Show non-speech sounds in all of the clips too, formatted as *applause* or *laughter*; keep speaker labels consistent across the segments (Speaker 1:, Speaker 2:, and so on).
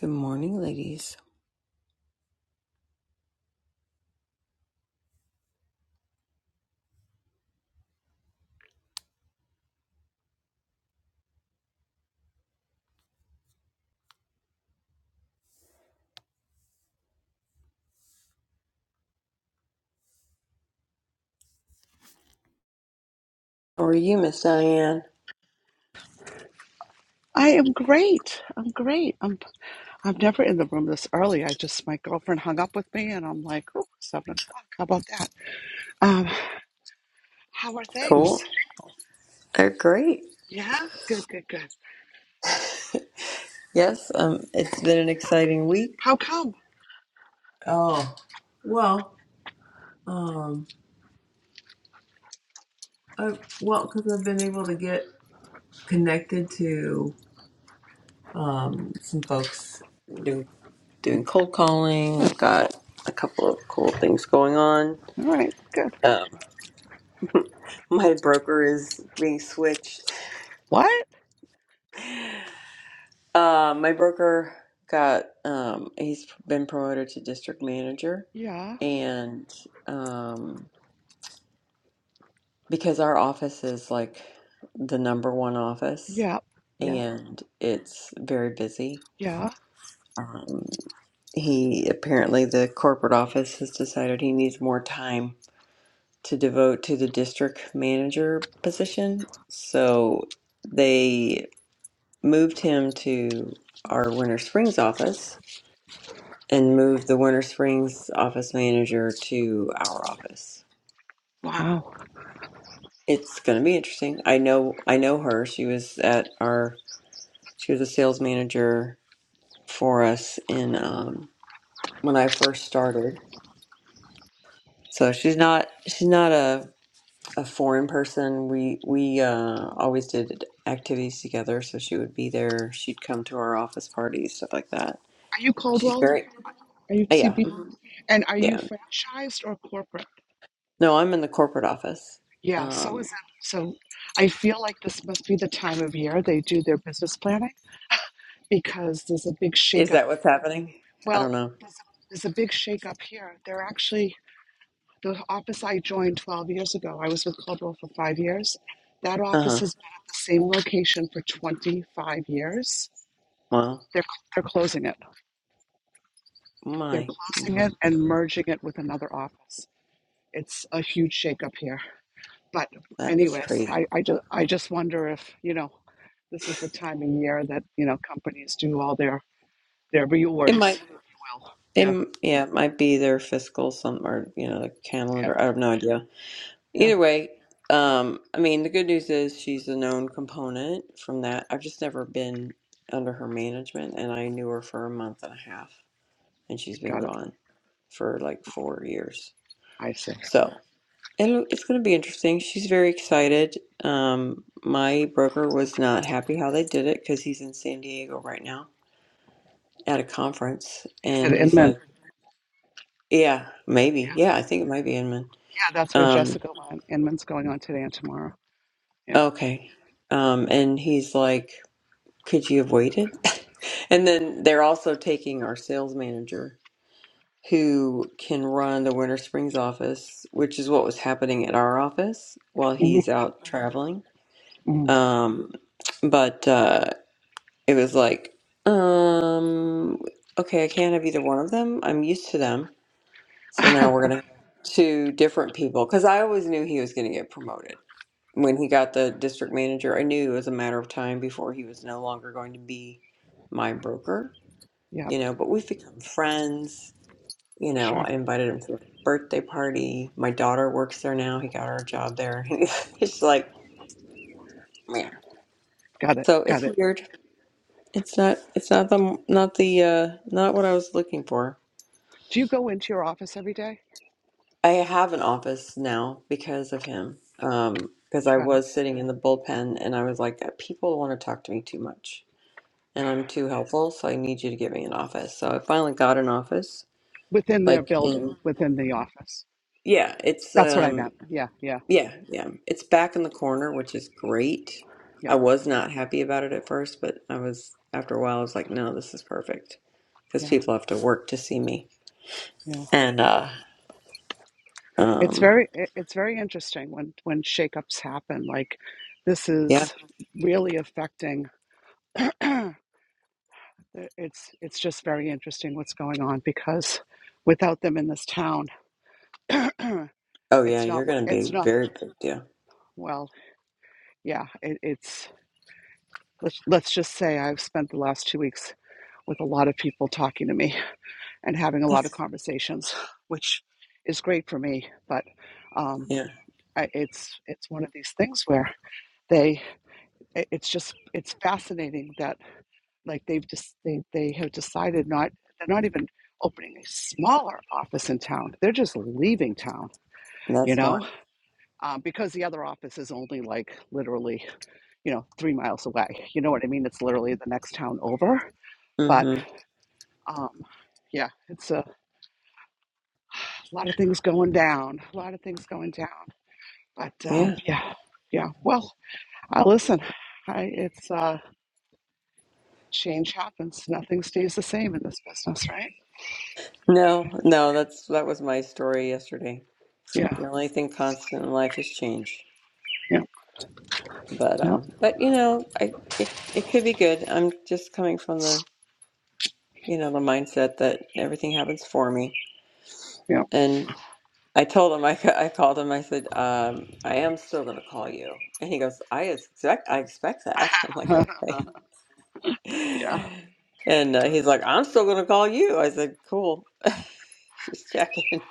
Speaker 1: Good morning, ladies. How are you, Miss Diane?
Speaker 2: I am great. I'm great. I'm I'm never in the room this early. I just my girlfriend hung up with me and I'm like, oh, seven o'clock. How about that? Um, how are things?
Speaker 1: Cool. They're great.
Speaker 2: Yeah, good, good, good.
Speaker 1: Yes, um, it's been an exciting week.
Speaker 2: How come?
Speaker 1: Oh, well, um, I, well, because I've been able to get connected to um, some folks. Do, doing cold calling. I've got a couple of cool things going on.
Speaker 2: All right, good.
Speaker 1: Um, *laughs* my broker is being switched. *laughs*
Speaker 2: What?
Speaker 1: Uh, my broker got um, he's been promoted to district manager,
Speaker 2: Yeah,
Speaker 1: and um, because our office is like the number one office,
Speaker 2: yeah, yeah,
Speaker 1: and it's very busy.
Speaker 2: yeah.
Speaker 1: Um, he apparently the corporate office has decided he needs more time to devote to the district manager position, so they moved him to our Winter Springs office and move the Winter Springs office manager to our office.
Speaker 2: Wow.
Speaker 1: It's going to be interesting. I know I know her. She was at our she was a sales manager for us in um, when I first started. So she's not she's not a a foreign person. We we uh, always did activities together. So she would be there. She'd come to our office parties, stuff like that.
Speaker 2: Are you
Speaker 1: She's
Speaker 2: Coldwell?
Speaker 1: very
Speaker 2: Are you
Speaker 1: uh, yeah
Speaker 2: CB?
Speaker 1: mhm,
Speaker 2: And are you
Speaker 1: yeah.
Speaker 2: franchised or corporate?
Speaker 1: No, I'm in the corporate office.
Speaker 2: Yeah, so is
Speaker 1: Um,
Speaker 2: that. So I feel like this must be the time of year they do their business planning because there's a big
Speaker 1: Is
Speaker 2: shakeup
Speaker 1: that what's happening? I
Speaker 2: Well,
Speaker 1: don't know.
Speaker 2: there's a, there's a big shakeup here. They're actually the office I joined 12 years ago. I was with Clubwell for five years. That
Speaker 1: Uh
Speaker 2: office
Speaker 1: huh.
Speaker 2: has been at the same location for 25 years.
Speaker 1: Well,
Speaker 2: They're they're closing it. They're
Speaker 1: my,
Speaker 2: closing
Speaker 1: my,
Speaker 2: it and merging it with another office. It's a huge shakeup here. But
Speaker 1: that is
Speaker 2: anyways,
Speaker 1: crazy.
Speaker 2: I I just I just wonder if you know this is the time of year that you know companies do all their their
Speaker 1: It
Speaker 2: reorgs,
Speaker 1: might,
Speaker 2: if you will.
Speaker 1: it,
Speaker 2: Yeah,
Speaker 1: m- yeah, it might be their fiscal some or you know the
Speaker 2: yeah,
Speaker 1: calendar. I have no idea.
Speaker 2: yeah.
Speaker 1: Either way, um, I mean the good news is she's a known component from that. I've just never been under her management, and I knew her for a month and a half, and she's been
Speaker 2: Got it.
Speaker 1: gone for like four years.
Speaker 2: I see.
Speaker 1: So. It'll, it's going to be interesting. She's very excited. Um, my broker was not happy how they did it because he's in San Diego right now at a conference,
Speaker 2: Is it
Speaker 1: and he's
Speaker 2: Inman?
Speaker 1: like, "Yeah, maybe. Yeah, I think it might be Inman."
Speaker 2: Yeah, that's where
Speaker 1: Um,
Speaker 2: Jessica Len- Inman's going on today and tomorrow. Yeah.
Speaker 1: okay. Um, and he's like, "Could you have waited?" *laughs* And then they're also taking our sales manager who can run the Winter Springs office, which is what was happening at our office while
Speaker 2: hmm
Speaker 1: he's out traveling.
Speaker 2: hmm
Speaker 1: Um, but. uh it was like, um, okay, I can't have either one of them. I'm used to them. So
Speaker 2: *laughs*
Speaker 1: now we're going to have two different people. Because I always knew he was going to get promoted. When he got the district manager, I knew it was a matter of time before he was no longer going to be my broker,
Speaker 2: yeah,
Speaker 1: you know, but we've become friends. You know,
Speaker 2: sure.
Speaker 1: I invited him to my birthday party. My daughter works there now. He got her a job there. *laughs* It's like, man.
Speaker 2: Got it.
Speaker 1: So
Speaker 2: Got
Speaker 1: it's
Speaker 2: it.
Speaker 1: weird. It's not. It's not the not the uh not what I was looking for.
Speaker 2: Do you go into your office every day?
Speaker 1: I have an office now because of him. Um, because I
Speaker 2: Got it.
Speaker 1: was sitting in the bullpen and I was like, people want to talk to me too much, and I'm too helpful, so I need you to give me an office. So I finally got an office.
Speaker 2: Within their
Speaker 1: Like
Speaker 2: building,
Speaker 1: in
Speaker 2: within the office.
Speaker 1: yeah, it's
Speaker 2: That's what I
Speaker 1: um
Speaker 2: meant. Yeah, yeah,
Speaker 1: yeah yeah it's back in the corner, which is great. I
Speaker 2: yep,
Speaker 1: was not happy about it at first, but I was after a while I was like, no, this is perfect because
Speaker 2: yeah,
Speaker 1: people have to work to see me
Speaker 2: yeah.
Speaker 1: and uh.
Speaker 2: It's
Speaker 1: Um,
Speaker 2: very, it- it's very interesting when when shakeups happen. Like, this
Speaker 1: yeah.
Speaker 2: is really affecting. *clears throat* it's it's just very interesting what's going on because without them in this town, *clears throat*
Speaker 1: Oh, yeah.
Speaker 2: it's
Speaker 1: You're
Speaker 2: not
Speaker 1: going to
Speaker 2: it's
Speaker 1: be a
Speaker 2: not
Speaker 1: very big deal.
Speaker 2: well. yeah, it, it's let's let's just say I've spent the last two weeks with a lot of people talking to me *laughs* and having a lot of
Speaker 1: That's
Speaker 2: conversations, which is great for me. But um,
Speaker 1: yeah.
Speaker 2: I, it's it's one of these things where they it- it's just it's fascinating that like they've just they they have decided not they're not even opening a smaller office in town they're just leaving town you
Speaker 1: That's why.
Speaker 2: know um, because the other office is only like literally you know, three miles away. You know what I mean? It's literally the next town over. But
Speaker 1: Mm-hmm.
Speaker 2: um, yeah, it's a lot of things going down, a lot of things going down. But um,
Speaker 1: Yeah.
Speaker 2: yeah, yeah. Well, I listen. I, it's uh, change happens. Nothing stays the same in this business, right?
Speaker 1: No, no. That's that was my story yesterday.
Speaker 2: Yeah,
Speaker 1: The only thing constant in life is change.
Speaker 2: yeah,
Speaker 1: But
Speaker 2: yeah,
Speaker 1: um, but you know, I it it could be good. I'm just coming from the you know the mindset that everything happens for me. And I told him *laughs* I ca- I called him. I said um, I am still going to call you. And he goes, I expect I expect that. *laughs* I'm like
Speaker 2: yeah,
Speaker 1: okay.
Speaker 2: *laughs* yeah.
Speaker 1: And uh, he's like, I'm still going to call you. I said, cool. *laughs* Just checking.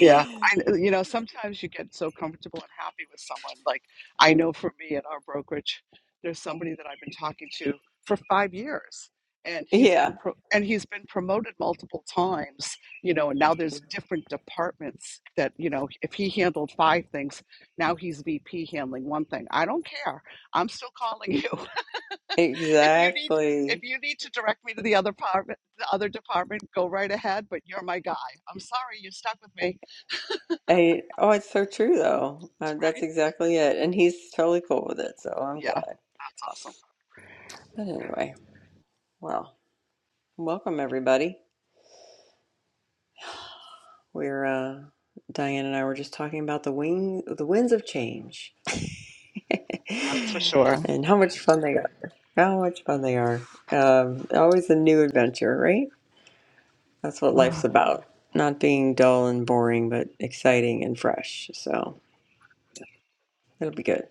Speaker 2: Yeah, I uh, you know sometimes you get so comfortable and happy with someone. Like I know for me at our brokerage, there's somebody that I've been talking to for five years, and he's been
Speaker 1: Yeah,
Speaker 2: pro- and he's been promoted multiple times. You know, and now there's different departments that you know if he handled five things, now he's VP handling one thing. I don't care. I'm still calling you. *laughs* if you need if
Speaker 1: exactly.
Speaker 2: you need to direct me to the other department, the other department, go right ahead. But you're my guy. I'm sorry, you're stuck with me
Speaker 1: I, oh, it's so true, though. Uh, that's exactly it. And he's totally cool with it, so I'm
Speaker 2: Yeah,
Speaker 1: glad.
Speaker 2: that's awesome.
Speaker 1: But anyway, well, welcome everybody. We're uh, Diane and I were just talking about the wing, the winds of change, *laughs*
Speaker 2: That's for sure.
Speaker 1: and how much fun they are. How much fun they are. Um, always a new adventure, right? That's what life's
Speaker 2: Ah.
Speaker 1: about. Not being dull and boring, but exciting and fresh. So it'll be good.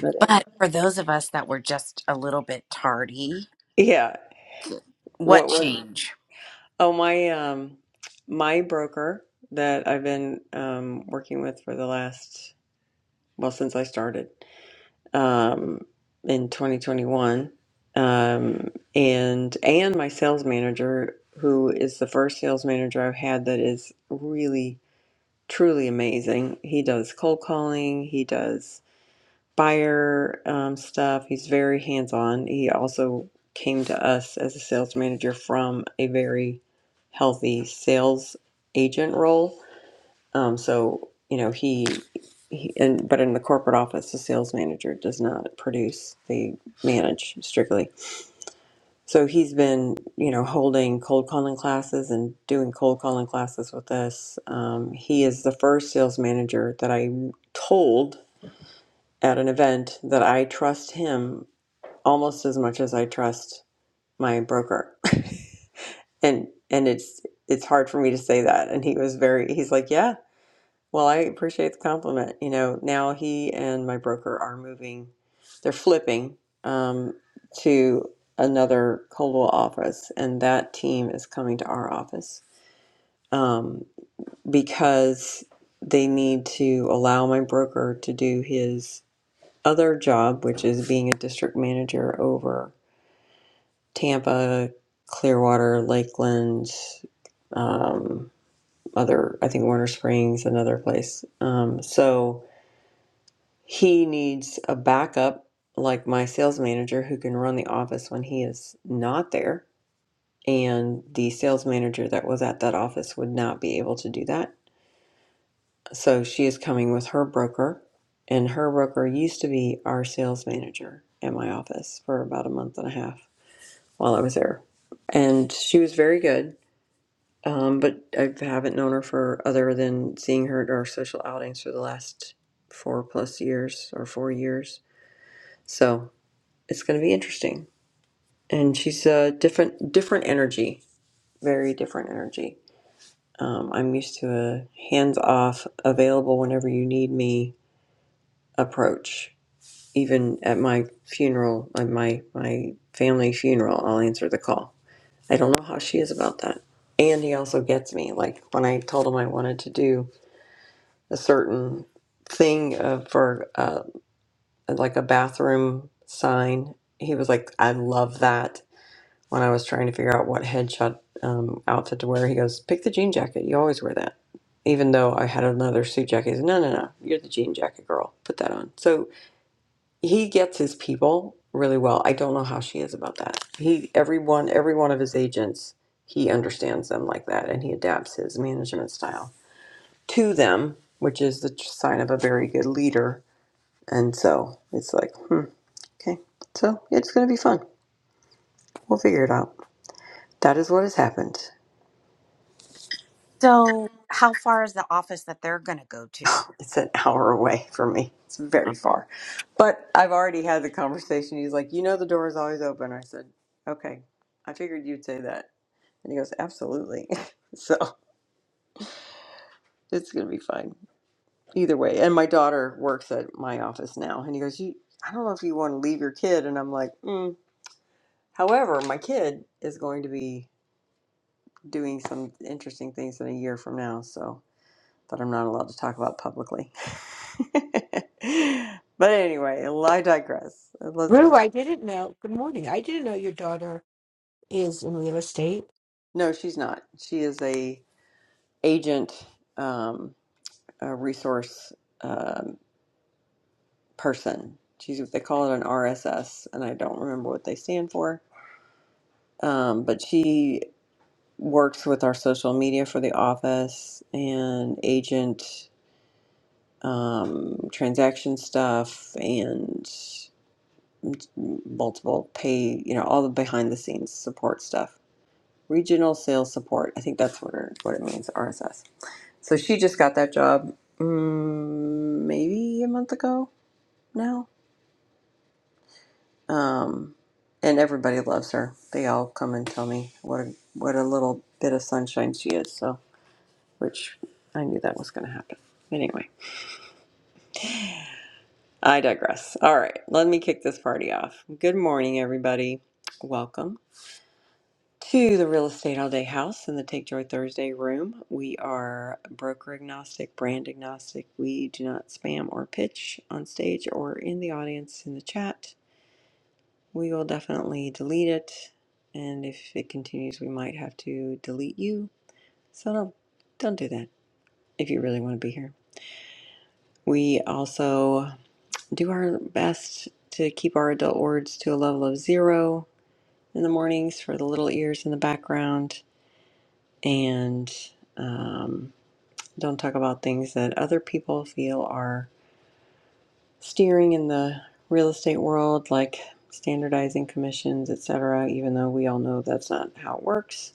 Speaker 1: But anyway.
Speaker 3: But for those of us that were just a little bit tardy,
Speaker 1: yeah.
Speaker 3: what
Speaker 1: What was
Speaker 3: change?
Speaker 1: oh my um my broker that I've been um working with for the last well since I started um in 2021 um and and my sales manager who is the first sales manager I've had that is really truly amazing. He does cold calling, he does Buyer um, stuff. He's very hands on. He also came to us as a sales manager from a very healthy sales agent role. Um, so you know he, he and but in the corporate office, the sales manager does not produce; they manage strictly. So he's been you know holding cold calling classes and doing cold calling classes with us. Um, he is the first sales manager that I told at an event that I trust him almost as much as I trust my broker. *laughs* and and it's it's hard for me to say that. And he was very he's like, "Yeah, well, I appreciate the compliment." You know, now he and my broker are moving. They're flipping um, to another Coldwell office, and that team is coming to our office um, because they need to allow my broker to do his other job, which is being a district manager over Tampa, Clearwater, Lakeland, um, other, I think Warner Springs, another place. Um, so he needs a backup like my sales manager who can run the office when he is not there. And the sales manager that was at that office would not be able to do that. So she is coming with her broker. And her broker used to be our sales manager at my office for about a month and a half while I was there. And she was very good Um, but I haven't known her for other than seeing her at our social outings for the last four plus years or four years. So it's going to be interesting. And she's a different, different energy, very different energy. Um, I'm used to a hands off, available whenever you need me approach. Even at my funeral, at my, my family funeral, I'll answer the call. I don't know how she is about that. And he also gets me. Like when I told him I wanted to do a certain thing uh, for uh, like a bathroom sign. He was like, I love that. When I was trying to figure out what headshot um, outfit to wear, he goes, Pick the jean jacket. You always wear that. Even though I had another suit jacket, he said, No, no, no. You're the jean jacket girl. Put that on. So he gets his people really well. I don't know how she is about that. He, everyone, every one of his agents, he understands them like that and he adapts his management style to them, which is the sign of a very good leader. And so it's like, hmm, okay. So it's going to be fun. We'll figure it out. That is what has happened.
Speaker 3: So, how far is the office that they're going to go to?
Speaker 1: It's an *laughs* hour away from me. It's very far. But I've already had the conversation. He's like, you know, the door is always open. I said, okay. I figured you'd say that. And he goes, absolutely. *laughs* so it's going to be fine either way. And my daughter works at my office now. And he goes, you, I don't know if you want to leave your kid. And I'm like, mm, However, my kid is going to be doing some interesting things in a year from now, so that I'm not allowed to talk about publicly. *laughs* but anyway, I digress. Let's.
Speaker 4: Rue,
Speaker 1: Get,
Speaker 4: I didn't know. Good morning. I didn't know your daughter is in real estate.
Speaker 1: no, she's not. She is a agent, um, a resource um, person. She's what they call it an RSS, and I don't remember what they stand for. Um, but she works with our social media for the office and agent. um, transaction stuff and multiple pay, you know, all the behind the scenes support stuff. Regional sales support. I think that's what, her, what it means, RSS. So she just got that job mm, maybe a month ago now. Um, and everybody loves her. They all come and tell me what a, what a little bit of sunshine she is. So, which I knew that was going to happen. Anyway. I digress. All right, let me kick this party off. Good morning, everybody. Welcome to the Real Estate All Day House in the Take Joy Thursday room. We are broker agnostic, brand agnostic. We do not spam or pitch on stage or in the audience in the chat. We will definitely delete it, and if it continues, we might have to delete you. So don't don't do that if you really want to be here. We also do our best to keep our adult words to a level of zero in the mornings for the little ears in the background and um, don't talk about things that other people feel are steering in the real estate world like standardizing commissions et cetera. even though we all know that's not how it works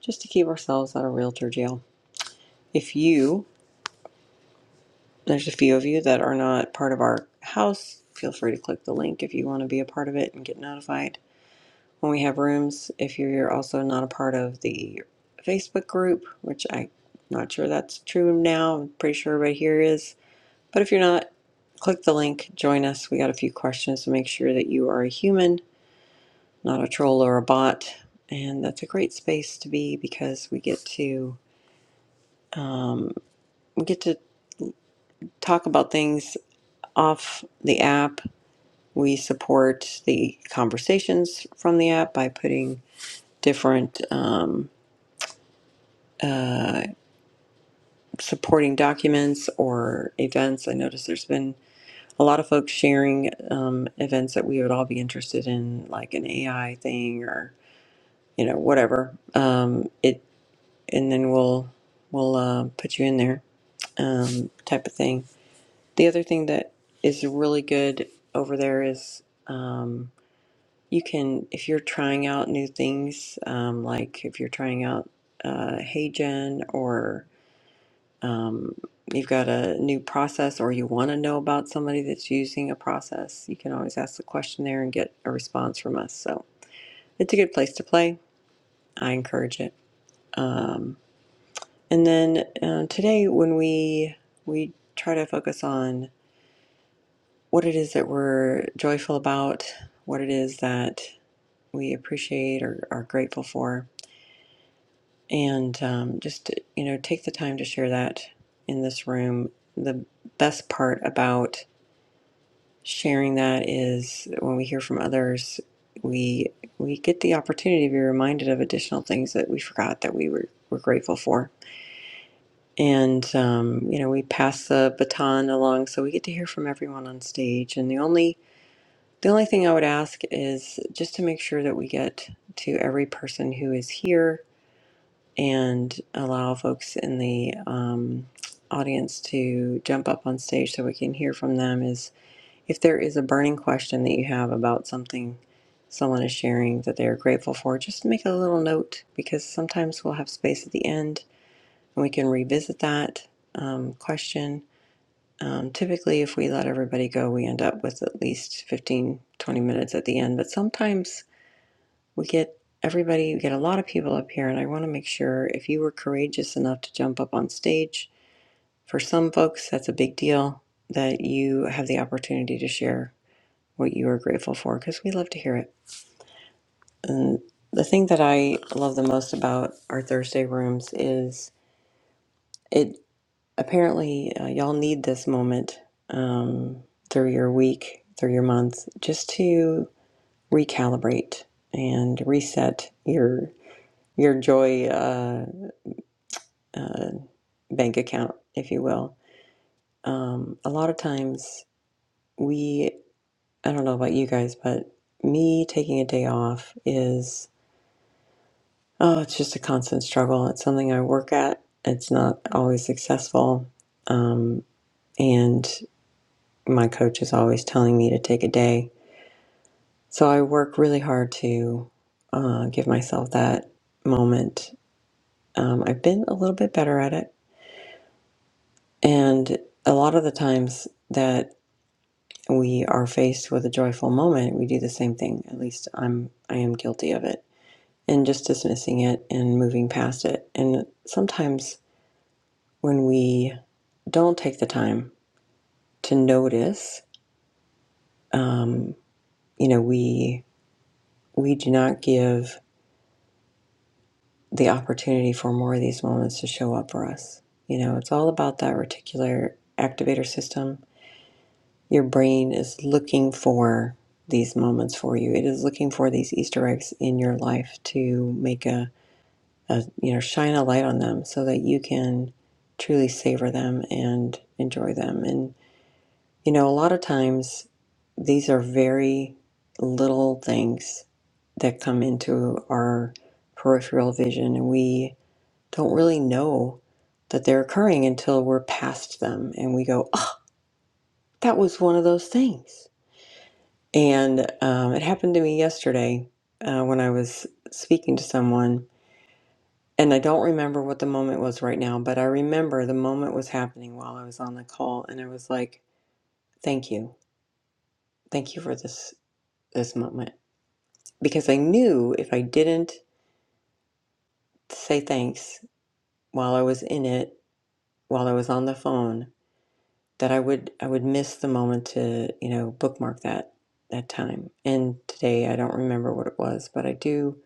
Speaker 1: just to keep ourselves out of realtor jail if you there's a few of you that are not part of our house feel free to click the link if you want to be a part of it and get notified when we have rooms. If you're also not a part of the Facebook group, which I'm not sure that's true now, I'm pretty sure everybody here is. But if you're not, click the link, join us. We got a few questions to make sure that you are a human, not a troll or a bot. And that's a great space to be because we get to um, we get to talk about things off the app. We support the conversations from the app by putting different um, uh, supporting documents or events. I noticed there's been a lot of folks sharing um, events that we would all be interested in, like an AI thing or you know whatever. Um, it and then we'll we'll uh, put you in there um, type of thing. The other thing that is really good over there is um, you can if you're trying out new things, um, like if you're trying out uh, HeyGen or Um, you've got a new process, or you want to know about somebody that's using a process, you can always ask the question there and get a response from us. So it's a good place to play. I encourage it. Um, and then uh, today, when we we try to focus on what it is that we're joyful about, what it is that we appreciate or are grateful for, and um, just you know take the time to share that in this room. The best part about sharing that is when we hear from others, we we get the opportunity to be reminded of additional things that we forgot that we were, were grateful for. And um, you know, we pass the baton along, so we get to hear from everyone on stage. And the only the only thing I would ask is just to make sure that we get to every person who is here and allow folks in the um, audience to jump up on stage so we can hear from them. Is if there is a burning question that you have about something someone is sharing that they are grateful for, just make a little note because sometimes we'll have space at the end and we can revisit that um, question. Um, typically, if we let everybody go, we end up with at least 15, 20 minutes at the end, but sometimes we get everybody, we get a lot of people up here, and I want to make sure if you were courageous enough to jump up on stage, for some folks, that's a big deal that you have the opportunity to share what you are grateful for because we love to hear it. And the thing that I love the most about our Thursday rooms is it apparently uh, y'all need this moment um, through your week, through your month, just to recalibrate and reset your your joy uh, uh, bank account, if you will. Um, a lot of times we, I don't know about you guys, but me taking a day off is. Oh, it's just a constant struggle. It's something I work at. It's not always successful. Um, and my coach is always telling me to take a day. So I work really hard to uh, give myself that moment. Um, I've been a little bit better at it. And a lot of the times that we are faced with a joyful moment, we do the same thing. At least I'm, I am guilty of it and just dismissing it and moving past it. And sometimes when we don't take the time to notice, um, you know, we we do not give the opportunity for more of these moments to show up for us. You know, it's all about that reticular activator system. Your brain is looking for these moments for you. It is looking for these Easter eggs in your life to make a, a you know shine a light on them so that you can truly savor them and enjoy them. and. You know, a lot of times these are very little things that come into our peripheral vision, and we don't really know that they're occurring until we're past them and we go, oh, that was one of those things. And um, it happened to me yesterday uh, when I was speaking to someone, and I don't remember what the moment was right now, but I remember the moment was happening while I was on the call, and I was like, thank you. Thank you for this this moment because I knew if I didn't say thanks while I was in it, while I was on the phone, that I would I would miss the moment to you know bookmark that that time. And today I don't remember what it was, but I do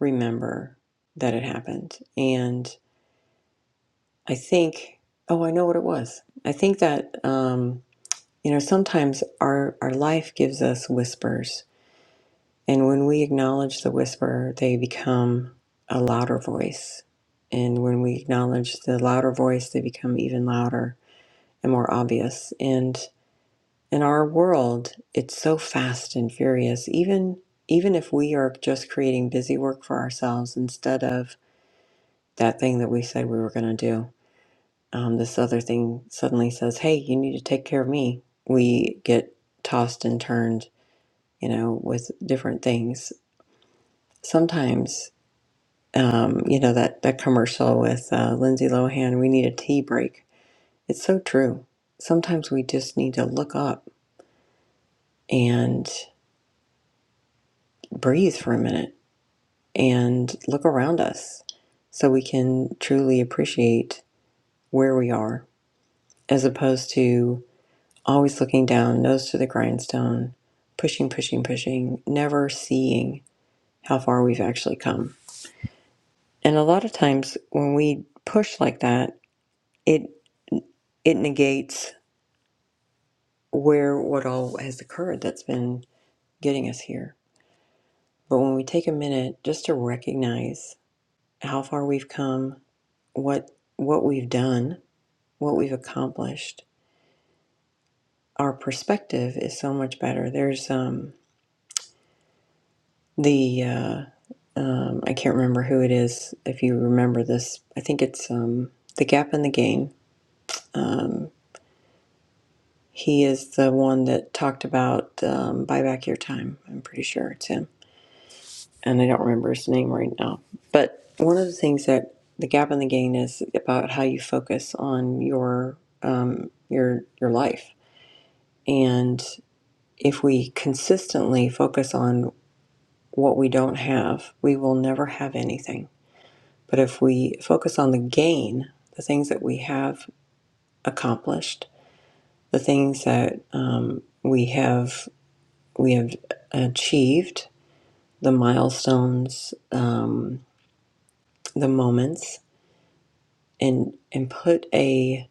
Speaker 1: remember that it happened. And I think oh I know what it was. I think that um, you know sometimes our our life gives us whispers And when we acknowledge the whisperer, they become a louder voice. And when we acknowledge the louder voice, they become even louder and more obvious. And in our world, it's so fast and furious. Even even if we are just creating busy work for ourselves instead of that thing that we said we were going to do, um, this other thing suddenly says, "Hey, you need to take care of me." We get tossed and turned, you know, with different things. Sometimes Um, you know that that commercial with uh, Lindsay Lohan. We need a tea break. It's so true. Sometimes we just need to look up and breathe for a minute and look around us, so we can truly appreciate where we are, as opposed to always looking down, nose to the grindstone, pushing, pushing, pushing, never seeing how far we've actually come. And a lot of times when we push like that, it it negates where what all has occurred that's been getting us here. But when we take a minute just to recognize how far we've come, what what we've done, what we've accomplished, our perspective is so much better. There's um, the uh, um, I can't remember who it is. If you remember this, I think it's um, the gap in the gain. Um, he is the one that talked about um, buy back your time. I'm pretty sure it's him and I don't remember his name right now. But one of the things that the gap in the gain is about how you focus on your um, your your life, and if we consistently focus on what we don't have, we will never have anything. But if we focus on the gain, the things that we have accomplished, the things that um, we have we have achieved, the milestones, um, the moments, and and put a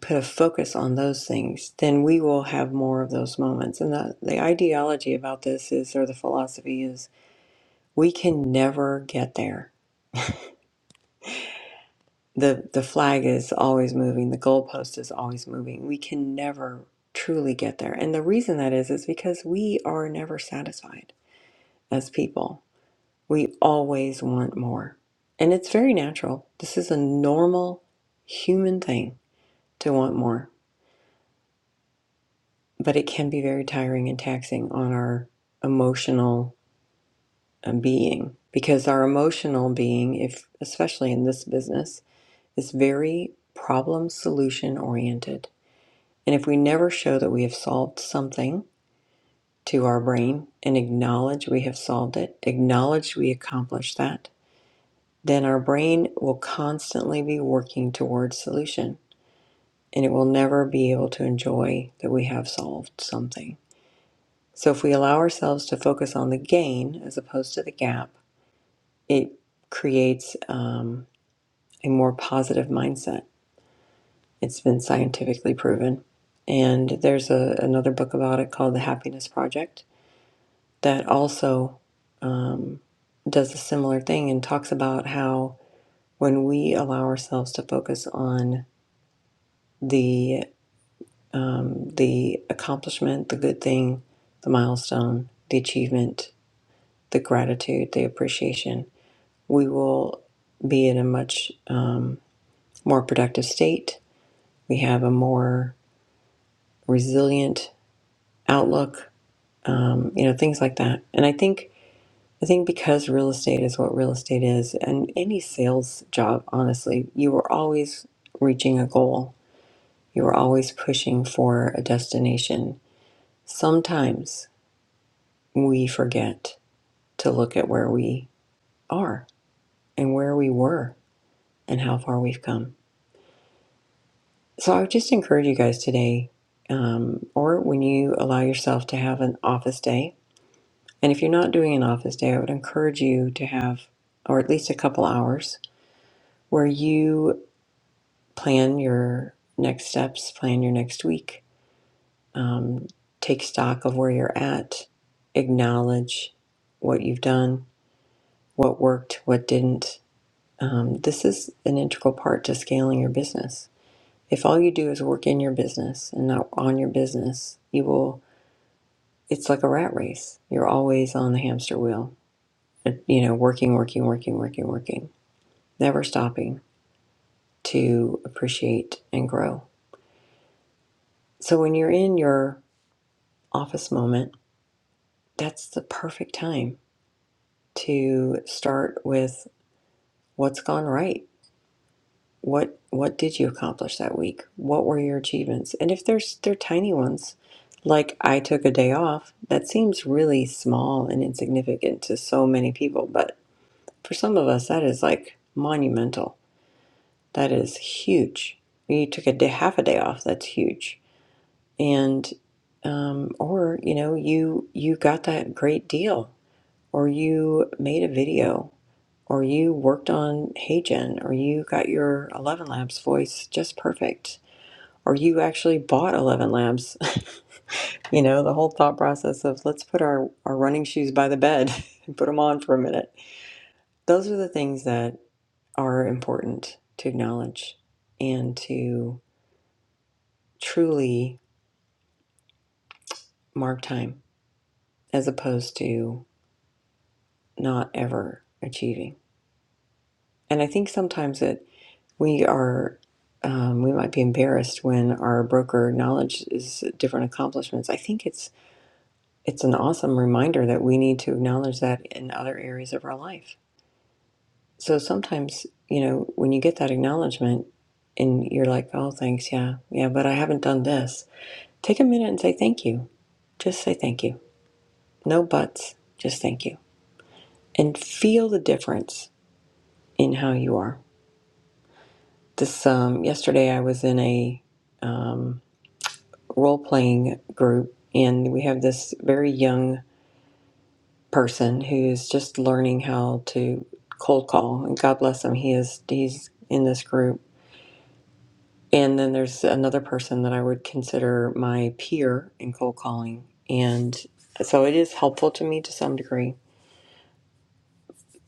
Speaker 1: put a focus on those things, then we will have more of those moments. And the, the ideology about this is or the philosophy is we can never get there. The the flag is always moving, the goalpost is always moving. We can never truly get there. And the reason that is is because we are never satisfied as people. We always want more. And it's very natural. This is a normal human thing to want more but it can be very tiring and taxing on our emotional um, being because our emotional being if especially in this business is very problem solution oriented and if we never show that we have solved something to our brain and acknowledge we have solved it acknowledge we accomplished that then our brain will constantly be working towards solution and it will never be able to enjoy that we have solved something So if we allow ourselves to focus on the gain as opposed to the gap, it creates um, a more positive mindset. It's been scientifically proven. And there's a, another book about it called The Happiness Project that also um, does a similar thing and talks about how when we allow ourselves to focus on the um, the accomplishment, the good thing, the milestone, the achievement, the gratitude, the appreciation, we will be in a much um, more productive state. We have a more resilient outlook, um, you know, things like that. And I think I think because real estate is what real estate is, and any sales job, honestly, you are always reaching a goal. You are always pushing for a destination. Sometimes we forget to look at where we are and where we were and how far we've come. So I would just encourage you guys today, um, or when you allow yourself to have an office day, and if you're not doing an office day, I would encourage you to have, or at least a couple hours, where you plan your next steps, plan your next week, um, take stock of where you're at, acknowledge what you've done, what worked, what didn't. Um, this is an integral part to scaling your business. If all you do is work in your business and not on your business, you will it's like a rat race. You're always on the hamster wheel, you know, working, working, working, working, working, never stopping to appreciate and grow. So when you're in your office moment, that's the perfect time to start with what's gone right. What what did you accomplish that week? What were your achievements? And if there's they're tiny ones, like I took a day off, that seems really small and insignificant to so many people, but For some of us, that is like monumental. That is huge. You took a day, half a day off. That's huge. And um, or you know, you you got that great deal, or you made a video, or you worked on HeyGen, or you got your Eleven Labs voice just perfect, or you actually bought Eleven Labs. *laughs* you know, the whole thought process of let's put our our running shoes by the bed *laughs* and put them on for a minute. Those are the things that are important to acknowledge and to truly mark time as opposed to not ever achieving. And I think sometimes that we are, um, we might be embarrassed when our broker acknowledges different accomplishments. I think it's it's an awesome reminder that we need to acknowledge that in other areas of our life. So sometimes, you know, when you get that acknowledgement and you're like, oh, thanks, yeah, yeah, but I haven't done this, take a minute and say thank you Just say thank you. No buts, just thank you. And feel the difference in how you are. This um, yesterday I was in a um, role playing group and we have this very young person who's just learning how to cold call and God bless him he is he's in this group and then there's another person that I would consider my peer in cold calling and so it is helpful to me to some degree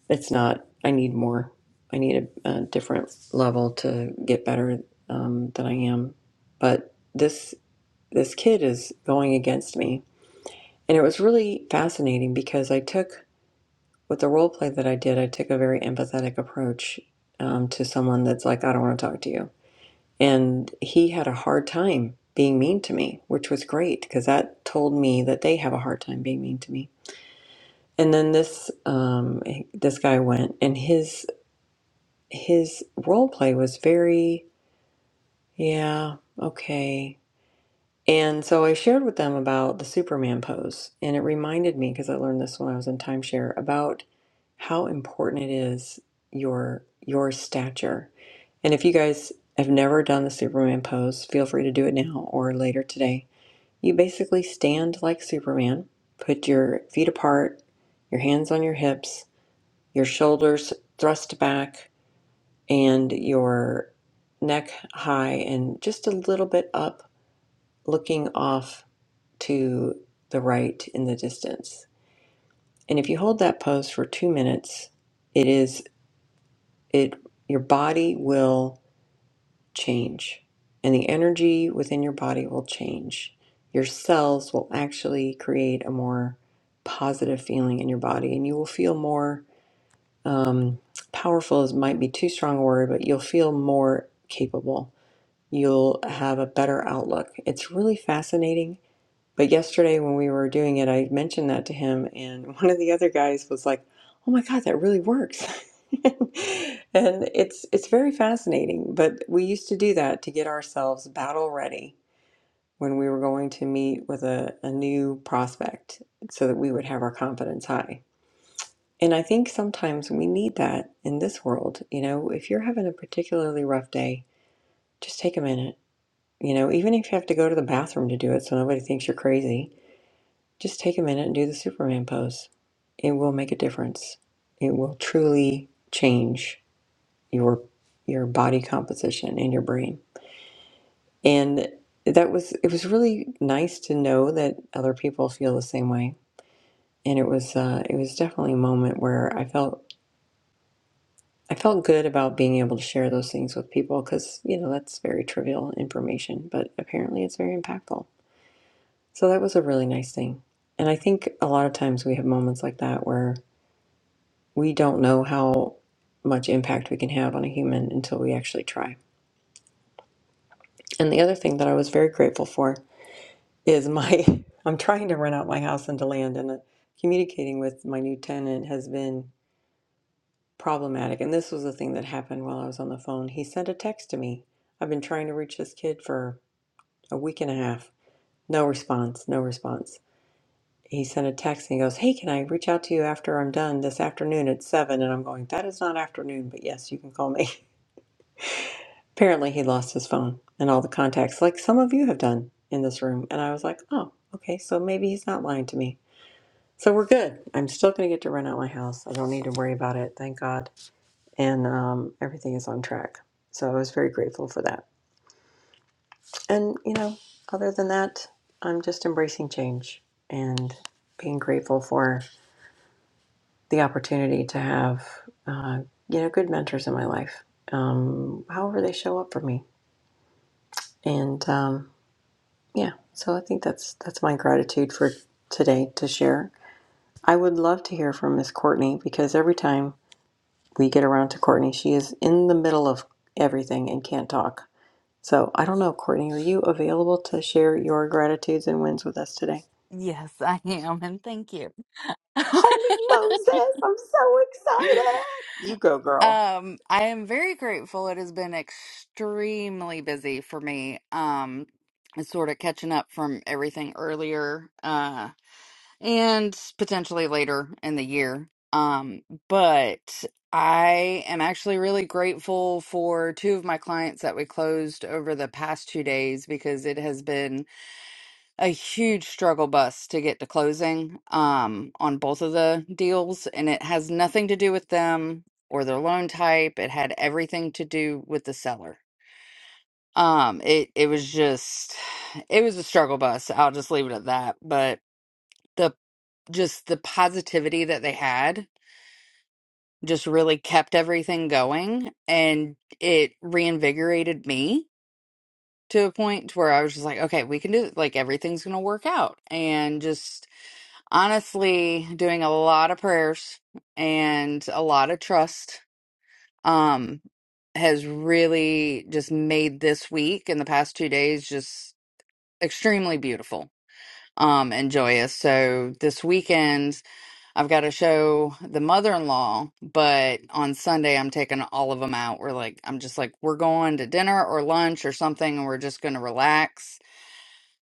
Speaker 1: It's not. I need more. I need a, a different level to get better um, than I am. But this this kid is going against me, and it was really fascinating because I took with the role play that I did. I took a very empathetic approach um, to someone that's like, I don't want to talk to you, and he had a hard time being mean to me, which was great because that told me that they have a hard time being mean to me. And then this um, this guy went, and his his role play was very, yeah, okay. And so I shared with them about the Superman pose, and it reminded me, because I learned this when I was in timeshare, about how important it is your your stature. And if you guys have never done the Superman pose, feel free to do it now or later today. You basically stand like Superman, put your feet apart, your hands on your hips, your shoulders thrust back, and your neck high and just a little bit up, looking off to the right in the distance. And if you hold that pose for two minutes, it is it your body will change, and the energy within your body will change. Your cells will actually create a more positive feeling in your body, and you will feel more um, powerful. Is might be too strong a word, but you'll feel more capable you'll have a better outlook. It's really fascinating. But yesterday when we were doing it, I mentioned that to him, and *laughs* one of the other guys was like, "Oh my God, that really works." *laughs* and it's it's very fascinating. But we used to do that to get ourselves battle ready when we were going to meet with a, a new prospect so that we would have our confidence high. And I think sometimes we need that in this world. You know, if you're having a particularly rough day, just take a minute you know, even if you have to go to the bathroom to do it so nobody thinks you're crazy, just take a minute and do the Superman pose. It will make a difference. It will truly change your your body composition and your brain. And that was it was really nice to know that other people feel the same way. And it was uh, it was definitely a moment where I felt I felt good about being able to share those things with people because you know that's very trivial information, but apparently it's very impactful. So that was a really nice thing. And I think a lot of times we have moments like that where we don't know how much impact we can have on a human until we actually try. And the other thing that I was very grateful for is my *laughs* I'm trying to rent out my house into land and uh, communicating with my new tenant has been problematic. And this was the thing that happened while I was on the phone. He sent a text to me. I've been trying to reach this kid for a week and a half. No response, no response. he sent a text and he goes, Hey, can I reach out to you after I'm done this afternoon at seven?" And I'm going, That is not afternoon, but yes, you can call me. *laughs* Apparently, he lost his phone and all the contacts, like some of you have done in this room. And I was like, Oh, okay, so maybe he's not lying to me. So we're good. I'm still going to get to rent out my house. I don't need to worry about it, thank God. And um, everything is on track. So I was very grateful for that. And, you know, other than that, I'm just embracing change and being grateful for. the opportunity to have uh, you know good mentors in my life um, however they show up for me and um, yeah so i think that's that's my gratitude for today to share i would love to hear from miss courtney because every time we get around to courtney she is in the middle of everything and can't talk so i don't know courtney are you available to share your gratitudes and wins with us today
Speaker 5: Yes, *laughs* I am, and thank you. *laughs*
Speaker 1: holy moses i'm so excited you go girl
Speaker 5: Um, I am very grateful. It has been extremely busy for me. Um, it's sort of catching up from everything earlier, uh, and potentially later in the year. Um, but I am actually really grateful for two of my clients that we closed over the past two days because it has been a huge struggle bus to get to closing um, on both of the deals, and it has nothing to do with them or their loan type. It had everything to do with the seller. Um, it it was just it was a struggle bus. I'll just leave it at that. But the just the positivity that they had just really kept everything going, and it reinvigorated me to a point to where I was just like, okay, we can do it. Like everything's gonna work out, and just honestly doing a lot of prayers and a lot of trust um has really just made this week and the past two days just extremely beautiful um and joyous so this weekend i've got to show the mother-in-law but on sunday i'm taking all of them out we're like i'm just like we're going to dinner or lunch or something and we're just going to relax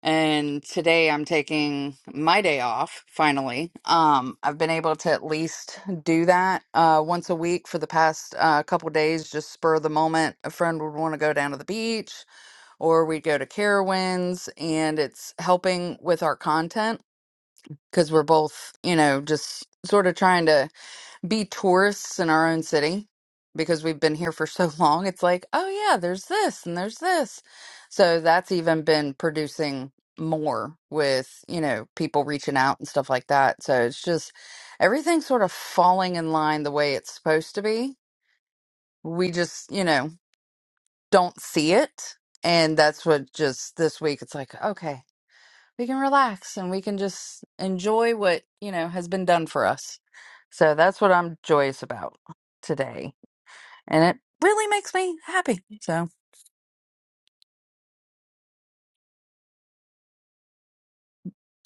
Speaker 5: and today I'm taking my day off finally. Um, I've been able to at least do that uh, once a week for the past uh, couple days, just spur of the moment. A friend would want to go down to the beach, or we'd go to Carowinds, and it's helping with our content because we're both, you know, just sort of trying to be tourists in our own city because we've been here for *laughs* so long. It's like, oh yeah, there's this and there's this. So that's even been producing more with, you know, people reaching out and stuff like that. So it's just everything's sort of falling in line the way it's supposed to be. We just, you know, don't see it. And that's what just this week it's like, okay, we can relax and we can just enjoy what, you know, has been done for us. So that's what I'm joyous about today and it really makes me happy. So,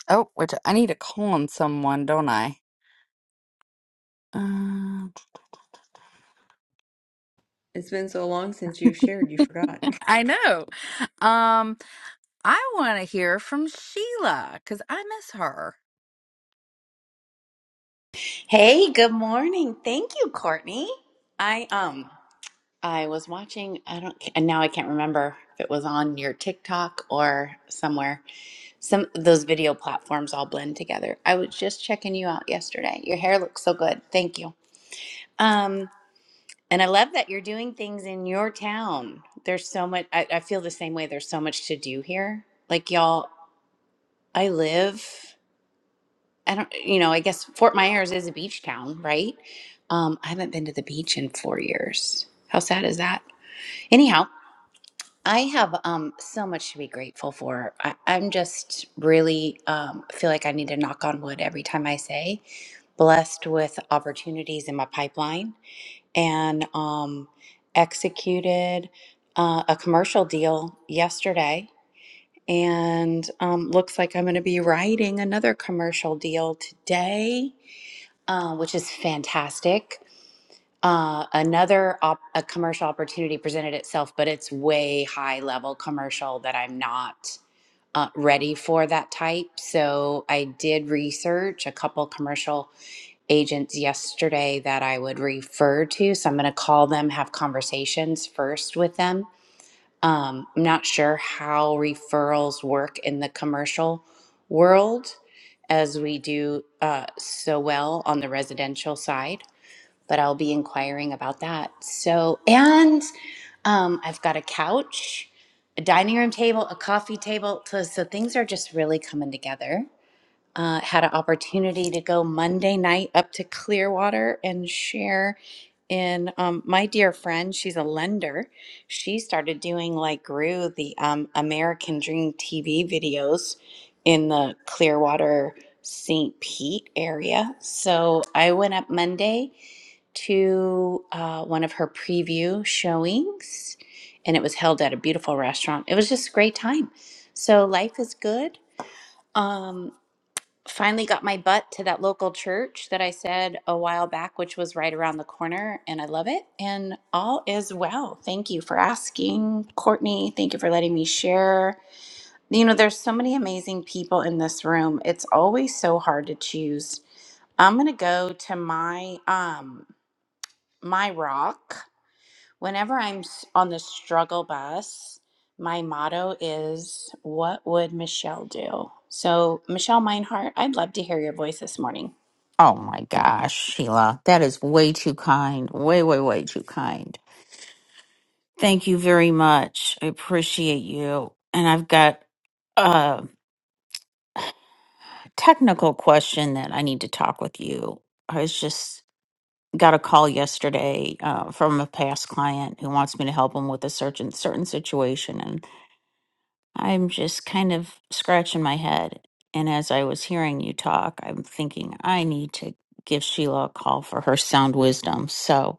Speaker 5: oh, which I need to call on someone, don't I? Uh,
Speaker 1: it's been so long since you've shared you forgot
Speaker 5: I know. Um, I want to hear from Sheila because I miss her.
Speaker 3: Hey, good morning. Thank you, Courtney. I um I was watching, I don't and now I can't remember if it was on your TikTok or somewhere. Some those video platforms all blend together. I was just checking you out yesterday. Your hair looks so good. Thank you. Um And I love that you're doing things in your town. There's so much, I, I feel the same way. There's so much to do here. Like, y'all, I live, I don't, you know, I guess Fort Myers is a beach town, right? Um, I haven't been to the beach in four years. How sad is that? Anyhow, I have um, so much to be grateful for. I, I'm just really um, feel like I need to knock on wood every time I say blessed with opportunities in my pipeline and um, executed uh, a commercial deal yesterday. And um, looks like I'm going to be writing another commercial deal today, uh, which is fantastic. Uh, another op- a commercial opportunity presented itself, but it's way high level commercial that I'm not uh, ready for that type. So I did research a couple commercial agents yesterday that I would refer to. So I'm going to call them, have conversations first with them. Um, I'm not sure how referrals work in the commercial world as we do uh, so well on the residential side, but I'll be inquiring about that. So, and um, I've got a couch, a dining room table, a coffee table. So, so things are just really coming together uh, had an opportunity to go Monday night up to Clearwater and share in um, my dear friend. She's a lender. She started doing like grew the um, American Dream TV videos in the Clearwater St. Pete area. So I went up Monday to uh, one of her preview showings, and it was held at a beautiful restaurant. It was just a great time. So life is good. Um, finally got my butt to that local church that I said a while back, which was right around the corner, and I love it. And all is well. Thank you for asking, Courtney. Thank you for letting me share. You know, there's so many amazing people in this room. It's always so hard to choose. I'm gonna go to my um my rock. Whenever I'm s- on the struggle bus, my motto is, "What would Michelle do?" So, Michelle Meinhardt, I'd love to hear your voice this morning.
Speaker 6: Oh my gosh, Sheila, that is way too kind. Way, way, way too kind. Thank you very much. I appreciate you. And I've got a technical question that I need to talk with you. I was just got a call yesterday uh, from a past client who wants me to help him with a certain certain situation, and I'm just kind of scratching my head. And as I was hearing you talk, I'm thinking I need to give Sheila a call for her sound wisdom. So.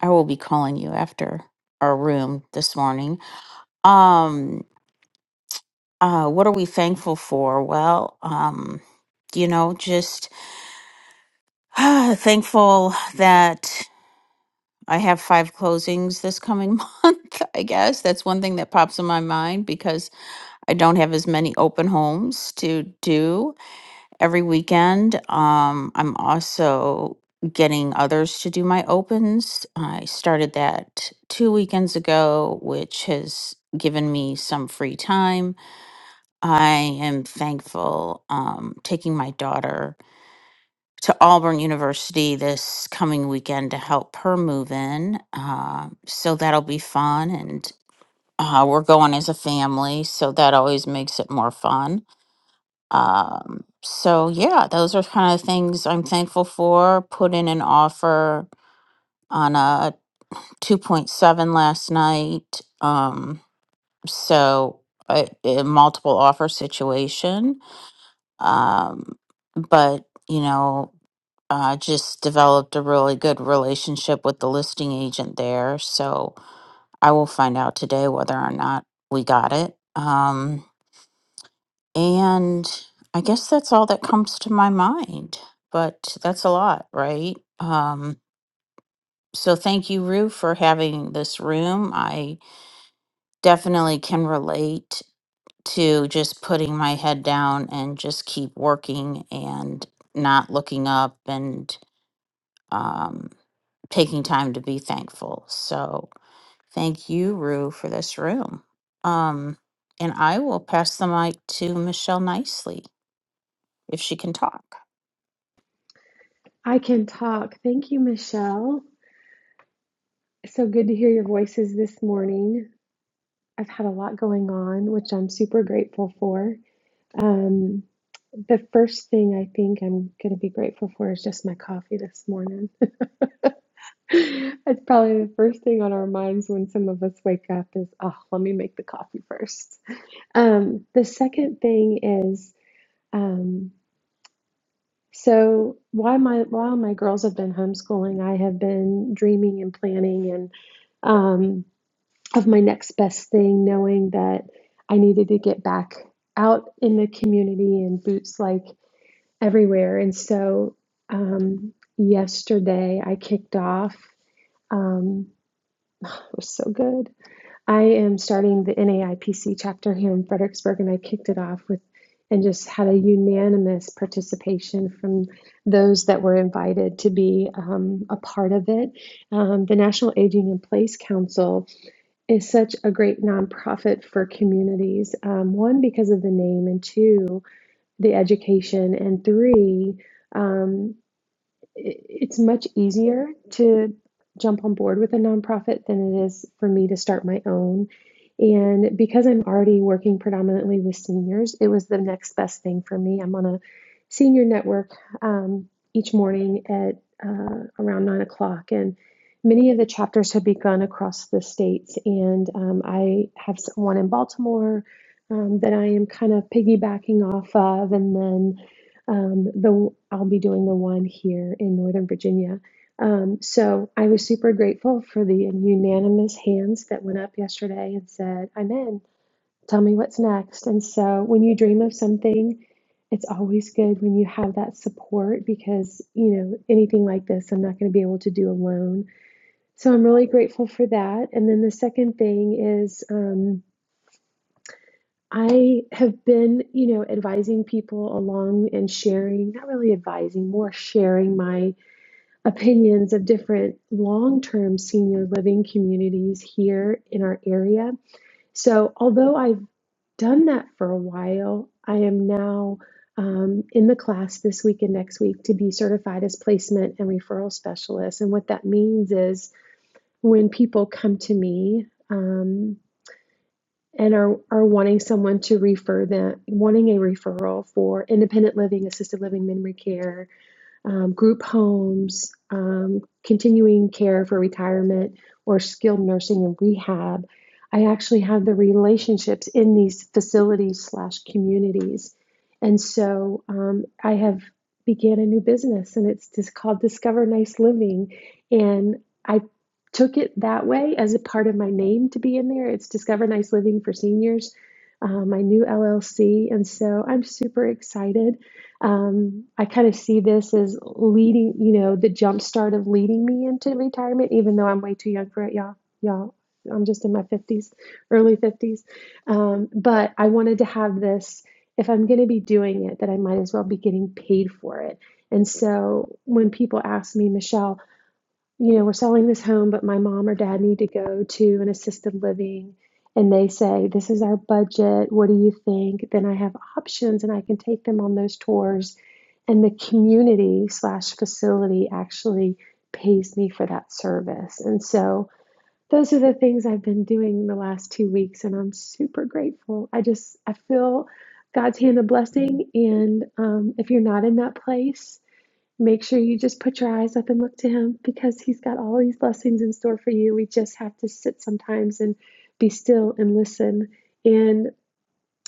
Speaker 6: I will be calling you after our room this morning. Um, uh, what are we thankful for? Well, um, you know, just *sighs* thankful that I have five closings this coming *laughs* month. I guess that's one thing that pops in my mind because I don't have as many open homes to do. every weekend. Um, I'm also getting others to do my opens. I started that two weekends ago, which has given me some free time. I am thankful um, taking my daughter to Auburn University this coming weekend to help her move in. Uh, so that'll be fun. And uh, we're going as a family, so that always makes it more fun. Um, so yeah, those are kind of things I'm thankful for. Put in an offer on a 2.7 last night. Um, so a, a multiple offer situation. Um, but you know, uh, just developed a really good relationship with the listing agent there. So I will find out today whether or not we got it. Um, And I guess that's all that comes to my mind, but that's a lot, right? Um, so thank you, Rue, for having this room. I definitely can relate to just putting my head down and just keep working and not looking up and um, taking time to be thankful. So thank you, Rue, for this room. Um, and I will pass the mic to Michelle Nicely if she can talk.
Speaker 7: I can talk. Thank you, Michelle. So good to hear your voices this morning. I've had a lot going on, which I'm super grateful for. Um, the first thing I think I'm going to be grateful for is just my coffee this morning. *laughs* That's probably the first thing on our minds when some of us wake up is, oh, let me make the coffee first. Um, the second thing is, um, So while my while my girls have been homeschooling, I have been dreaming and planning and um, of my next best thing, knowing that I needed to get back out in the community and boots like everywhere. And so um, yesterday I kicked off. Um, it was so good. I am starting the NAIPC chapter here in Fredericksburg, and I kicked it off with and just had a unanimous participation from those that were invited to be um, a part of it. Um, the National Aging in Place Council is such a great nonprofit for communities, um, one, because of the name, and two, the education, and three, um, it's much easier to jump on board with a nonprofit than it is for me to start my own. And because I'm already working predominantly with seniors, it was the next best thing for me. I'm on a senior network um, each morning at uh, around nine o'clock, and many of the chapters have begun across the states. And um, I have one in Baltimore um, that I am kind of piggybacking off of, and then um, the I'll be doing the one here in Northern Virginia. Um, so I was super grateful for the unanimous hands that went up yesterday and said, "I'm in. Tell me what's next." And so when you dream of something, it's always good when you have that support because you know anything like this, I'm not going to be able to do alone. So I'm really grateful for that. And then the second thing is. Um, I have been, you know, advising people along and sharing, not really advising, more sharing my opinions of different long term senior living communities here in our area. So, although I've done that for a while, I am now um, in the class this week and next week to be certified as placement and referral specialist. And what that means is when people come to me, um, and are, are wanting someone to refer them, wanting a referral for independent living, assisted living, memory care, um, group homes, um, continuing care for retirement, or skilled nursing and rehab. I actually have the relationships in these facilities slash communities, and so um, I have began a new business, and it's just called Discover Nice Living, and I took it that way as a part of my name to be in there. It's Discover Nice Living for Seniors, uh, my new LLC, and so I'm super excited um, I kind of see this as leading, you know, the jumpstart of leading me into retirement, even though I'm way too young for it, y'all. Y'all, I'm just in my 50s, early 50s. Um, but I wanted to have this, if I'm going to be doing it, that I might as well be getting paid for it. And so when people ask me, Michelle, you know, we're selling this home, but my mom or dad need to go to an assisted living. And they say, This is our budget. What do you think? Then I have options and I can take them on those tours. And the community slash facility actually pays me for that service. And so those are the things I've been doing the last two weeks. And I'm super grateful. I just, I feel God's hand of blessing. And um, if you're not in that place, Make sure you just put your eyes up and look to Him because He's got all these blessings in store for you. We just have to sit sometimes and be still and listen. And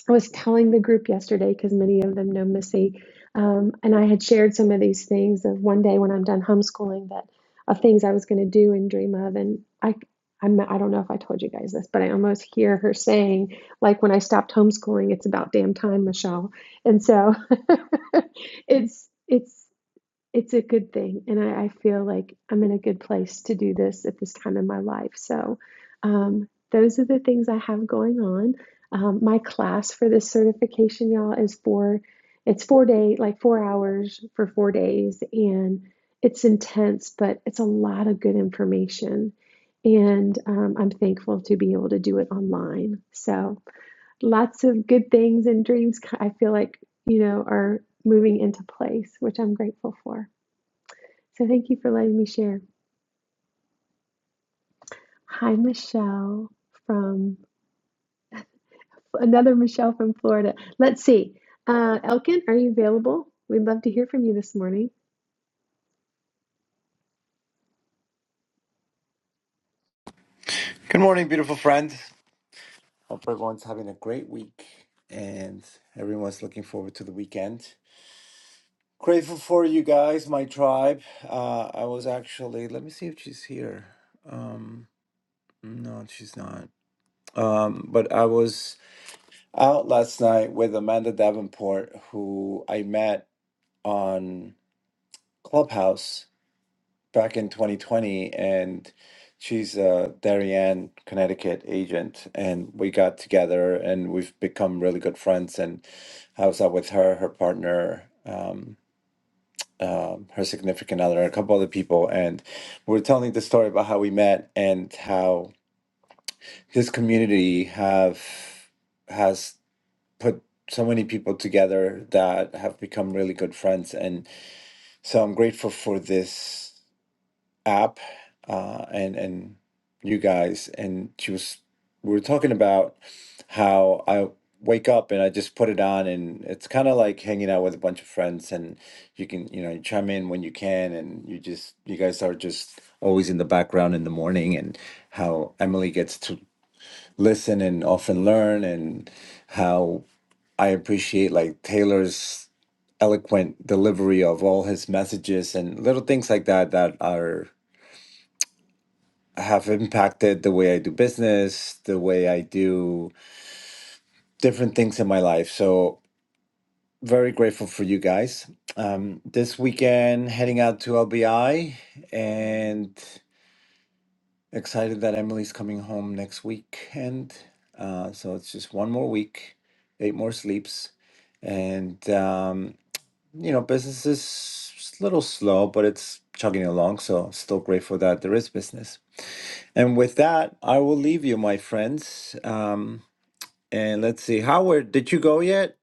Speaker 7: I was telling the group yesterday because many of them know Missy, um, and I had shared some of these things of one day when I'm done homeschooling that of things I was going to do and dream of. And I, I'm, I don't know if I told you guys this, but I almost hear her saying, like, when I stopped homeschooling, it's about damn time, Michelle. And so *laughs* it's it's it's a good thing, and I, I feel like I'm in a good place to do this at this time in my life. So, um, those are the things I have going on. Um, my class for this certification, y'all, is for it's four day, like four hours for four days, and it's intense, but it's a lot of good information. And um, I'm thankful to be able to do it online. So, lots of good things and dreams, I feel like, you know, are moving into place, which I'm grateful for. So thank you for letting me share. Hi, Michelle from another Michelle from Florida. Let's see. Uh, Elkin, are you available? We'd love to hear from you this morning.
Speaker 8: Good morning, beautiful friend. Hope everyone's having a great week and everyone's looking forward to the weekend. Grateful for you guys, my tribe. Uh, I was actually, let me see if she's here. Um, no, she's not. Um, but I was out last night with Amanda Davenport, who I met on Clubhouse back in 2020, and she's a Darien, Connecticut agent, and we got together, and we've become really good friends. And I was out with her, her partner, um, um, her significant other, and a couple other people, and we we're telling the story about how we met and how this community have has put so many people together that have become really good friends and so i'm grateful for this app uh, and and you guys, and she was we were talking about how I wake up and I just put it on, and it's kind of like hanging out with a bunch of friends, and you can you know you chime in when you can, and you just you guys are just always in the background in the morning, and how Emily gets to listen and often learn, and how I appreciate like Taylor's eloquent delivery of all his messages and little things like that that are have impacted the way I do business, the way I do different things in my life. So, very grateful for you guys. Um, this weekend, heading out to LBI and excited that Emily's coming home next weekend. Uh, so, it's just one more week, eight more sleeps. And, um, you know, business is a little slow, but it's chugging along. So, still grateful that there is business. And with that, I will leave you, my friends. Um, and let's see, Howard, did you go yet,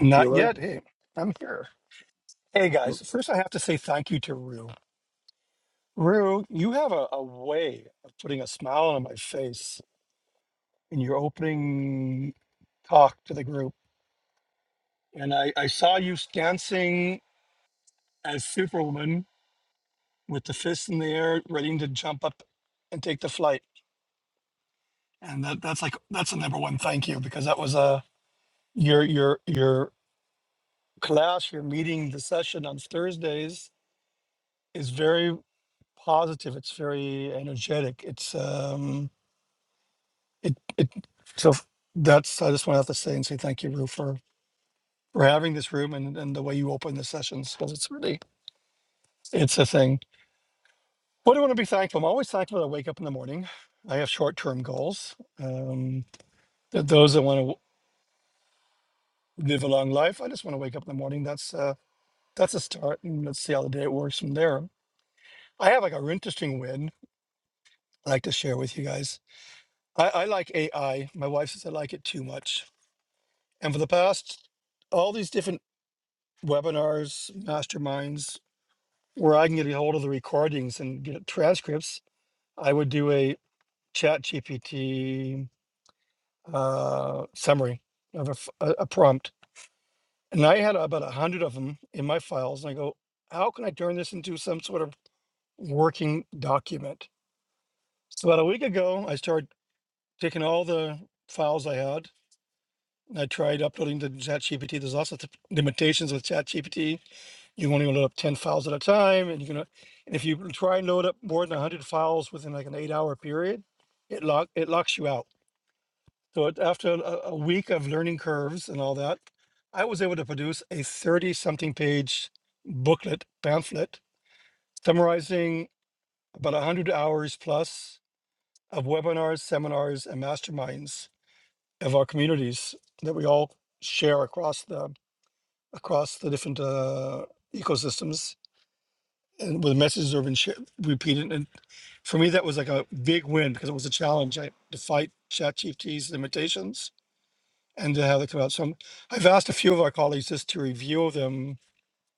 Speaker 9: Not
Speaker 8: Bueller?
Speaker 9: yet. Hey, I'm here. Hey
Speaker 8: No.
Speaker 9: guys, first I have to say thank you to Rue. Rue, you have a, a way of putting a smile on my face in your opening talk to the group. And I, I saw you dancing as Superwoman with the fist in the air, ready to jump up and take the flight. And that, that's like that's a number one thank you because that was a your your your class, your meeting, the session on Thursdays is very positive. It's very energetic. It's um it it so f- that's I just want to have to say and say thank you, Rue, for for having this room and, and the way you open the sessions because it's really it's a thing. What do I want to be thankful? I'm always thankful that I wake up in the morning. I have short term goals. Um, th- those that want to live a long life, I just want to wake up in the morning. That's uh, that's a start, and let's see how the day works from there. I have like a interesting win I'd like to share with you guys. I, I like AI. My wife says I like it too much. And for the past, all these different webinars, masterminds, where I can get a hold of the recordings and get transcripts, I would do a chat GPT uh, summary of a, f- a- a prompt. And I had about a hundred of them in my files. And I go, how can I turn this into some sort of working document? So about a week ago, I started taking all the files I had and I tried uploading to ChatGPT. There's lots of th- limitations with ChatGPT You're only load up 10 files at a time. And you can. uh, and if you try and load up more than 100 files within like an eight hour period, it lock, it locks you out. So it, after a, a week of learning curves and all that, I was able to produce a 30 something page booklet, pamphlet, summarizing about 100 hours plus of webinars, seminars, and masterminds of our communities that we all share across the across the different uh, ecosystems and with messages of and share- repeat it. And for me, that was like a big win because it was a challenge I, to fight ChatGPT's limitations and to have it come out. So I'm, I've asked a few of our colleagues just to review them.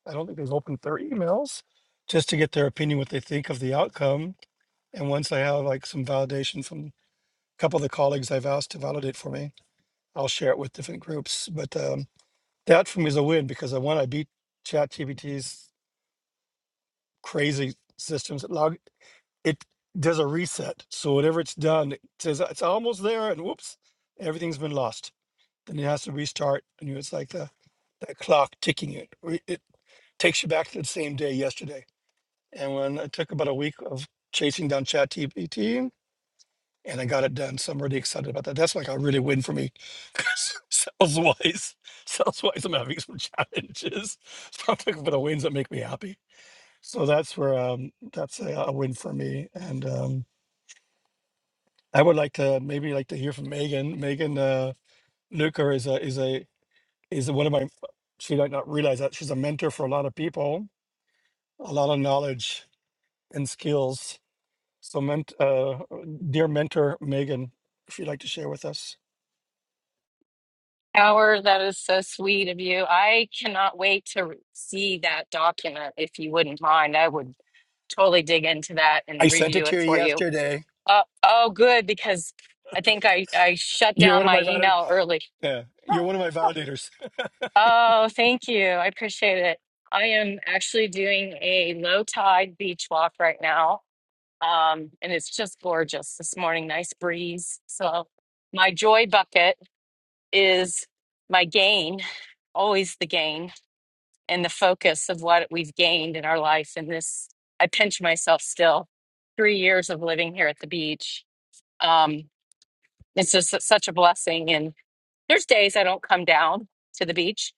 Speaker 9: I don't think they've opened their emails just to get their opinion, what they think of the outcome. And once I have like some validation from a couple of the colleagues I've asked to validate for me, I'll share it with different groups. But um, that for me is a win because I one, I beat ChatGPT's crazy systems. It log. it does a reset. So whatever it's done, it says "Oh, it's almost there, and whoops, everything's been lost. Then it has to restart, and you know, it's like the that clock ticking. It re- it takes you back to the same day yesterday. And when it took about a week of chasing down ChatGPT, and I got it done, so I'm really excited about that. That's like a really win for me, *laughs* 'Cause sales wise. Sales wise, I'm having some *laughs* challenges. So I'm looking for the wins that make me happy. So that's where um, that's a, a win for me, and. Um, I would like to maybe like to hear from Megan. Megan uh, Luker is a is a is one of my. She might not realize that she's a mentor for a lot of people, a lot of knowledge and skills. So, ment, uh, dear mentor Megan, if you'd like to share with us,
Speaker 10: Howard, that is so sweet of you. I cannot wait to re- see that document. If you wouldn't mind, I would totally dig into that
Speaker 9: I
Speaker 10: and
Speaker 9: sent it
Speaker 10: review
Speaker 9: to
Speaker 10: it
Speaker 9: you
Speaker 10: for you.
Speaker 9: yesterday.
Speaker 10: Uh, oh, good, because I think I, I shut
Speaker 9: You're
Speaker 10: down
Speaker 9: one of
Speaker 10: my
Speaker 9: my valid.
Speaker 10: email early.
Speaker 9: Yeah, you're
Speaker 10: *gasps*
Speaker 9: one of my validators.
Speaker 10: Oh, thank you. I appreciate it. I am actually doing a low tide beach walk right now. Um, and it's just gorgeous this morning, nice breeze. So, my joy bucket is my gain, always the gain. and the focus of what we've gained in our life and this i pinch myself still three years of living here at the beach um, it's just su- such a blessing and there's days i don't come down to the beach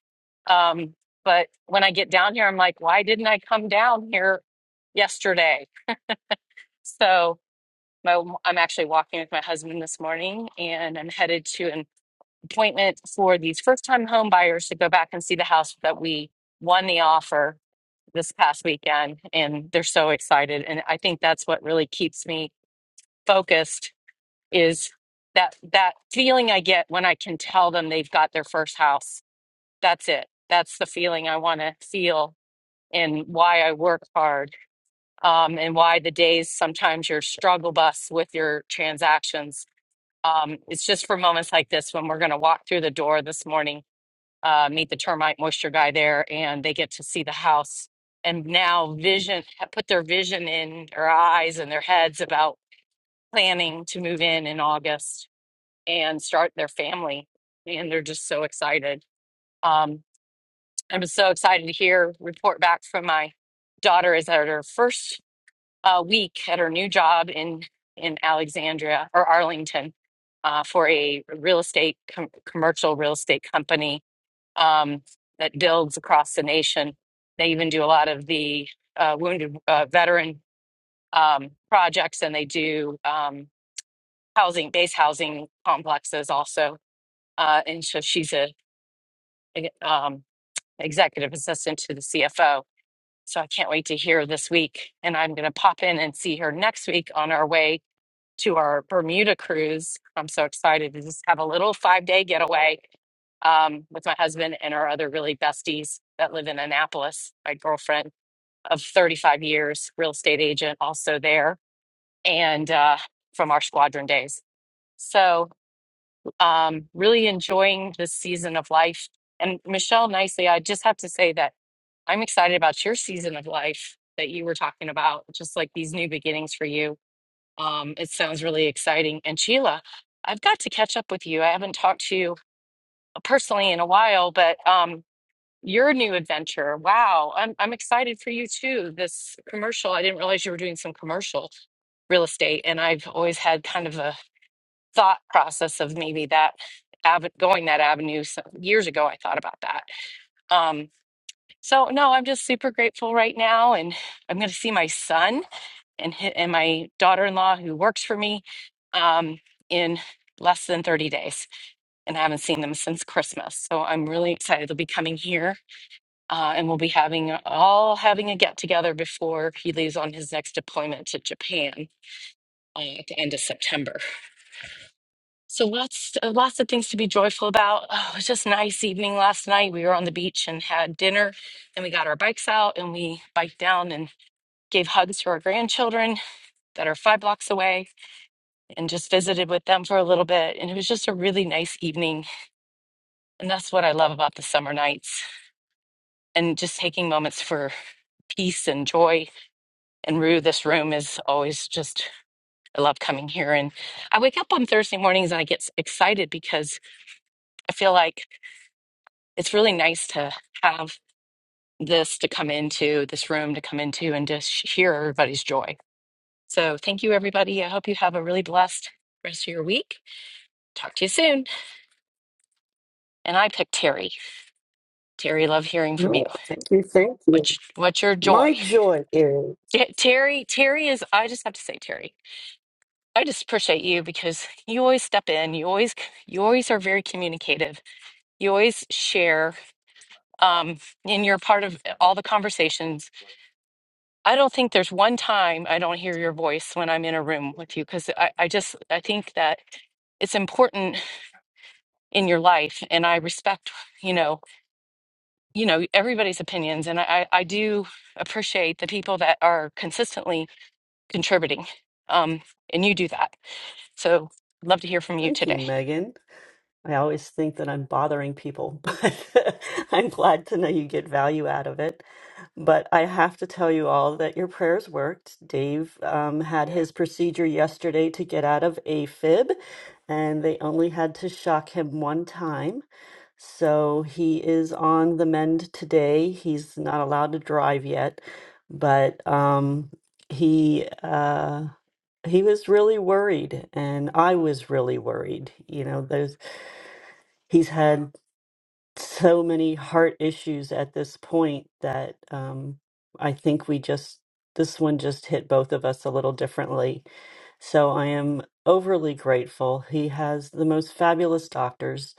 Speaker 10: um, but when i get down here i'm like why didn't i come down here yesterday so my, i'm actually walking with my husband this morning and i'm headed to an appointment for these first time home buyers to go back and see the house that we won the offer this past weekend and they're so excited and I think that's what really keeps me focused is that that feeling I get when I can tell them they've got their first house that's it that's the feeling I want to feel and why I work hard um, and why the days sometimes your struggle bus with your transactions um, it's just for moments like this when we're going to walk through the door this morning uh, meet the termite moisture guy there, and they get to see the house and now vision put their vision in their eyes and their heads about planning to move in in August and start their family, and they're just so excited. Um, I'm so excited to hear report back from my daughter is at her first uh, week at her new job in in Alexandria or Arlington uh, for a real estate com- commercial real estate company um, that builds across the nation. They even do a lot of the uh, wounded uh, veteran um, projects, and they do um, housing, base housing complexes also. Uh, and so she's a, a, um, executive assistant to the CFO. So I can't wait to hear this week, and I'm going to pop in and see her next week on our way to our Bermuda cruise. I'm so excited to just have a little five day getaway um, with my husband and our other really besties that live in Annapolis. My girlfriend of 35 years, real estate agent, also there, and uh, from our squadron days. So, um, really enjoying this season of life. And Michelle, nicely, I just have to say that I'm excited about your season of life that you were talking about, just like these new beginnings for you um, it sounds really exciting. And Sheila, I've got to catch up with you. I haven't talked to you uh, personally in a while, but um, your new adventure, wow, I'm I'm excited for you too. This commercial, I didn't realize you were doing some commercial real estate, and I've always had kind of a thought process of maybe that ave going that avenue. So years ago, I thought about that. Um, so no, I'm just super grateful right now, and I'm going to see my son and hit, and my daughter-in-law who works for me um, in less than 30 days and I haven't seen them since Christmas. So I'm really excited. They'll be coming here uh, and we'll be having all having a get together before he leaves on his next deployment to Japan uh, at the end of September. So lots uh, lots of things to be joyful about. Oh, it was just a nice evening last night. We were on the beach and had dinner and we got our bikes out and we biked down and gave hugs to our grandchildren that are five blocks away and just visited with them for a little bit. And it was just a really nice evening. And that's what I love about the summer nights and just taking moments for peace and joy. And Rue, this room is always just, I love coming here. And I wake up on Thursday mornings and I get excited because I feel like it's really nice to have this to come into, this room to come into, and just hear everybody's joy. So thank you, everybody. I hope you have a really blessed rest of your week. Talk to you soon. And I picked Terry. Terry, love hearing from you.
Speaker 11: No, thank you, thank you.
Speaker 10: What's what's your
Speaker 11: My
Speaker 10: joy?
Speaker 11: joy is,
Speaker 10: T- Terry, Terry is, I just have to say, Terry, I just appreciate you because you always step in. You always, you always are very communicative. You always share, um, and you're part of all the conversations. I don't think there's one time I don't hear your voice when I'm in a room with you because I, I just, I think that it's important in your life, and I respect, you know, you know everybody's opinions, and I, I I do appreciate the people that are consistently contributing. Um, and you do that. So I'd love to hear from you
Speaker 11: thank
Speaker 10: today.
Speaker 11: you, Megan. I always think that I'm bothering people, *laughs* but I'm glad to know you get value out of it. But I have to tell you all that your prayers worked. Dave um, had his procedure yesterday to get out of AFib, and they only had to shock him one time. So he is on the mend today. He's not allowed to drive yet, but um, he. Uh, he was really worried and i was really worried you know those he's had so many heart issues at this point that um i think we just this one just hit both of us a little differently so i am overly grateful he has the most fabulous doctors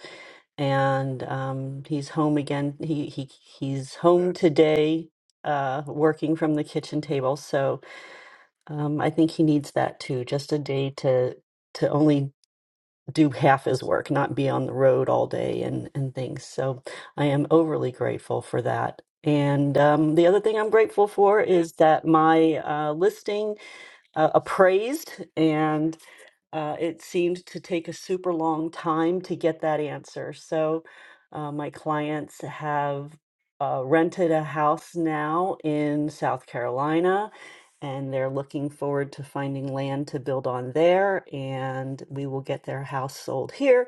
Speaker 11: and um he's home again he he he's home today uh working from the kitchen table so um, I think he needs that too, just a day to to only do half his work, not be on the road all day and and things. So I am overly grateful for that. And um, the other thing I'm grateful for is that my uh, listing uh, appraised, and uh, it seemed to take a super long time to get that answer. So, uh, my clients have uh, rented a house now in South Carolina, and they're looking forward to finding land to build on there. And we will get their house sold here.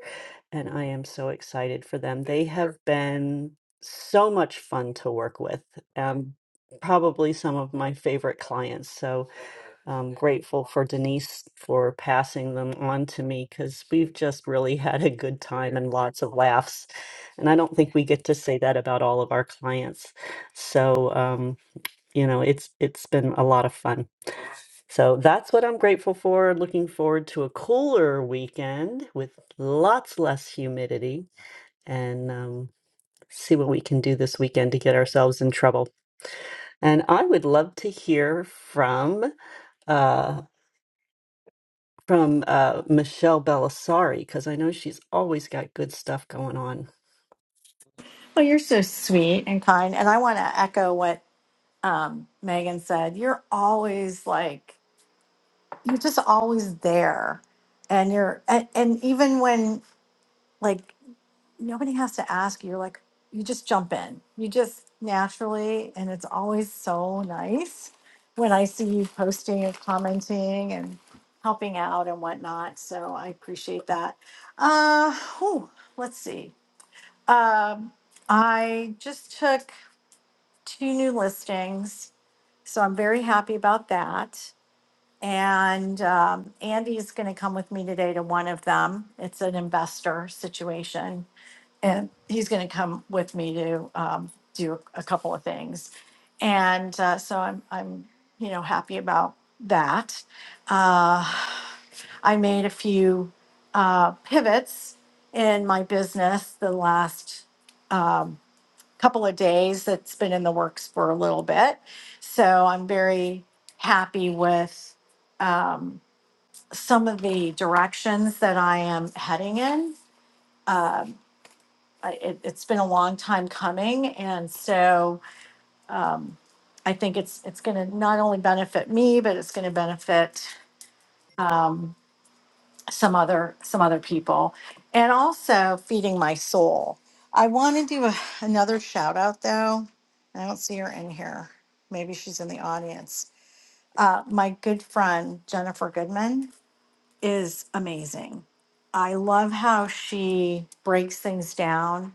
Speaker 11: And I am so excited for them. They have been so much fun to work with. Um, probably some of my favorite clients. So, I'm grateful for Denise for passing them on to me because we've just really *laughs* had a good time and lots of laughs. And I don't think we get to say that about all of our clients. So, um, you know, it's it's been a lot of fun. So that's what I'm grateful for. Looking forward to a cooler weekend with lots less humidity and um, see what we can do this weekend to get ourselves in trouble. And I would love to hear from. uh, from uh, Michelle Belisari because I know she's always got good stuff going on.
Speaker 12: Oh, you're so sweet and kind. And I want to echo what um, Megan said. You're always like, you're just always there. And you're, and, and even when like nobody has to ask, you're like, you just jump in. You just naturally, and it's always so nice when I see you posting and commenting and helping out and whatnot. So I appreciate that. Uh, whew, let's see. Um, I just took. two new listings. So I'm very happy about that. And um, Andy's going to come with me today to one of them. It's an investor situation. And he's going to come with me to um, do a couple of things. And uh, so I'm, I'm, you know, happy about that. Uh, I made a few uh, pivots in my business the last um, couple of days that's been in the works for a little bit. So I'm very happy with um, some of the directions that I am heading in. Um, I, it, it's been a long time coming, and so um, I think it's it's going to not only benefit me, but it's going to benefit. Um, some other some other people and also feeding my soul i want to do a, another shout out though i don't see her in here maybe she's in the audience uh, my good friend jennifer goodman is amazing i love how she breaks things down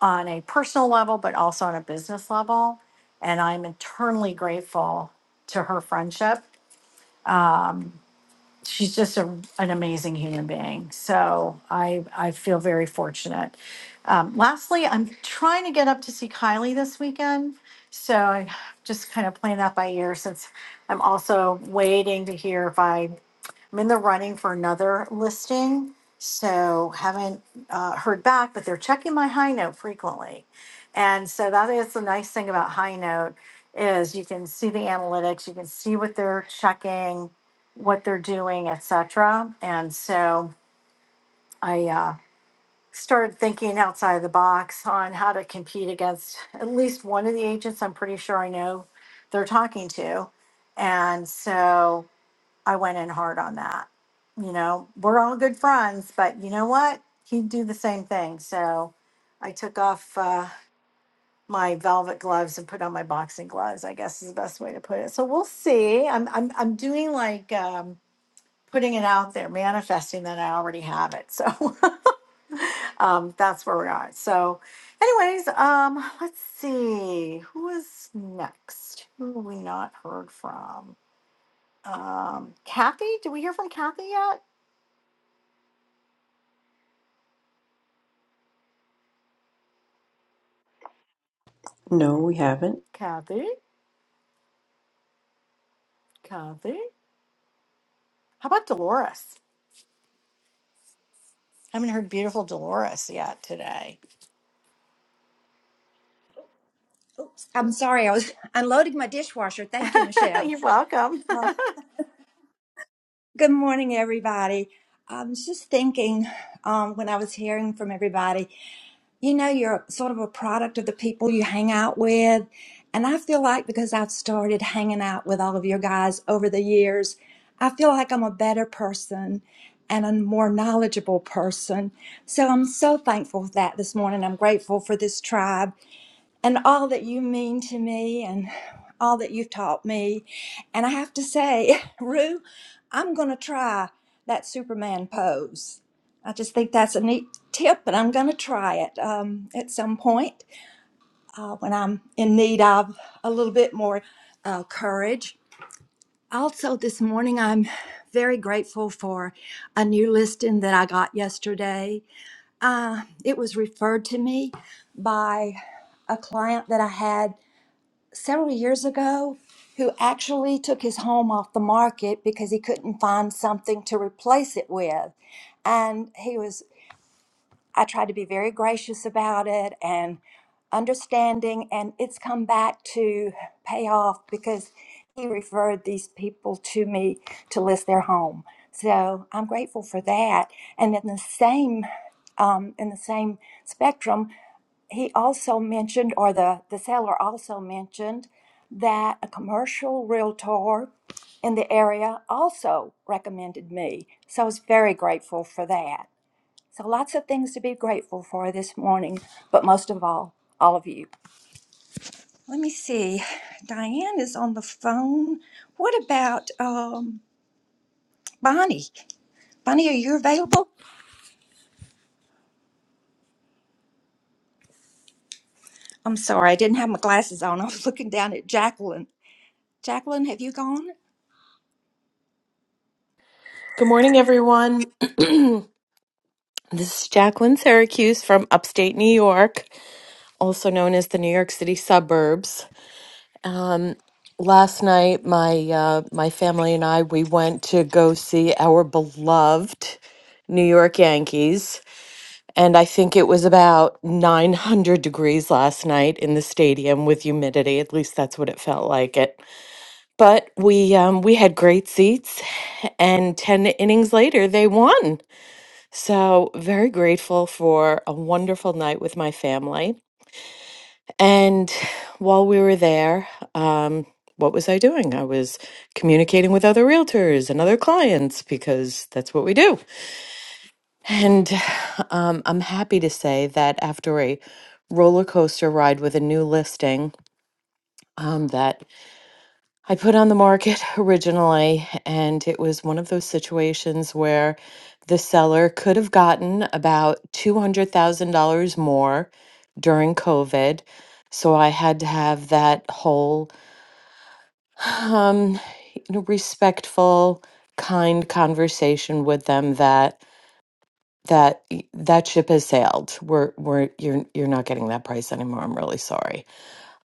Speaker 12: on a personal level but also on a business level and i'm eternally grateful to her friendship Uh, she's just a, an amazing human being. So I I feel very fortunate. Um, lastly, I'm trying to get up to see Kylie this weekend. So I just kind of playing that by ear since I'm also waiting to hear if I I'm in the running for another listing, so haven't uh, heard back, but they're checking my high note frequently. And so that is the nice thing about high note is you can see the analytics, you can see what they're checking, what they're doing, etc. And so I uh, started thinking outside the box on how to compete against at least one of the agents I'm pretty sure I know they're talking to. And so I went in hard on that. You know, we're all good friends, but you know what? He'd do the same thing. So I took off uh, my velvet gloves and put on my boxing gloves. I guess is the best way to put it. So we'll see. I'm I'm I'm doing like um, putting it out there, manifesting that I already have it. So *laughs* um, that's where we're at. So, anyways, um, let's see who is next. Who have we not heard from? Um, Kathy, did we hear from Kathy yet?
Speaker 1: No, we haven't.
Speaker 12: Kathy, Kathy. How about Dolores? Haven't heard beautiful Dolores yet today.
Speaker 13: Oops, I'm sorry, I was *laughs* unloading my dishwasher. Thank you,
Speaker 12: *laughs*
Speaker 13: Michelle.
Speaker 12: You're welcome. *laughs*
Speaker 13: Uh, Good morning, everybody. I was just thinking um, when I was hearing from everybody, you know, you're sort of a product of the people you hang out with. And I feel like because I've started hanging out with all of your guys over the years, I feel like I'm a better person and a more knowledgeable person. So I'm so thankful for that this morning. I'm grateful for this tribe. and all that you mean to me and all that you've taught me. And I have to say, *laughs* Rue, I'm going to try that Superman pose. I just think that's a neat tip, and I'm going to try it um, at some point uh, when I'm in need of a little bit more uh, courage. Also, this morning, I'm very grateful for a new listing that I got yesterday. Uh, it was referred to me by a client that I had several years ago who actually took his home off the market because he couldn't find something to replace it with. And he was, I tried to be very gracious about it and understanding, and it's come back to pay off because he referred these people to me to list their home. So I'm grateful for that. And in the same um, in the same spectrum, he also mentioned, or the, the seller also mentioned, that a commercial realtor in the area also recommended me. So I was very grateful for that. So lots of things to be grateful for this morning, but most of all, all of you. Let me see. Diane is on the phone. What about um, Bonnie? Bonnie, are you available? I'm sorry, I didn't have my glasses on. *laughs* I was looking down at Jacqueline. Jacqueline, have you gone?
Speaker 14: Good morning, everyone. *clears throat* this is Jacqueline Syracuse from upstate New York, also known as the New York City suburbs. Um, last night, my uh, my family and I we went to go see our beloved New York Yankees, and I think it was about 900 degrees last night in the stadium with humidity. At least that's what it felt like. It, but we um, we had great seats, and 10 innings later, they won. So, very grateful for a wonderful night with my family. And while we were there, um, what was I doing? I was communicating with other realtors and other clients because that's what we do. And um, I'm happy to say that after a roller coaster ride with a new listing um, that I put on the market *laughs* originally, and it was one of those situations where the seller could have gotten about $200,000 more during COVID. So I had to have that whole *sighs* um, you know, respectful, kind conversation with them that that y- that ship has sailed. We're we're you're you're not getting that price anymore. I'm really sorry.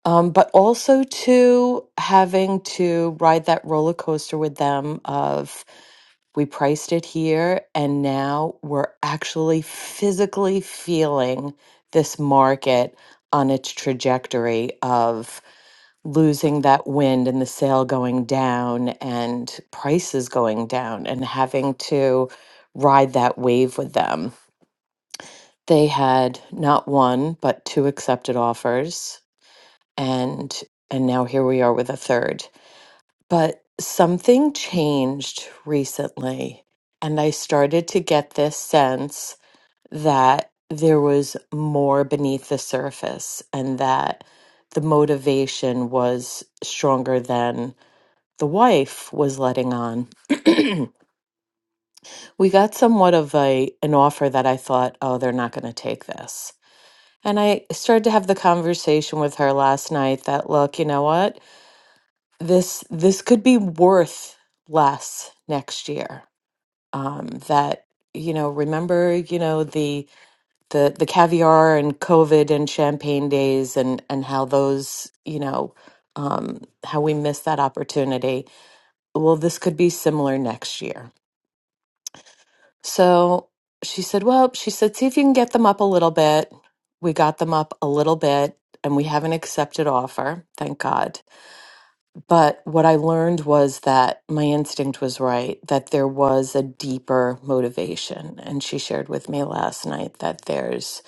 Speaker 14: Um, but also to having to ride that roller coaster with them of we priced it here and now we're actually physically feeling this market on its trajectory of losing that wind and the sale going down and prices going down and having to ride that wave with them. They had not one, but two accepted offers and and now here we are with a third but something changed recently and i started to get this sense that there was more beneath the surface and that the motivation was stronger than the wife was letting on *clears throat* we got somewhat of a an offer that i thought oh they're not going to take this and i started to have the conversation with her last night that look you know what this this could be worth less next year um that you know remember you know the the the caviar and covid and champagne days and and how those you know um how we missed that opportunity well this could be similar next year so she said well she said see if you can get them up a little bit we got them up a little bit and we have an accepted offer thank god But what I learned was that my instinct was right, that there was a deeper motivation. And she shared with me last night that there's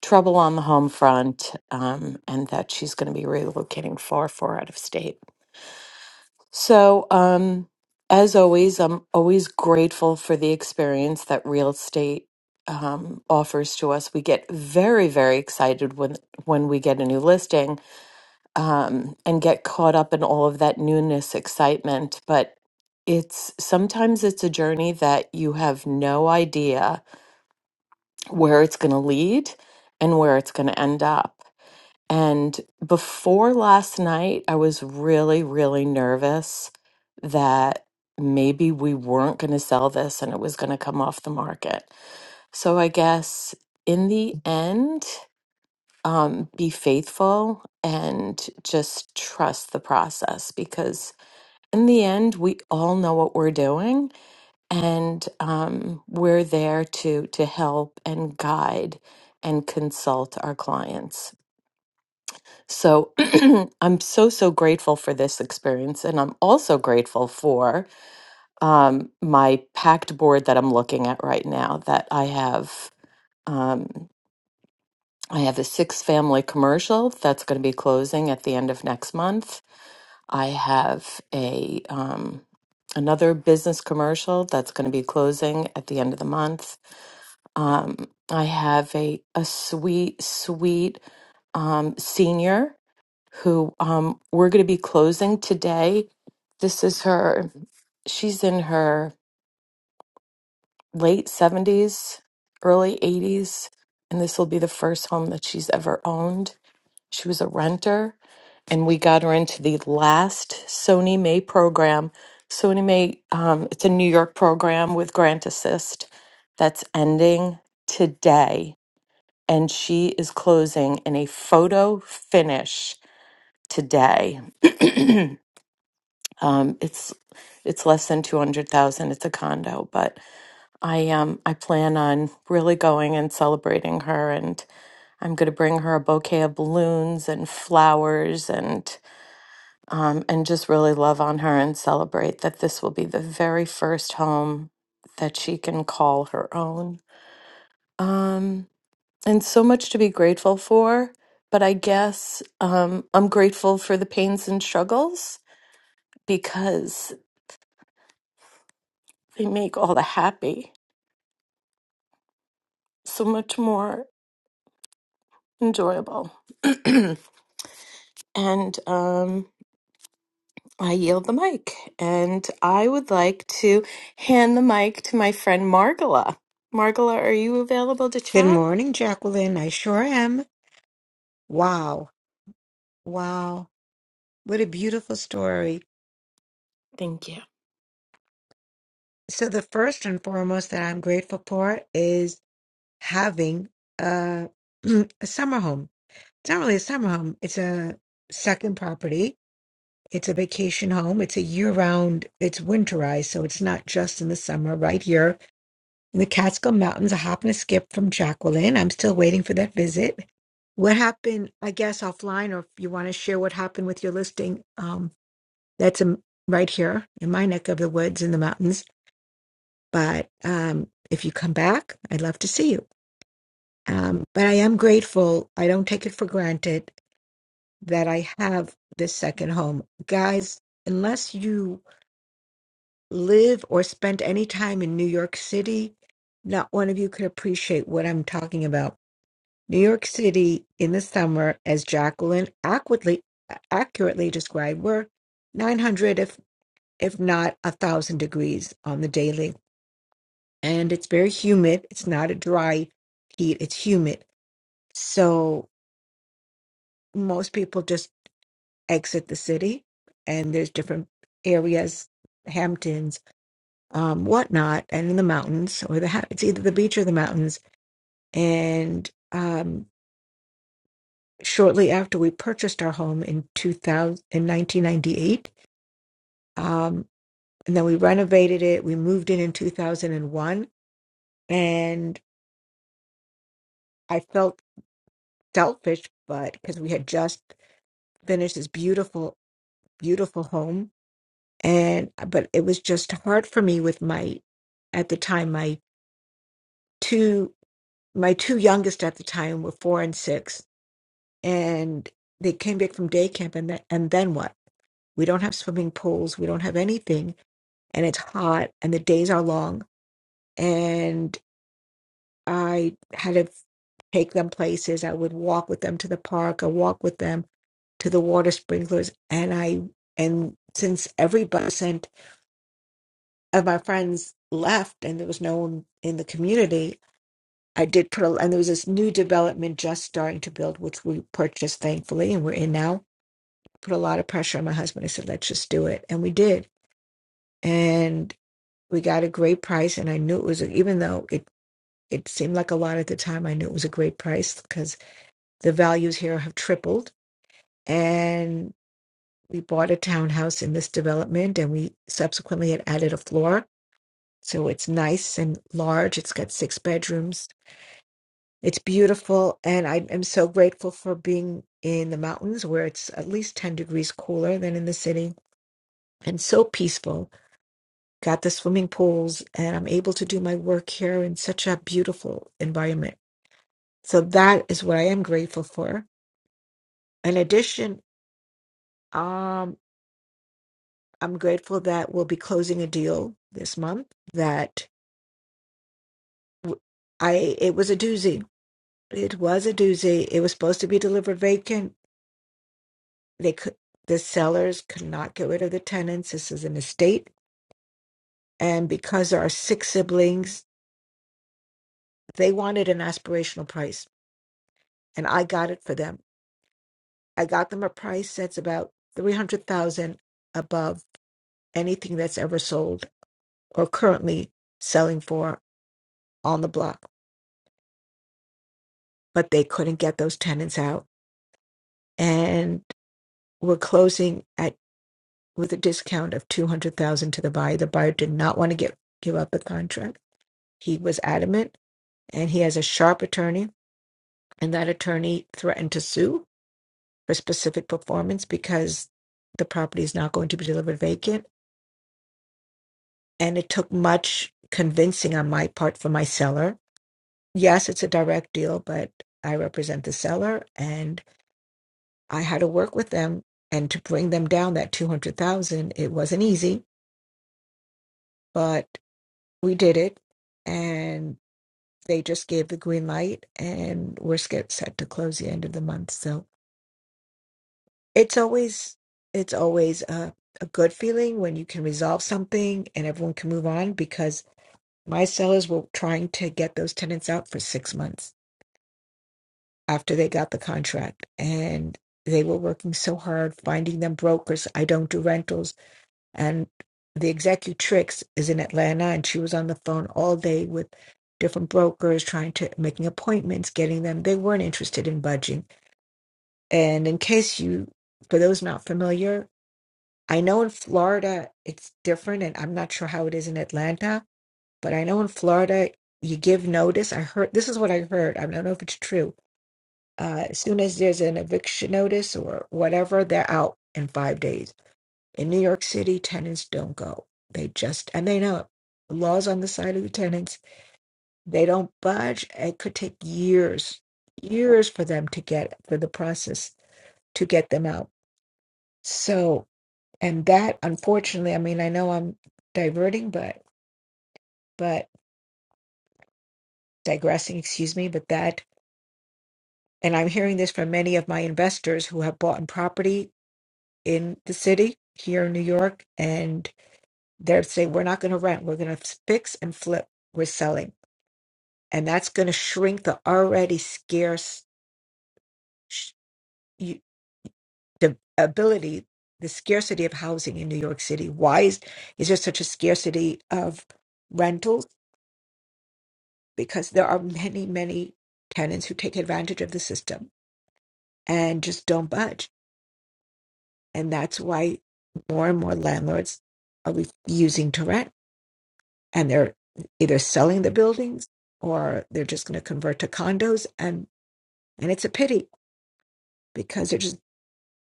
Speaker 14: trouble on the home front um, and that she's going to be relocating far, far out of state. So, um, as always, I'm always grateful for the experience that real estate um, offers to us. We get very, very excited when, when we get a new listing um, and get caught up in all of that newness, excitement. But it's sometimes it's a journey that you have no idea where it's going to lead and where it's going to end up. And before last night, I was really, really nervous that maybe we weren't going to sell this and it was going to come off the market. So I guess in the end, um, be faithful and just trust the process because in the end we all know what we're doing and um, we're there to to help and guide and consult our clients so *clears throat* i'm so so grateful for this experience and i'm also grateful for um, my packed board that i'm looking at right now that i have Um, I have a six family commercial that's going to be closing at the end of next month. I have a um, another business commercial that's going to be closing at the end of the month. Um, I have a a sweet sweet um, senior who um, we're going to be closing today. This is her. She's in her late seventies, early eighties, and this will be the first home that she's ever owned She was a renter, and we got her into the last Sony May program. Sony May, um, it's a New York program with Grant Assist that's ending today, and she is closing in a photo finish today. *clears throat* um, it's it's less than two hundred thousand. It's a condo, but I um I plan on really going and celebrating her, and I'm going to bring her a bouquet of balloons and flowers and um, and just really love on her and celebrate that this will be the very first home that she can call her own. Um, and so much to be grateful for. But I guess um, I'm grateful for the pains and struggles because they make all the happy so much more enjoyable. *clears throat* and um, I yield the mic. And I would like to hand the mic to my friend Margala. Margala, are you available to
Speaker 4: Good
Speaker 14: chat?
Speaker 4: morning, Jacqueline. I sure am. Wow. Wow. What a beautiful story.
Speaker 14: Thank you.
Speaker 4: So, the first and foremost that I'm grateful for is having a, *clears throat* a summer home. It's not really a summer home, it's a second property. It's a vacation home. It's a year round, it's winterized. So, it's not just in the summer right here In the Catskill Mountains, a hop and a skip from Jacqueline. I'm still waiting for that visit. What happened, I guess, offline, or if you want to share what happened with your listing, um, that's um, right here in my neck of the woods in the mountains. But um, if you come back, I'd love to see you. Um, but I am grateful. I don't take it for granted that I have this second home. Guys, unless you live or spent any time in New York City, not one of you could appreciate what I'm talking about New York City in the summer, as Jacqueline accurately accurately described, were 900 if if not a thousand degrees on the daily, and it's very humid. It's not a dry heat; it's humid. So most people just exit the city, and there's different areas, Hamptons, um, whatnot, and in the mountains or the ha- it's either the beach or the mountains, and. Um, shortly after we purchased our home in 2000, in 1998. Um, and then we renovated it. We moved in in 2001. And one, and I felt selfish, but because we had just finished this beautiful, beautiful home. And, but it was just hard for me with my, at the time, my two, my two youngest at the time were four and six. And they came back from day camp and, then and then what? We don't have swimming pools. We don't have anything and it's hot and the days are long and i had to take them places i would walk with them to the park i walk with them to the water sprinklers and i and since everybody sent of my friends left and there was no one in the community i did put a and there was this new development just starting to build which we purchased thankfully and we're in now put a lot of pressure on my husband i said let's just do it and we did and we got a great price and i knew it was even though it It seemed like a lot at the time. I knew it was a great price because the values here have tripled. And we bought a townhouse in this development and we subsequently had added a floor. So it's nice and large. It's got six bedrooms. It's beautiful. And I am so grateful for being in the mountains where it's at least 10 degrees cooler than in the city and so peaceful. Got the swimming pools and I'm able to do my work here in such a beautiful environment. So that is what I am grateful for In addition, um, I'm grateful that we'll be closing a deal this month that w- I it was a doozy. It was a doozy. It was supposed to be delivered vacant. They could the sellers could not get rid of the tenants. This is an estate, and because there are six siblings, they wanted an aspirational price, and I got it for them. I got them a price that's about three hundred thousand above anything that's ever sold or currently selling for on the block but they couldn't get those tenants out and we're closing at with a discount of 200,000 to the buyer. The buyer did not want to get give up a contract. He was adamant and he has a sharp attorney and that attorney threatened to sue for specific performance because the property is not going to be delivered vacant and it took much convincing on my part for my seller. Yes, it's a direct deal, but I represent the seller and. I had to work with them and to bring them down that 200,000. It wasn't easy, but we did it. And they just gave the green light and we're sk- set to close the end of the month. So it's always, it's always a, a good feeling when you can resolve something and everyone can move on because my sellers were trying to get those tenants out for six months after they got the contract and they were working so hard finding them brokers. I don't do rentals. and the executrix is in Atlanta, and she was on the phone all day with different brokers, trying to making appointments, getting them. They weren't interested in budging. And in case you, for those not familiar, I know in Florida it's different, and I'm not sure how it is in Atlanta, but I know in Florida you give notice. I heard this is what I heard. I don't know if it's true. Uh, as soon as there's an eviction notice or whatever, they're out in five days in New York City, tenants don't go. They just, and they know it. The law's on the side of the tenants. They don't budge. It could take years, years for them to get, for the process to get them out. So, and that, unfortunately, I mean, I know I'm diverting, but, but digressing, excuse me, but that, and I'm hearing this from many of my investors who have bought in property in the city here in New York, and they're saying, we're not going to rent, we're going to fix and flip, we're selling and that's going to shrink the already scarce sh- you- the ability the scarcity of housing in new york city why is, is there such a scarcity of rentals because there are many many tenants who take advantage of the system and just don't budge and that's why more and more landlords are refusing to rent and they're either selling the buildings or they're just going to convert to condos and and it's a pity because they're just.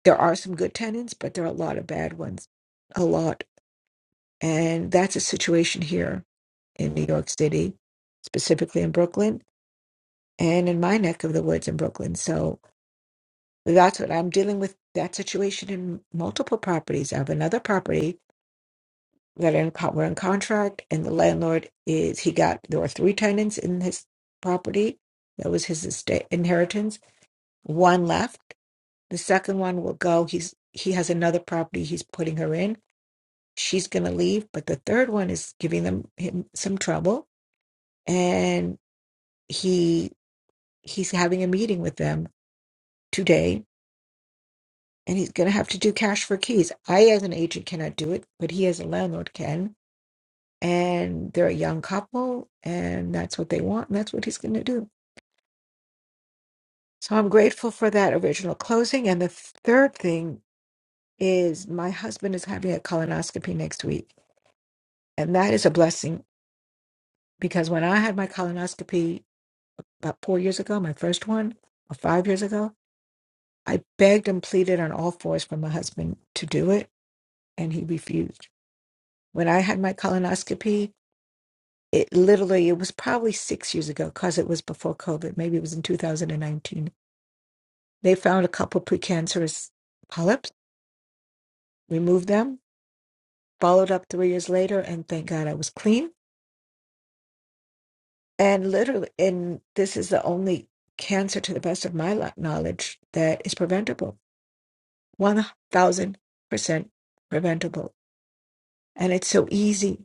Speaker 4: there are some good tenants, but there are a lot of bad ones, a lot. And that's a situation here in New York City, specifically in Brooklyn and in my neck of the woods in Brooklyn. So that's what I'm dealing with that situation in multiple properties. I have another property that in, co- we're in contract, and the landlord is he got there were three tenants in his property. That was his estate inheritance. One left. The second one will go. He's he has another property he's putting her in she's going to leave, but the third one is giving them him some trouble, and he he's having a meeting with them today, and he's going to have to do cash for keys. I, as an agent, cannot do it, but he, as a landlord, can. And they're a young couple, and that's what they want, and that's what he's going to do. So I'm grateful for that original closing. And the third thing is my husband is having a colonoscopy next week, and that is a blessing because when I had my colonoscopy about four years ago, my first one, or five years ago. I begged and pleaded on all fours for my husband to do it, and he refused. When I had my colonoscopy, it literally, it was probably six years ago because it was before COVID. Maybe it was in 2019. They found a couple precancerous polyps, removed them, followed up three years later, and thank God I was clean. And literally, and this is the only cancer, to the best of my lo- knowledge, that is preventable 1000% preventable. And it's so easy.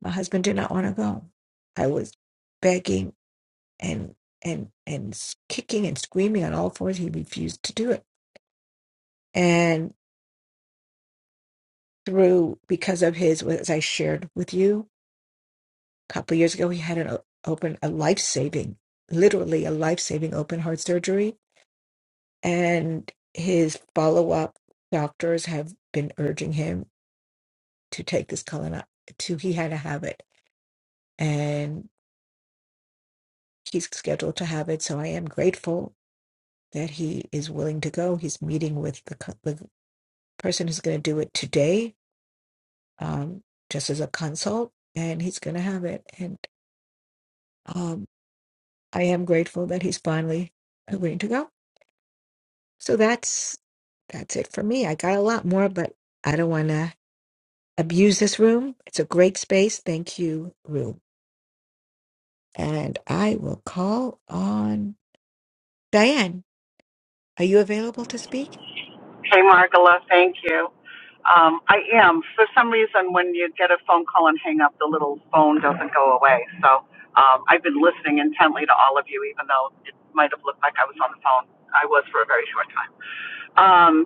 Speaker 4: My husband did not want to go. I was begging and and and s- kicking and screaming on all fours. He refused to do it. And through because of his, as I shared with you a couple of years ago, he had an o- open a life saving, literally a life saving open heart surgery. And his follow up doctors have been urging him to take this colon to he had to have it and he's scheduled to have it. So I am grateful that he is willing to go. He's meeting with the, co- the person who's going to do it today, um, just as a consult, and he's going to have it. And um, I am grateful that he's finally agreeing to go. So that's that's it for me. I got a lot more, but I don't want to abuse this room. It's a great space. Thank you, room. And I will call on Diane. Are you available to speak?
Speaker 2: Hey, Margola, thank you. Um, I am. For some reason, when you get a phone call and hang up, the little phone doesn't go away. So um, I've been listening intently to all of you, even though it might have looked like I was on the phone. I was for a very short time. Um,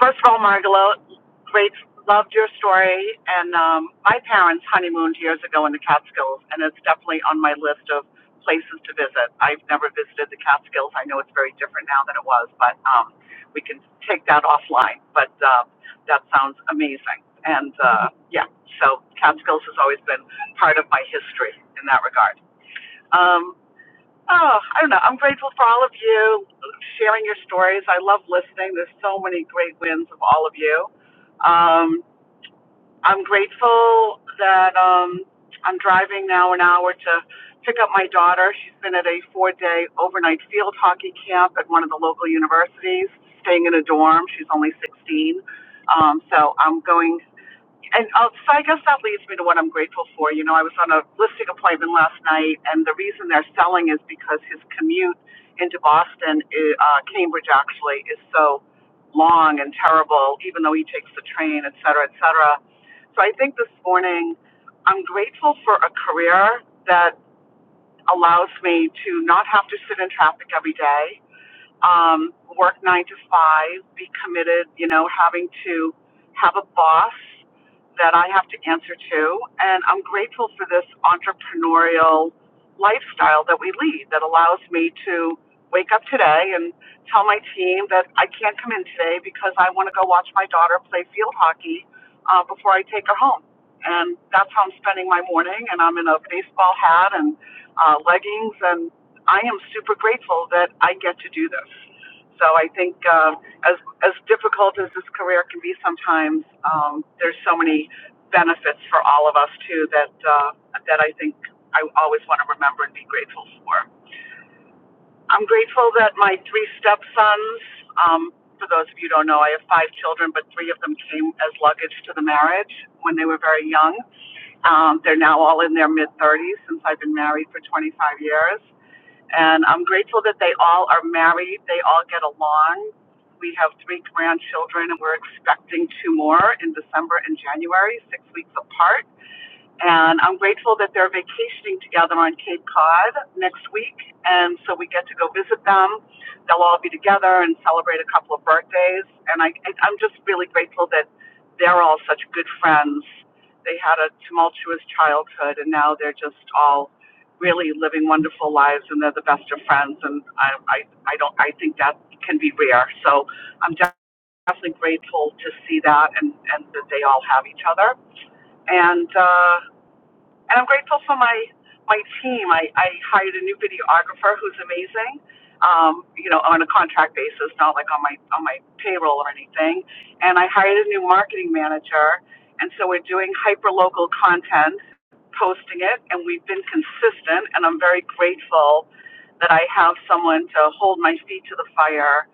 Speaker 2: First of all, Margalo, great, loved your story. And um, my parents honeymooned years ago in the Catskills, and it's definitely on my list of places to visit. I've never visited the Catskills. I know it's very different now than it was, but um, we can take that offline. But uh, that sounds amazing. And uh, yeah, so Catskills has always been part of my history in that regard. Um, Oh, I don't know. I'm grateful for all of you sharing your stories. I love listening. There's so many great wins of all of you. Um, I'm grateful that um, I'm driving now an hour to pick up my daughter. She's been at a four day overnight field hockey camp at one of the local universities, staying in a dorm. She's only 16. Um, so I'm going and uh, so I guess that leads me to what I'm grateful for. You know, I was on a listing appointment last night, and the reason they're selling is because his commute into Boston, eh, uh, Cambridge actually, is so long and terrible, even though he takes the train, et cetera, et cetera. So I think this morning, I'm grateful for a career that allows me to not have to sit in traffic every day um, work nine to five, be committed, you know, having to have a boss that I have to answer to. And I'm grateful for this entrepreneurial lifestyle that we lead that allows me to wake up today and tell my team that I can't come in today because I want to go watch my daughter play field hockey uh, before I take her home. And that's how I'm spending my morning. And I'm in a baseball hat and uh, leggings and I am super grateful that I get to do this. So I think um, as as difficult as this career can be sometimes, um, there's so many benefits for all of us too that uh, that I think I always want to remember and be grateful for. I'm grateful that my three stepsons. Um, for those of you who don't know, I have five children, but three of them came as luggage to the marriage when they were very young. Um, they're now all in their mid 30s since I've been married for 25 years. And I'm grateful that they all are married. They all get along. We have three grandchildren, and we're expecting two more in December and January, six weeks apart. And I'm grateful that they're vacationing together on Cape Cod next week. And so we get to go visit them. They'll all be together and celebrate a couple of birthdays. And I, I- am just really grateful that they're all such good friends. They had a tumultuous childhood and now they're just all really living wonderful lives and they're the best of friends. And I, I, I don't, I think that can be rare. So I'm definitely grateful to see that and, and that they all have each other. And, uh, and I'm grateful for my my team. I, I hired a new videographer who's amazing. Um, you know, on a contract basis, not like on my on my payroll or anything. And I hired a new marketing manager, and so we're doing hyper local content, posting it, and we've been consistent. And I'm very grateful that I have someone to hold my feet to the fire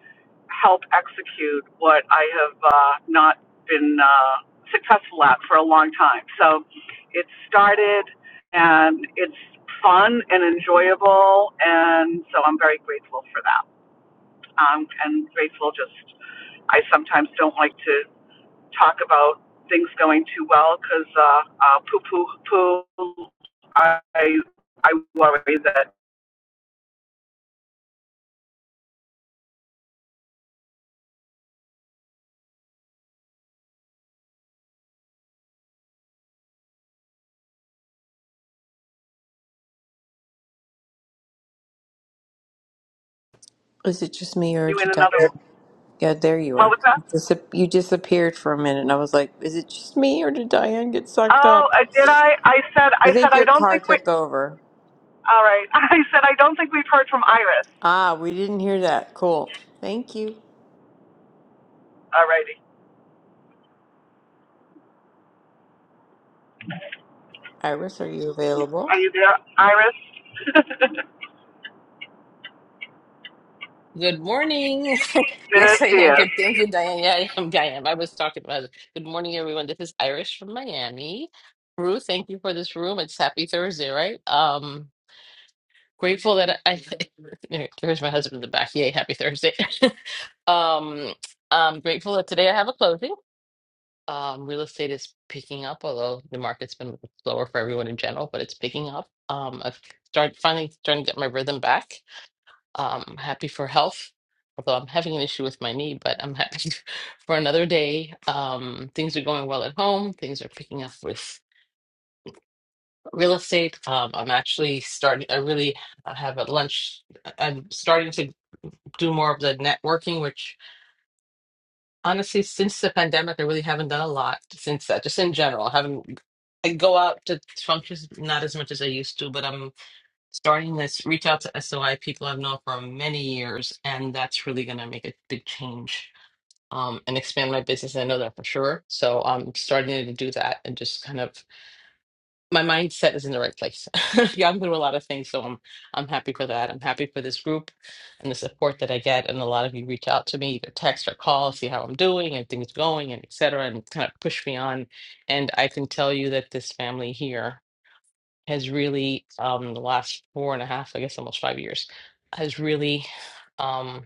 Speaker 2: help execute what I have uh, not been uh, successful at for a long time. So it started and it's fun and enjoyable, and so I'm very grateful for that. Um, and grateful just, I sometimes don't like to talk about things going too well because uh, uh, poo poo poo. I, I worry that
Speaker 1: Is it just me or
Speaker 2: you
Speaker 1: did
Speaker 2: in
Speaker 1: you
Speaker 2: another.
Speaker 1: Diane? Yeah, there you
Speaker 2: What
Speaker 1: are.
Speaker 2: was that?
Speaker 1: Disap- you disappeared for a minute, and I was like, "Is it just me or did Diane get sucked
Speaker 2: Oh,
Speaker 1: up?"
Speaker 2: uh, did I? I said
Speaker 1: I
Speaker 2: I said
Speaker 1: think
Speaker 2: I
Speaker 1: your
Speaker 2: don't
Speaker 1: car
Speaker 2: think we.
Speaker 1: took over.
Speaker 2: All right. *laughs* I said, I don't think we've heard from Iris.
Speaker 1: Ah, we didn't hear that. Cool. Thank you,
Speaker 2: All righty.
Speaker 1: Iris. Are you available?
Speaker 2: Are you there, Iris?
Speaker 15: Good morning. *laughs*
Speaker 2: *laughs* there
Speaker 15: Yes, I
Speaker 2: she
Speaker 15: am.
Speaker 2: is.
Speaker 15: Good. Thank you, Diane. Yeah, I am. I am. I was talking about it. Good morning, everyone. This is Irish from Miami. Ruth, thank you for this room. It's happy Thursday, right? Um, grateful that I, *laughs* there- there's my husband in the back. Yay, happy Thursday. *laughs* Um, I'm grateful that today I have a closing. Um, real estate is picking up, although the market's been slower for everyone in general, but it's picking up. Um, I've started finally starting to get my rhythm back. Um, happy for health, although I'm having an issue with my knee, but I'm happy *laughs* for another day. Um, things are going well at home. Things are picking up with real estate. Um, I'm actually starting, I really I have at lunch. uh, I'm starting to do more of the networking, which honestly, since the pandemic, I really haven't done a lot since that, just in general. I haven't, I go out to functions not as much as I used to, but I'm starting this reach out to SOI people I've known for many years, and that's really going to make a big change um, and expand my business. And I know that for sure. So I'm starting to do that and just kind of my mindset is in the right place. *laughs* yeah, I'm through a lot of things, so I'm I'm happy for that. I'm happy for this group and the support that I get. And a lot of you reach out to me, either text or call, see how I'm doing and things going and et cetera, and kind of push me on. And I can tell you that this family here has really um the last four and a half, I guess almost five years, has really Um,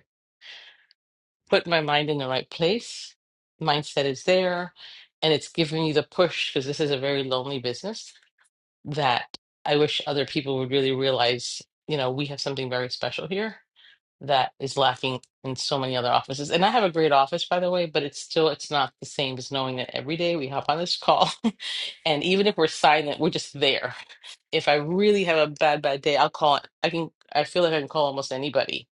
Speaker 15: put my mind in the right place. Mindset is there, and it's giving me the push because this is a very lonely business that I wish other people would really realize, you know, we have something very special here that is lacking in so many other offices. And I have a great office, by the way, but it's still it's not the same as knowing that every day we hop on this call *laughs* and even if we're silent, we're just there. If I really have a bad, bad day, I'll call I can I feel like I can call almost anybody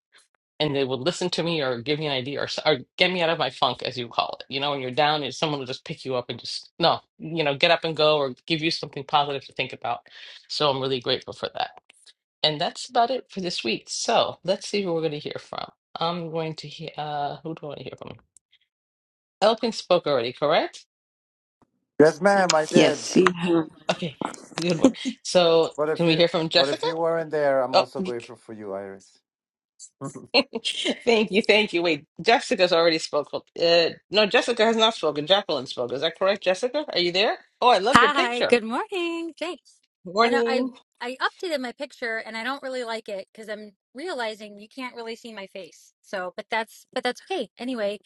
Speaker 15: and they would listen to me or give me an idea or, s- or get me out of my funk, as you call it. You know, when you're down, and someone will just pick you up and just, no, you know, get up and go or give you something positive to think about. So I'm really grateful for that. And that's about it for this week. So let's see who we're going to hear from. I'm going to hear, uh, who do I want to hear from? Elkin spoke already, correct?
Speaker 8: Yes, ma'am, I did.
Speaker 1: Yes, you have.
Speaker 15: Okay, good one. So
Speaker 8: But
Speaker 15: can
Speaker 8: if
Speaker 15: we
Speaker 8: you
Speaker 15: hear from
Speaker 8: but if
Speaker 15: Jessica?
Speaker 8: you weren't there, I'm also
Speaker 15: Oh,
Speaker 8: grateful for you, Iris.
Speaker 15: *laughs* Thank you, thank you. Wait, Jessica's already spoken. Uh, no, Jessica has not spoken. Jacqueline spoke. Is that correct, Jessica? Are you there? Oh, I loved your
Speaker 16: Hi,
Speaker 15: picture.
Speaker 16: good morning. Thanks. I know I
Speaker 15: Morning.
Speaker 16: I updated my picture and I don't really like it because I'm realizing you can't really see my face. So, but that's but that's okay. Anyway,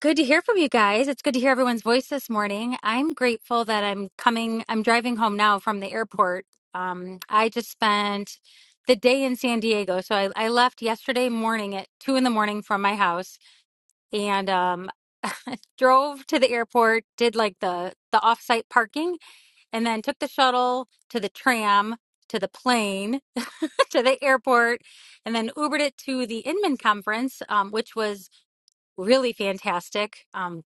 Speaker 16: good to hear from you guys. It's good to hear everyone's voice this morning. I'm grateful that I'm coming I'm driving home now from the airport. Um I just spent the day in San Diego. So I, I left yesterday morning at two in the morning from my house and um *laughs* drove to the airport, did like the the offsite parking and then took the shuttle to the tram to the plane *laughs* to the airport and then ubered it to the inman conference um, which was really fantastic um,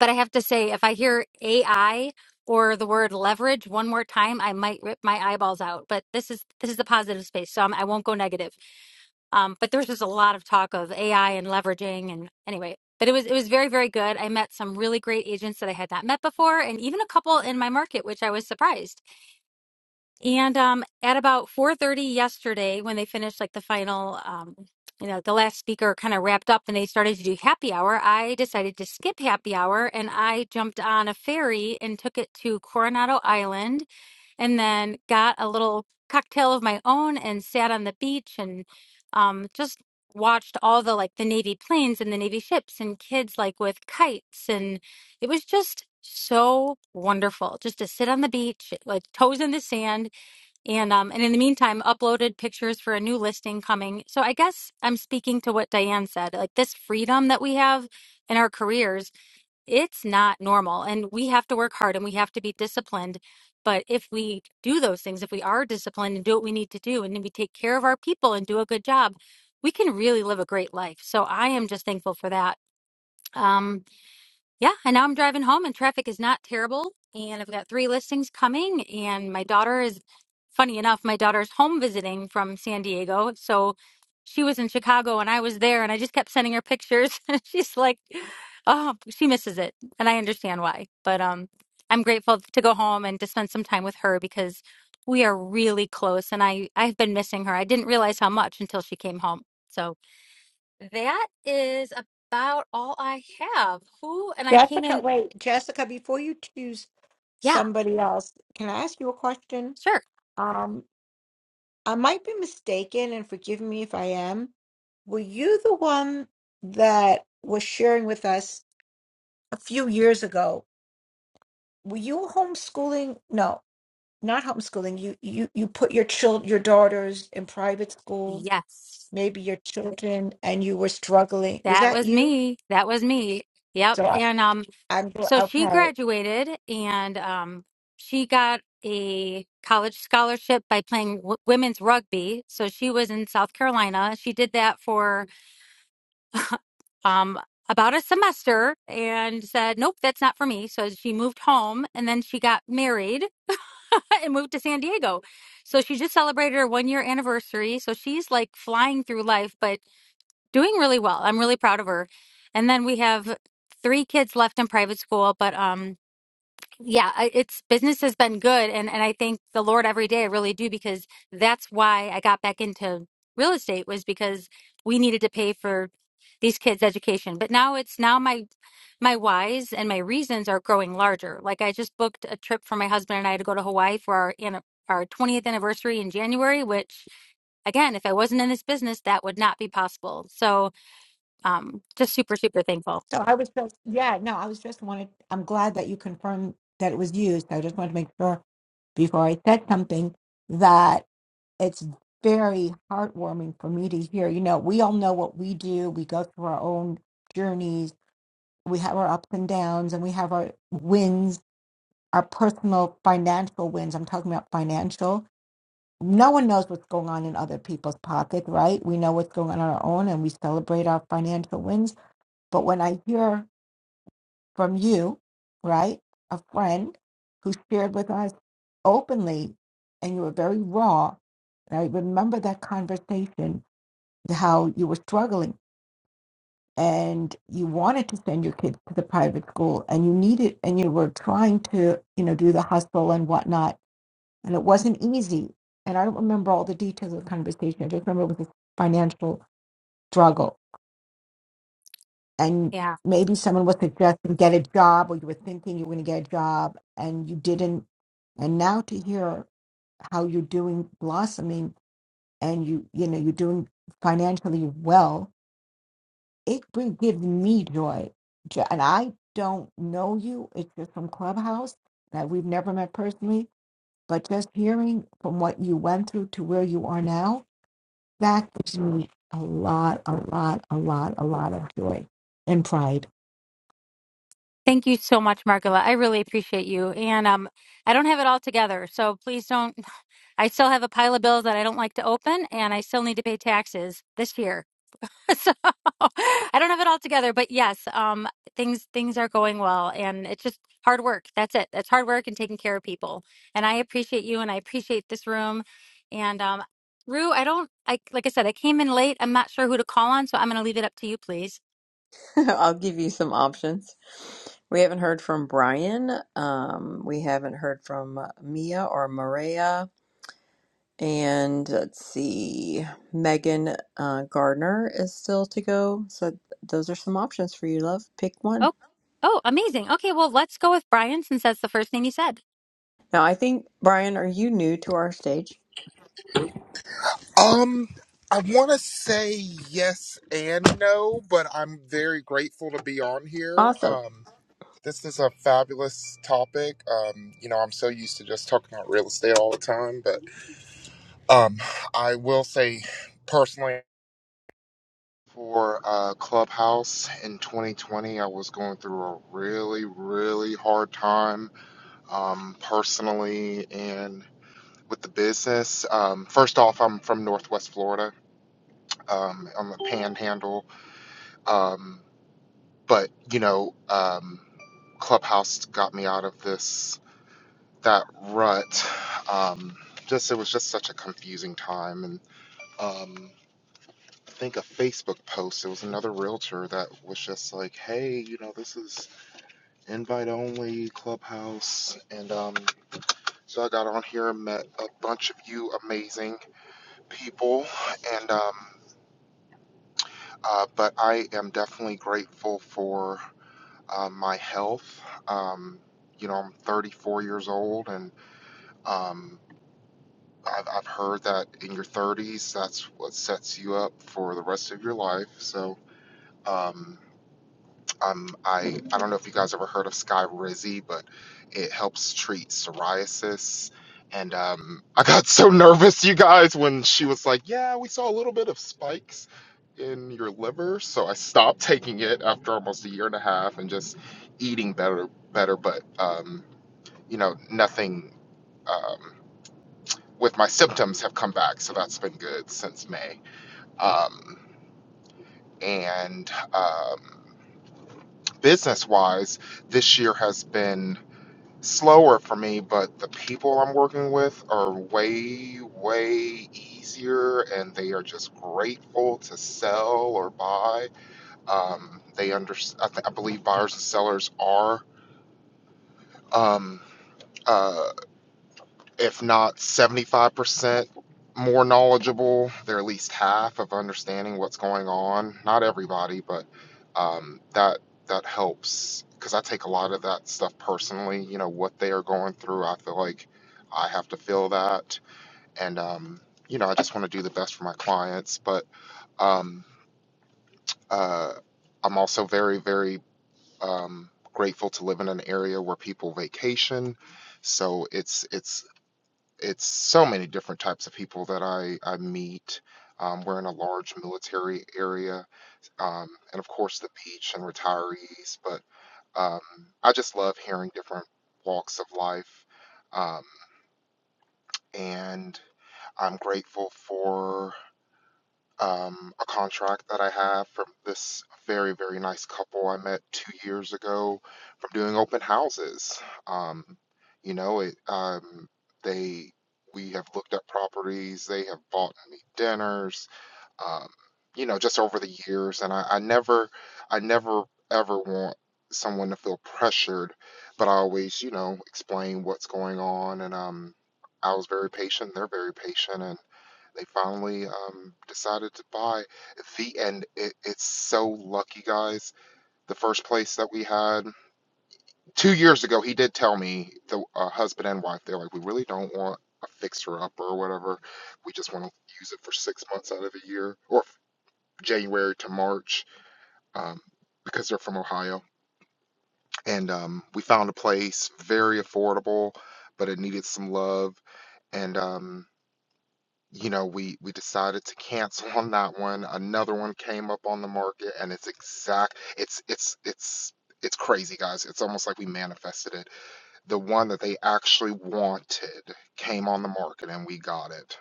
Speaker 16: but i have to say if i hear ai or the word leverage one more time i might rip my eyeballs out but this is this is the positive space so I'm, i won't go negative um, but there's just a lot of talk of ai and leveraging and anyway but it was it was very very good i met some really great agents that i had not met before and even a couple in my market which i was surprised and um, at about 4:30 yesterday, when they finished like the final, um, you know, the last speaker kind of wrapped up, and they started to do happy hour. I decided to skip happy hour, and I jumped on a ferry and took it to Coronado Island, and then got a little cocktail of my own and sat on the beach and um, just watched all the like the Navy planes and the Navy ships and kids like with kites, and it was just so wonderful just to sit on the beach, like toes in the sand and um, and in the meantime, uploaded pictures for a new listing coming. So I guess I'm speaking to what Diane said. Like this freedom that we have in our careers, it's not normal, and we have to work hard and we have to be disciplined. But if we do those things, if we are disciplined and do what we need to do, and then we take care of our people and do a good job, we can really live a great life. So I am just thankful for that. um. Yeah, and now I'm driving home and traffic is not terrible. And I've got three listings coming. And my daughter is, funny enough, my daughter's home visiting from San Diego. So she was in Chicago and I was there and I just kept sending her pictures. *laughs* and She's like, oh, she misses it. And I understand why. But um, I'm grateful to go home and to spend some time with her because we are really close. And I, I've been missing her. I didn't realize how much until she came home. So that is a about all I have. Who and I came
Speaker 4: Jessica,
Speaker 16: in
Speaker 4: wait, Jessica, before you choose
Speaker 16: yeah,
Speaker 4: somebody else, can I ask you a question?
Speaker 16: sure.
Speaker 4: Um, I might be mistaken, and forgive me if I am. Were you the one that was sharing with us a few years ago? Were you homeschooling? No, not homeschooling. You you you put your child your daughters in private school,
Speaker 16: Yes.
Speaker 4: maybe your children, and you were struggling. Was
Speaker 16: That
Speaker 4: that
Speaker 16: was
Speaker 4: you?
Speaker 16: me. That was me. Yep.
Speaker 4: So I,
Speaker 16: And um
Speaker 4: I'm
Speaker 16: so she
Speaker 4: okay.
Speaker 16: graduated and um she got a college scholarship by playing w- women's rugby. So she was in South Carolina. She did that for um about a semester and said, "Nope, that's not for me." So she moved home and then she got married *laughs* and moved to San Diego. So she just celebrated her 1-year anniversary. So she's like flying through life, but doing really well. I'm really proud of her. And then we have three kids left in private school, but um yeah, I- it's business has been good and and I thank the Lord every day I really do because that's why I got back into real estate was because we needed to pay for these kids education. But now it's now my my whys and my reasons are growing larger. Like I just booked a trip for my husband and I to go to Hawaii for our anni- our 20th anniversary in January, which again, if I wasn't in this business, that would not be possible. So um, just super, super thankful.
Speaker 4: So I was just, yeah, no, I was just wanted, I'm glad that you confirmed that it was used. I just wanted to make sure before I said something that it's very heartwarming for me to hear. You know, we all know what we do, we go through our own journeys, we have our ups and downs, and we have our wins, our personal financial wins. I'm talking about financial. No one knows what's going on in other people's pockets, right? We know what's going on in our own and we celebrate our financial wins. But when I hear from you, right? A friend who shared with us openly, and you were very raw. And I remember that conversation, how you were struggling and you wanted to send your kids to the private school and you needed, and you were trying to, you know, do the hustle and whatnot. And it wasn't easy. And I don't remember all the details of the conversation. I just remember it was a financial struggle and
Speaker 16: Yeah.
Speaker 4: maybe someone was suggesting get a job or you were thinking you were going to get a job and you didn't and now to hear how you're doing blossoming and you you know you're doing financially well it bring, gives me joy Jo- and i don't know you it's just from clubhouse that we've never met personally but just hearing from what you went through to where you are now that gives me a lot a lot a lot a lot of joy and pride
Speaker 16: Thank you so much, Margula. I really appreciate you. And um, I don't have it all together. So please don't. *sighs* *laughs* I still have a pile of bills that I don't like to open, and I still need to pay taxes this year. *laughs* so *laughs* I don't have it all together. But yes, um, things things are going well. And it's just hard work. That's it. That's hard work and taking care of people. And I appreciate you, and I appreciate this room. And um, Rue, I don't, I, like I said, I came in late. I'm not sure who to call on. So I'm going to leave it up to you, please.
Speaker 1: *laughs* I'll give you some options. We haven't heard from Brian. Um, we haven't heard from Mia or Maria. And let's see, Megan uh, Gardner is still to go. So th- those are some options for you, love. Pick one.
Speaker 16: Oh, oh, amazing. Okay, well, let's go with Brian since that's the first thing you said.
Speaker 1: Now, I think, Brian, are you new to our stage?
Speaker 17: Um, I want to say yes and no, but I'm very grateful to be on here.
Speaker 1: Awesome.
Speaker 17: Um, this is a fabulous topic. Um, you know, I'm so used to just talking about real estate all the time, but um, I will say personally for uh, Clubhouse in 2020, I was going through a really, really hard time um, personally and with the business. Um, first off, I'm from Northwest Florida um, on the Panhandle Um, but you know, um, Clubhouse got me out of this that rut. Um, just it was just such a confusing time, and um, I think a Facebook post. It was another realtor that was just like, "Hey, you know, this is invite only Clubhouse," and um, so I got on here and met a bunch of you amazing people, and um, uh, but I am definitely grateful for. uh, my health. Um, you know, I'm 34 years old, and um, I've, I've heard that in your 30s, that's what sets you up for the rest of your life. So, um, um, I I don't know if you guys ever heard of Skyrizi, but it helps treat psoriasis. And um, I got so nervous, you guys, when she was like, "Yeah, we saw a little bit of spikes in your liver," so I stopped taking it after almost a year and a half and just eating better, better. But um, you know, nothing um, with my symptoms have come back, so that's been good since May. Um, and um, business-wise, this year has been. slower for me, but the people I'm working with are way, way easier and they are just grateful to sell or buy. Um, they under, I, th- I believe buyers and sellers are. Um, uh, if not 75% more knowledgeable. They're at least half of understanding what's going on. Not everybody, but um, that that helps because I take a lot of that stuff personally. You know what they are going through. I feel like I have to feel that, and um, you know I just want to do the best for my clients. But um, uh, I'm also very very um, grateful to live in an area where people vacation. So it's it's it's so many different types of people that I, I meet. Um, we're in a large military area, um, and of course, the beach and retirees. But um, I just love hearing different walks of life. Um, and I'm grateful for um, a contract that I have from this very, very nice couple I met two years ago from doing open houses. Um, you know, it, um, they, we have looked at properties, they have bought me dinners, um, you know, just over the years. And I, I never, I never ever want someone to feel pressured, but I always, you know, explain what's going on. And, um, I was very patient, they're very patient. And. They finally um, decided to buy the, and it, it's so lucky, guys. The first place that we had two years ago, he did tell me the uh, husband and wife, they're like, we really don't want a fixer up or whatever. We just want to use it for six months out of a year or January to March um, because they're from Ohio. And um, we found a place very affordable, but it needed some love. And um, you know, we we decided to cancel on that one. Another one came up on the market, and it's exact. It's it's it's it's crazy, guys. It's almost like we manifested it. The one that they actually wanted came on the market, and we got it.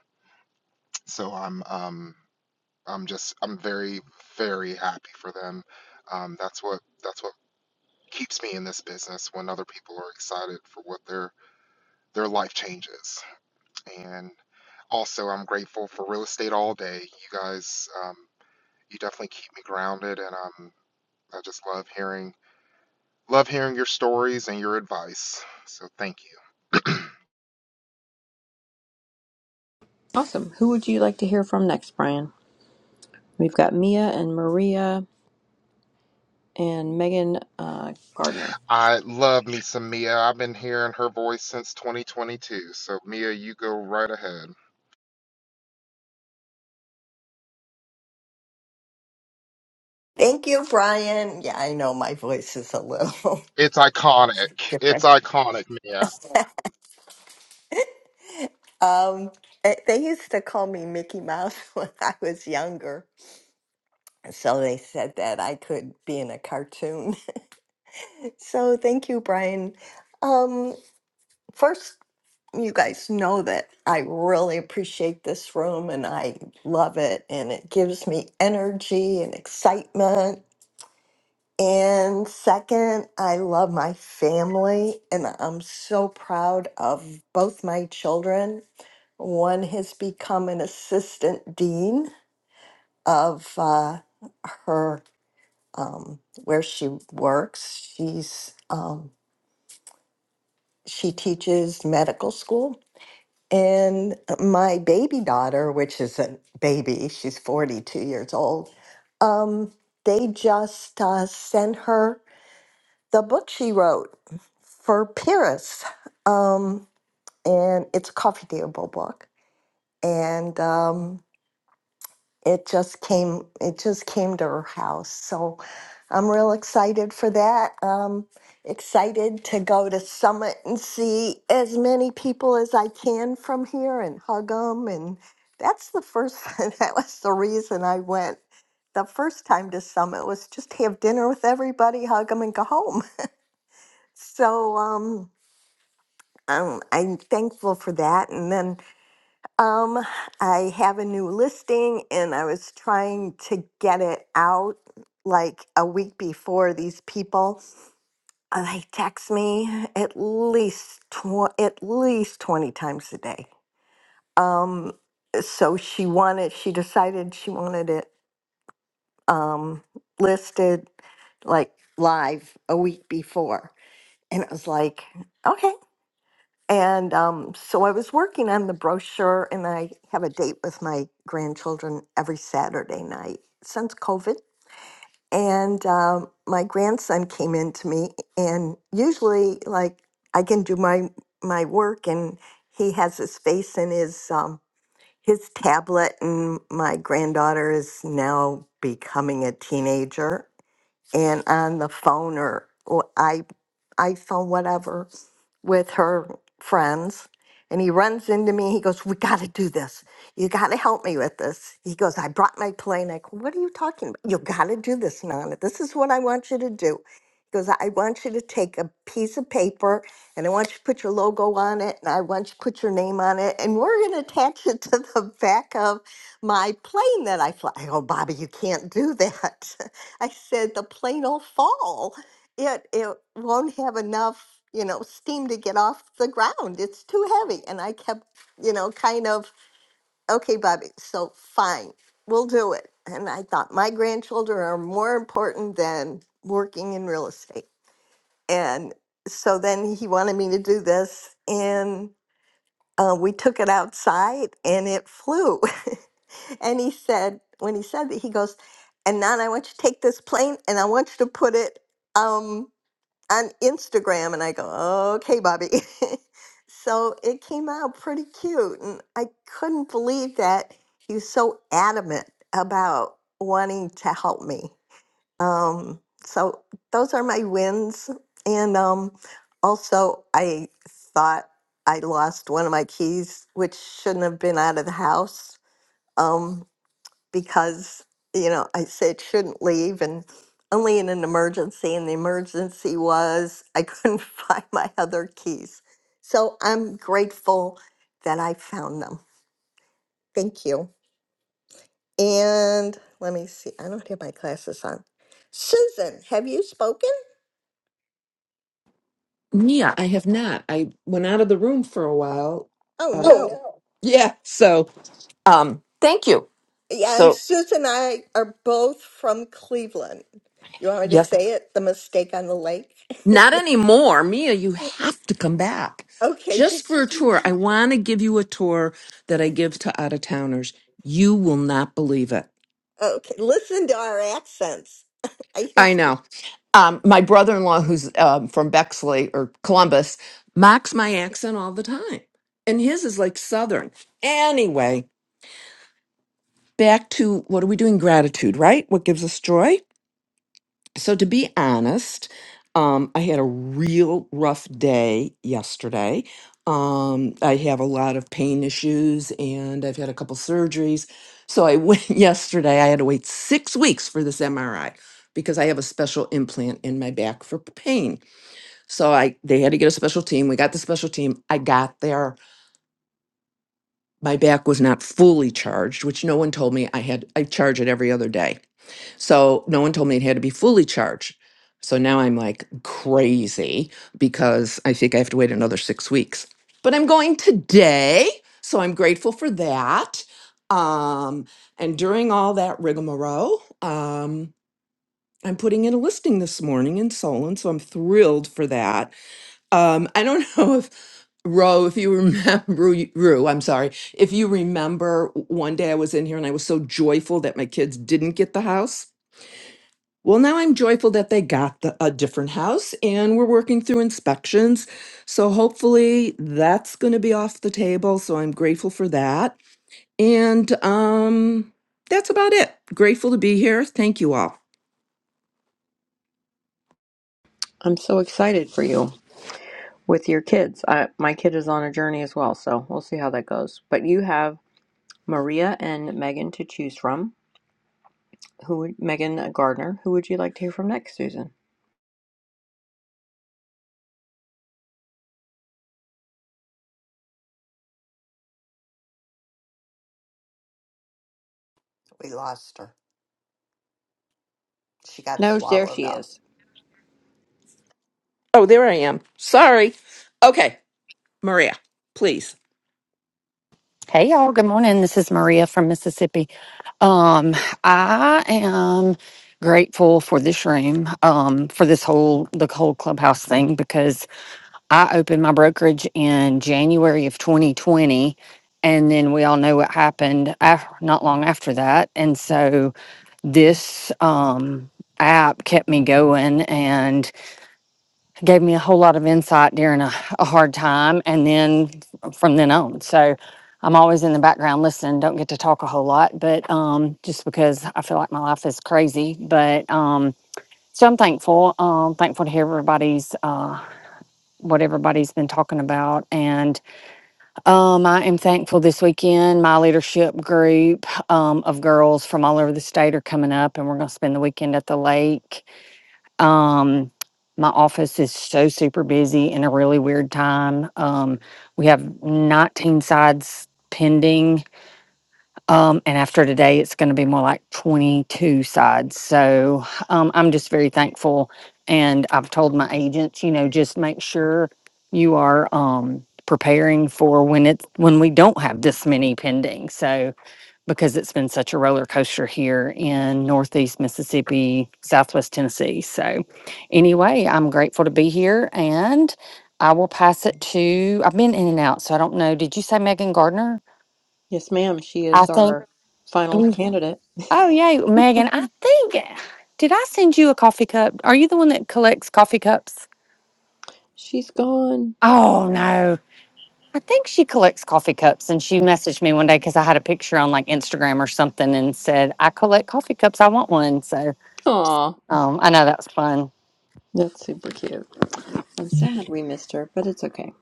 Speaker 17: So I'm um I'm just I'm very very happy for them. Um, that's what that's what keeps me in this business when other people are excited for what their their life changes and also i'm grateful for real estate all day you guys um, you definitely keep me grounded, and um, I just love hearing love hearing your stories and your advice. So thank you.
Speaker 1: Awesome. Who would you like to hear from next, Brian? We've got Mia and Maria and Megan uh, Gardner.
Speaker 17: I love me some Mia. I've been hearing her voice since 2022. So Mia, you go right ahead.
Speaker 18: Thank you, Brian. Yeah, I know my voice is a little
Speaker 17: It's
Speaker 18: *laughs*
Speaker 17: iconic. It's
Speaker 18: different.
Speaker 17: iconic, Mia.
Speaker 18: Um, eh, they used to call me Mickey Mouse *laughs* when I was younger. So they said that I could be in a cartoon. *laughs* So thank you, Brian. Um, first, you guys know that I really appreciate this room and I love it, and it gives me energy and excitement And second, I love my family and I'm so proud of both my children. One has become an assistant dean of uh, her um, where she works. She's um, she teaches medical school. And my baby daughter, which is a baby, she's 42 years old. Um, they just uh, sent her the book she wrote for Pyrrhus. Um, and it's a coffee table book. And um, it just came it just came to her house. So I'm real excited for that. Um excited to go to Summit and see as many people as I can from here and hug them and that's the first *laughs* that was the reason I went the first time to Summit was just to have dinner with everybody, hug them and go home. *laughs* So um um, I'm thankful for that. And then um, I have a new listing, and I was trying to get it out like a week before. These people uh, they text me at least tw- at least twenty times a day. Um, so she wanted, she decided she wanted it um, listed like live a week before, and it was like, okay. And um, so I was working on the brochure, and I have a date with my grandchildren every Saturday night since COVID. And um, my grandson came in to me, and usually, like, I can do my my work, and he has his face in his um, his tablet, and my granddaughter is now becoming a teenager, and on the phone or, or i iPhone, whatever with her friends and he runs into me he goes we got to do this you got to help me with this he goes i brought my plane i go what are you talking about you got to do this nana this is what i want you to do he goes i want you to take a piece of paper and i want you to put your logo on it and i want you to put your name on it and we're going to attach it to the back of my plane that i fly i go bobby you can't do that *laughs* i said the plane will fall it it won't have enough you know steam to get off the ground it's too heavy and i kept you know kind of okay bobby so fine we'll do it and i thought my grandchildren are more important than working in real estate and so then he wanted me to do this and uh, we took it outside and it flew *laughs* and he said when he said that he goes and now i want you to take this plane and i want you to put it um on Instagram and I go, okay, Bobby. *laughs* so it came out pretty cute. And I couldn't believe that he was so adamant about wanting to help me. Um, so those are my wins. And um, also, I thought I lost one of my keys, which shouldn't have been out of the house. Um, because you know I said shouldn't leave and only in an emergency and the emergency was I couldn't *laughs* find my other keys. So I'm grateful that I found them. Thank you. And let me see. I don't have my glasses on. Susan, have you spoken?
Speaker 19: Yeah, I have not. I went out of the room for a while.
Speaker 18: Oh
Speaker 19: Uh, Oh,
Speaker 18: no.
Speaker 19: no. yeah, so um thank you.
Speaker 18: Yeah, and
Speaker 19: So,
Speaker 18: Susan and I are both from Cleveland. You want me to
Speaker 19: yes,
Speaker 18: say it? The mistake on the lake?
Speaker 19: not anymore. Mia, you
Speaker 18: *laughs*
Speaker 19: have to come back.
Speaker 18: okay,
Speaker 19: Just
Speaker 18: just
Speaker 19: for a
Speaker 18: *laughs*
Speaker 19: tour. I want to give you a tour that I give to out of towners. You will not believe it.
Speaker 18: Okay, listen to our accents. *laughs* I
Speaker 19: I
Speaker 18: used to.
Speaker 19: know. Um, my brother in law, who's um, from Bexley or Columbus, mocks my accent all the time. And his is like Southern. Anyway, back to what are we doing? Gratitude, right? What gives us joy? So, to be honest, um, I had a real rough day yesterday. Um, I have a lot of pain issues and I've had a couple surgeries. So, I went *laughs* yesterday, I had to wait six weeks for this MRI because I have a special implant in my back for pain. So I they had to get a special team. We got the special team. I got there my back was not fully charged, which no one told me I had, I charge it every other day. So no one told me it had to be fully charged. So now I'm like crazy because I think I have to wait another six weeks. But I'm going today. So I'm grateful for that. Um, and during all that rigmarole, um, I'm putting in a listing this morning in Solon. So I'm thrilled for that. Um, I don't *laughs* know if Ro, if you remember, *laughs* Rue, Rue, I'm sorry, if you remember w- one day I was in here and I was so joyful that my kids didn't get the house. Well, now I'm joyful that they got the, a different house and we're working through inspections. So hopefully that's going to be off the table. So I'm grateful for that. And um, that's about it. Grateful to be here. Thank you all.
Speaker 1: I'm so excited for you with your kids. I, my kid is on a journey as well, so we'll see how that goes. But you have Maria and Megan to choose from. Who would Megan uh, Gardner? Who would you like to hear from next, Susan?
Speaker 18: We lost her. She got
Speaker 1: No, there
Speaker 18: swallowed
Speaker 1: she
Speaker 18: up.
Speaker 1: is.
Speaker 19: Oh, there I am. Sorry. Okay, Maria, please.
Speaker 20: Hey y'all, good morning. This is Maria from Mississippi. Um, I am grateful for this room, um, for this whole the whole clubhouse thing because I opened my brokerage in January of 2020 and then we all know what happened af- not long after that. And so this um app kept me going and gave me a whole lot of insight during a, a hard time and then f- from then on so i'm always in the background listening don't get to talk a whole lot but um, just because i feel like my life is crazy but um, so i'm thankful um, thankful to hear everybody's uh, what everybody's been talking about and um, i am thankful this weekend my leadership group um, of girls from all over the state are coming up and we're going to spend the weekend at the lake um, my office is so super busy in a really weird time. Um, we have 19 sides pending. Um, and after today, it's going to be more like 22 sides. So um, I'm just very thankful. And I've told my agents, you know, just make sure you are um, preparing for when it's when we don't have this many pending. So because it's been such a roller coaster here in Northeast Mississippi, Southwest Tennessee. So, anyway, I'm grateful to be here and I will pass it to, I've been in and out, so I don't know. Did you say Megan Gardner?
Speaker 1: Yes, ma'am. She
Speaker 20: I
Speaker 1: is
Speaker 20: think,
Speaker 1: our final
Speaker 20: Mm.
Speaker 1: candidate.
Speaker 20: oh, yay, Megan, I think, did I send you a coffee cup? Are you the one that collects coffee cups?
Speaker 1: She's gone.
Speaker 20: Oh, no. I think she collects coffee cups and she messaged me one day because I had a picture on like Instagram or something and said, I collect coffee cups. I want one. So
Speaker 1: Aw,
Speaker 20: Um, I know that's fun.
Speaker 1: that's super cute. I'm sad we missed her, but it's okay.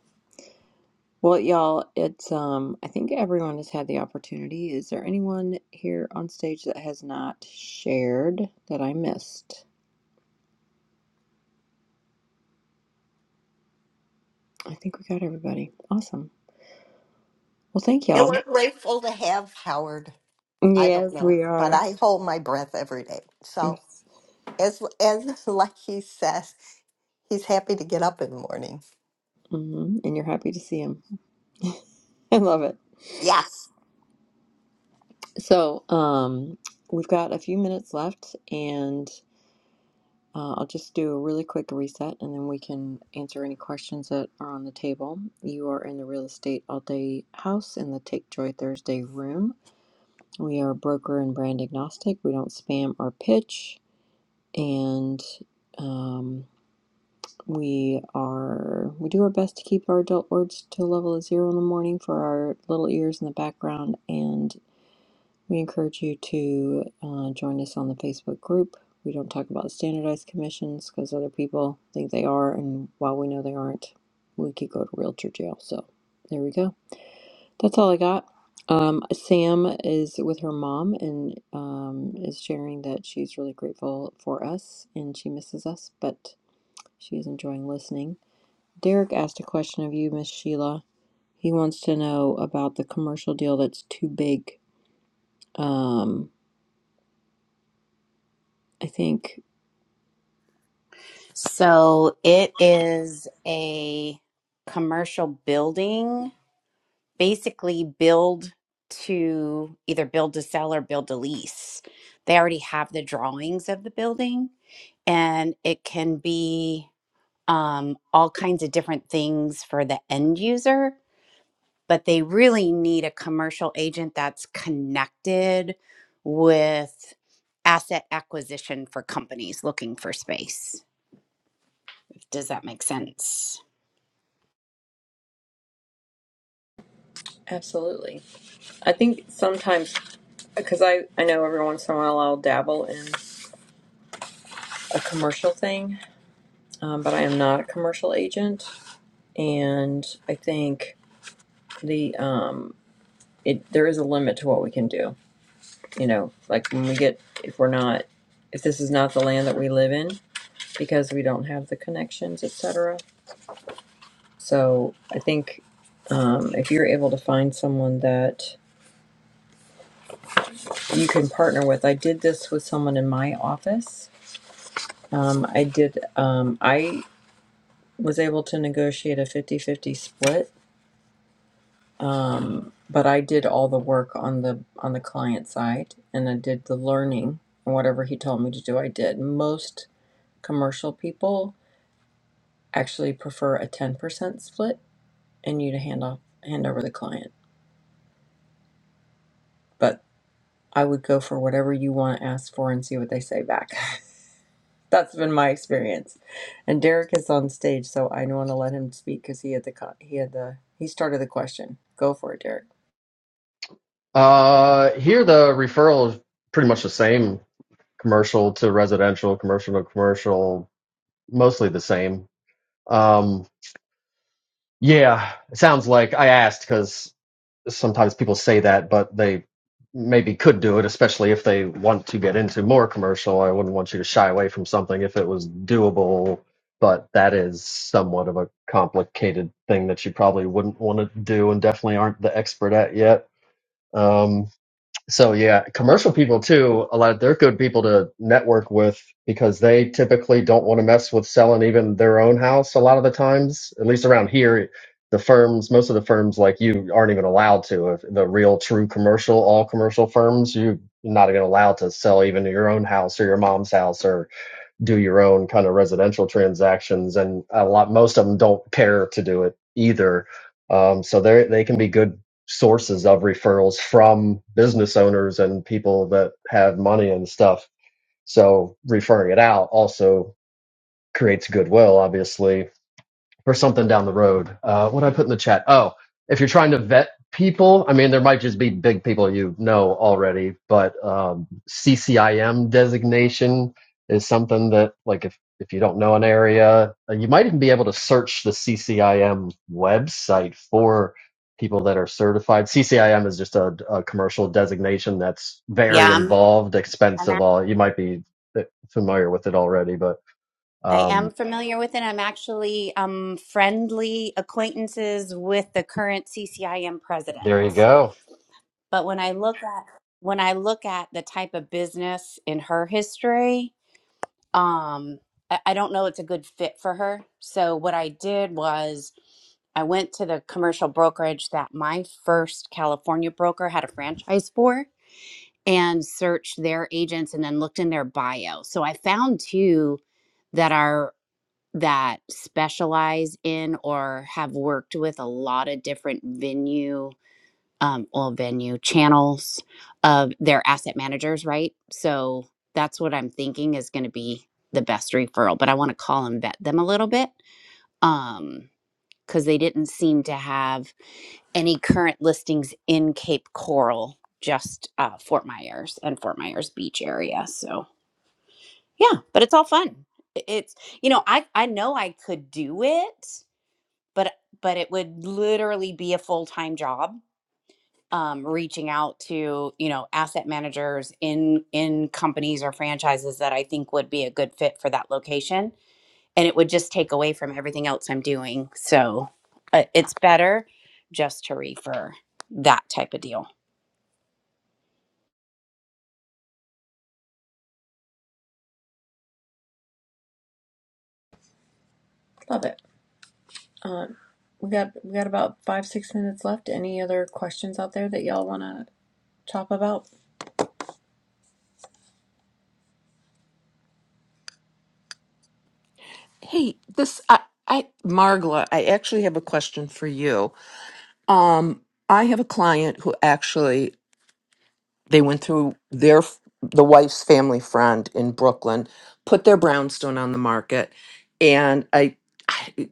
Speaker 1: Well, y'all, it's um. I think everyone has had the opportunity. Is there anyone here on stage that has not shared that I missed? I think we got everybody. Awesome. Well, thank
Speaker 18: And
Speaker 1: y'all.
Speaker 18: we're grateful to have Howard. I don't
Speaker 1: Yes,
Speaker 18: know,
Speaker 1: we
Speaker 18: but
Speaker 1: are.
Speaker 18: I hold my breath every day. So
Speaker 1: Yes.
Speaker 18: as as *laughs* like he says, he's happy to get up in the morning.
Speaker 1: hmm And you're happy to see him. *laughs* I love it.
Speaker 18: Yes.
Speaker 1: So, um, we've got a few minutes left, and Uh, I'll just do a really quick reset and then we can answer any questions that are on the table. You are in the Real Estate All Day House in the Take Joy Thursday room. We are broker and brand agnostic. We don't spam or pitch. And um, we are, we do our best to keep our adult words to a level of zero in the morning for our little ears in the background. and. We encourage you to uh, join us on the Facebook group. We don't talk about standardized commissions because other people think they are, and while we know they aren't, we could go to realtor jail. So there we go. That's all I got. Um, Sam is with her mom and um, is sharing that she's really grateful for us and she misses us, but she's enjoying listening. Derek asked a question of you, Miss Sheila. He wants to know about the commercial deal that's too big. Um, I think
Speaker 3: So it is a commercial building, basically build to either build to sell or build to lease. They already have the drawings of the building and it can be um, all kinds of different things for the end user, but they really need a commercial agent that's connected with asset acquisition for companies looking for space. Does that make sense?
Speaker 1: Absolutely. I think sometimes, because I, I know every once in a while I'll dabble in a commercial thing, um, but I am not a commercial agent. And I think the, um, it, there is a limit to what we can do. You know, like when we get, if we're not, if this is not the land that we live in because we don't have the connections, etc. So I think um, if you're able to find someone that you can partner with, I did this with someone in my office Um, I did, um, I was able to negotiate a fifty-fifty split, um, but I did all the work on the on the client side and I did the learning and whatever he told me to do, I did. Most commercial people actually prefer a 10% split and you to hand off hand over the client. But I would go for whatever you want to ask for and see what they say back. *laughs* That's been my experience. And Derek is on stage, so I want to let him speak because he had the co- he had the he started the question. Go for it, Derek.
Speaker 21: Uh, here the referral is pretty much the same, commercial to residential, commercial to commercial, mostly the same. Um, yeah, it sounds like I asked because sometimes people say that, but they maybe could do it, especially if they want to get into more commercial. I wouldn't want you to shy away from something if it was doable, but that is somewhat of a complicated thing that you probably wouldn't want to do and definitely aren't the expert at yet. Um, So yeah, commercial people too, a lot of they're good people to network with because they typically don't want to mess with selling even their own house a lot of the times. At least around here, the firms, most of the firms like you aren't even allowed to. If the real true commercial, all commercial firms, you're not even allowed to sell even your own house or your mom's house or do your own kind of residential transactions, and a lot most of them don't care to do it either. Um, so they they can be good sources of referrals from business owners and people that have money and stuff. So referring it out also creates goodwill, obviously, or something down the road. Uh, what did I put in the chat? Oh, if you're trying to vet people, I mean, there might just be big people you know already, but um, CCIM designation is something that, like, if if you don't know an area, uh, you might even be able to search the CCIM website for people that are certified. CCIM is just a, a commercial designation that's
Speaker 3: Yeah,
Speaker 21: very
Speaker 3: I'm,
Speaker 21: involved,
Speaker 3: I'm
Speaker 21: expensive.
Speaker 3: ac-
Speaker 21: All you might be uh, familiar with it already, but
Speaker 3: I
Speaker 21: um,
Speaker 3: am familiar with it. I'm actually um, friendly acquaintances with the current CCIM
Speaker 21: there you
Speaker 3: president.
Speaker 21: go
Speaker 3: But when I look at when I look at the type of business in her history, um I, I don't know it's a good fit for her so what i did was i went to the commercial brokerage that my first california broker had a franchise for and searched their agents and then looked in their bio so i found two that are that specialize in or have worked with a lot of different venue um, well venue channels of their asset managers right so that's what i'm thinking is going to be the best referral but i want to call and vet them a little bit um because they didn't seem to have any current listings in cape coral just uh, fort myers and fort myers beach area so yeah but it's all fun I- it's you know i i know i could do it but but it would literally be a full-time job um, reaching out to you know asset managers in in companies or franchises that I think would be a good fit for that location, and it would just take away from everything else I'm doing. So uh, it's better just to refer that type of deal.
Speaker 1: Love it. Um, we got we got about five six minutes left. Any other questions out there that y'all want to talk about?
Speaker 19: Hey, this I, I Margla, I actually have a question for you. Um, I have a client who actually they went through their f- the wife's family friend in Brooklyn, put their brownstone on the market, and I, I,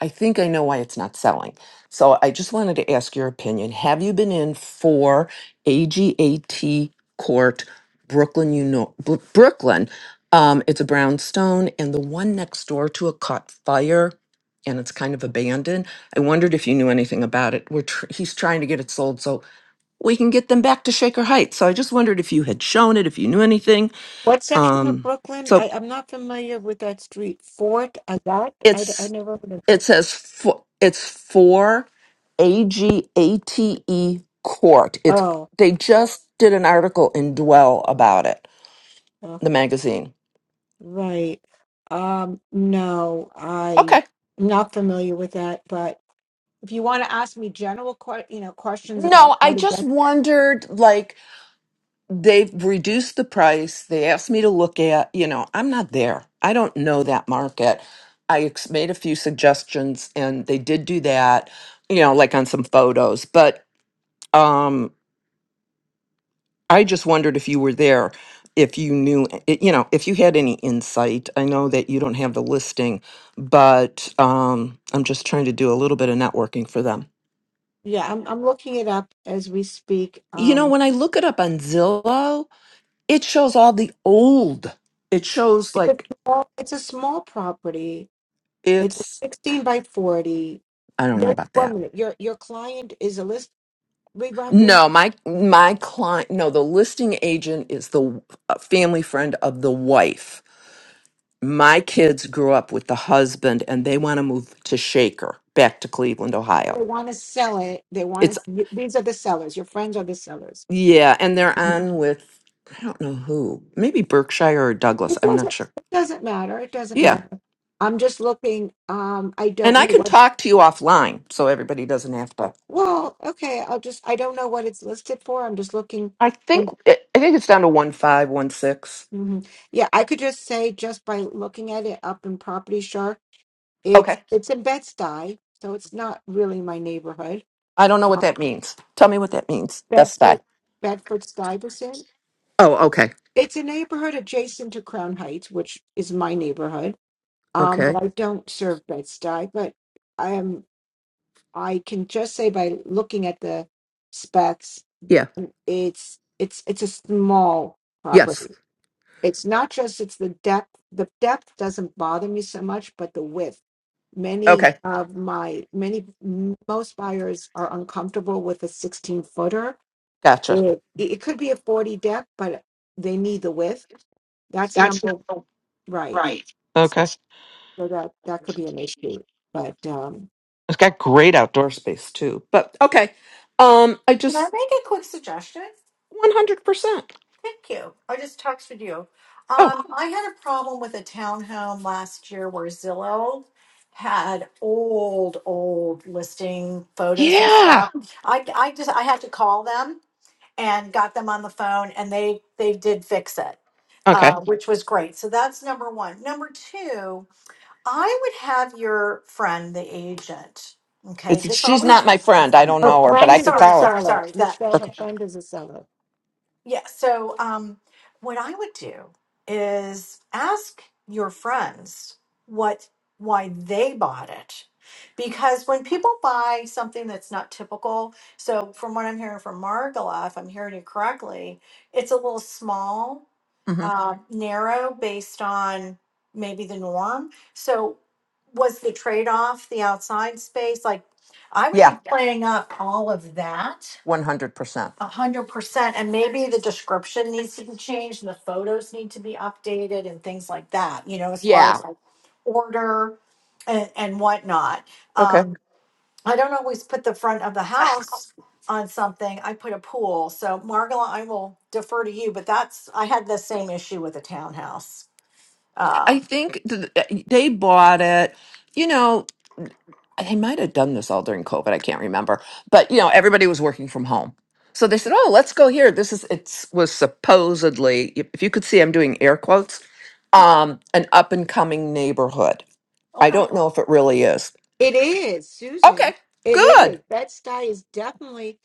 Speaker 19: I think I know why it's not selling. So I just wanted to ask your opinion. Have you been in for AGAT Court, Brooklyn? You know Br- Brooklyn. Um, it's a brownstone, and the one next door to it caught fire, and it's kind of abandoned. I wondered if you knew anything about it. We're tr- he's trying to get it sold, so we can get them back to Shaker Heights. So I just wondered if you had shown it, if you knew anything.
Speaker 4: What section of
Speaker 19: Um,
Speaker 4: Brooklyn?
Speaker 19: so
Speaker 4: I, I'm not familiar with that street. Fort, I got, I, d- I
Speaker 19: it's
Speaker 4: never heard of
Speaker 19: it
Speaker 4: it.
Speaker 19: says for, it's for A G A T E Court. It's
Speaker 4: Oh,
Speaker 19: they just did an article in Dwell about it,
Speaker 4: oh,
Speaker 19: the magazine.
Speaker 4: right. Um, no, I
Speaker 19: Okay.
Speaker 4: am not familiar with that. But if you want to ask me general, que- you know, questions about
Speaker 19: No,
Speaker 4: how
Speaker 19: I
Speaker 4: to
Speaker 19: just
Speaker 4: get,
Speaker 19: wondered like they've reduced the price. They asked me to look at, you know, I'm not there. I don't know that market. I ex- made a few suggestions and they did do that, you know, like on some photos. But um, I just wondered if you were there, if you knew, i- you know, if you had any insight. I know that you don't have the listing, but um, I'm just trying to do a little bit of networking for them.
Speaker 4: yeah, I'm, I'm looking it up as we speak.
Speaker 19: You know,
Speaker 4: Um,
Speaker 19: when I look it up on Zillow, it shows all the old. It shows
Speaker 4: it's a
Speaker 19: like
Speaker 4: small, it's a small property. It's a
Speaker 19: it's
Speaker 4: 16 by 40.
Speaker 19: I don't know
Speaker 4: There's
Speaker 19: about
Speaker 4: one
Speaker 19: that.
Speaker 4: minute. Your your client is a list.
Speaker 19: No, my my client. No, the listing agent is the uh, family friend of the wife. My kids grew up with the husband, and they want to move to Shaker, back to Cleveland, Ohio.
Speaker 4: They want to sell it. They want
Speaker 19: It's
Speaker 4: to. y- These are the sellers. Your friends are the sellers.
Speaker 19: yeah, and they're
Speaker 4: Mhm.
Speaker 19: on with I don't know who, maybe Berkshire or Douglas.
Speaker 4: It
Speaker 19: I'm not
Speaker 4: doesn't.
Speaker 19: sure.
Speaker 4: It doesn't matter. It doesn't
Speaker 19: Yeah,
Speaker 4: matter. I'm just looking. Um, I
Speaker 19: and
Speaker 4: don't know
Speaker 19: I can
Speaker 4: what.
Speaker 19: talk to you offline, so everybody doesn't have to.
Speaker 4: Well, okay. I'll just. I don't know what it's listed for. I'm just looking.
Speaker 19: I think
Speaker 4: And,
Speaker 19: I think it's down to one five one six.
Speaker 4: mhm. Yeah, I could just say just by looking at it up in Property Shark, it's
Speaker 19: Okay,
Speaker 4: it's in Bed Stuy, so it's not really my neighborhood.
Speaker 19: I don't know what that means. Tell me what that means. Best Buy.
Speaker 4: Bedford, Bedford Stuyvesant.
Speaker 19: Oh, okay.
Speaker 4: It's a neighborhood adjacent to Crown Heights, which is my neighborhood um, but
Speaker 19: Okay.
Speaker 4: I don't serve Bed-Stuy. But I am I can just say by looking at the specs,
Speaker 19: Yeah.
Speaker 4: mm, it's it's it's a small
Speaker 19: Yes.
Speaker 4: property. It's not just it's the depth. The depth doesn't bother me so much, but the width. Many
Speaker 19: Okay.
Speaker 4: of my many most buyers are uncomfortable with a 16 footer.
Speaker 19: Gotcha.
Speaker 4: It it could be a 40 depth, but they need the width. That's
Speaker 19: That's not
Speaker 4: number right.
Speaker 19: right. Okay. It's
Speaker 4: So that that could be an issue. But um,
Speaker 19: got great outdoor space too. But okay. Um, I
Speaker 12: Can I
Speaker 19: just
Speaker 12: make a quick suggestion?
Speaker 19: one hundred percent.
Speaker 12: Thank you. I just texted you.
Speaker 19: Oh
Speaker 12: Um, I had a problem with a townhome last year where Zillow had old, old listing photos and
Speaker 19: yeah.
Speaker 12: stuff. I, I just I had to call them and got them on the phone, and they they did fix it,
Speaker 19: Okay.
Speaker 12: uh, which was great. So that's number one. Number two. I would have your friend, the agent. Okay,
Speaker 19: It's
Speaker 12: this
Speaker 19: she's not
Speaker 12: always.
Speaker 19: my friend. I don't
Speaker 4: Her
Speaker 12: Oh,
Speaker 19: know her, but
Speaker 4: friend
Speaker 19: I
Speaker 4: is
Speaker 19: could
Speaker 4: a
Speaker 12: sorry,
Speaker 19: call her.
Speaker 12: sorry,
Speaker 4: seller.
Speaker 12: sorry. That
Speaker 4: Michelle, her
Speaker 19: Okay.
Speaker 4: friend is a seller.
Speaker 12: yeah. So, um, what I would do is ask your friends what why they bought it. Because when people buy something that's not typical, so from what I'm hearing from Margola, if I'm hearing you correctly, it's a little small,
Speaker 19: hmm
Speaker 12: uh, Mhm. narrow based on maybe the norm. So, was the trade off the outside space? Like, I would
Speaker 19: Yeah.
Speaker 12: be Yeah. playing up all of that
Speaker 19: One hundred percent.
Speaker 12: a hundred percent, and maybe the description needs to be changed, and the photos need to be updated, and things like that. You know, as far
Speaker 19: Yeah.
Speaker 12: as like order and and whatnot.
Speaker 19: Okay.
Speaker 12: Um, I don't always put the front of the house on something. I put a pool. So Margola, I will defer to you, but that's I had the same issue with a townhouse.
Speaker 19: I
Speaker 12: Uh,
Speaker 19: think th- they bought it. You know. I might have done this all during COVID. I can't remember, but you know, everybody was working from home. So they said, "Oh, let's go here." This is it was supposedly, if if you could see, I'm doing air quotes, um, an up and coming neighborhood. I
Speaker 12: Okay.
Speaker 19: don't know if it really is.
Speaker 4: It is,
Speaker 19: Okay,
Speaker 4: Susan. It
Speaker 19: good.
Speaker 4: is. That sty is definitely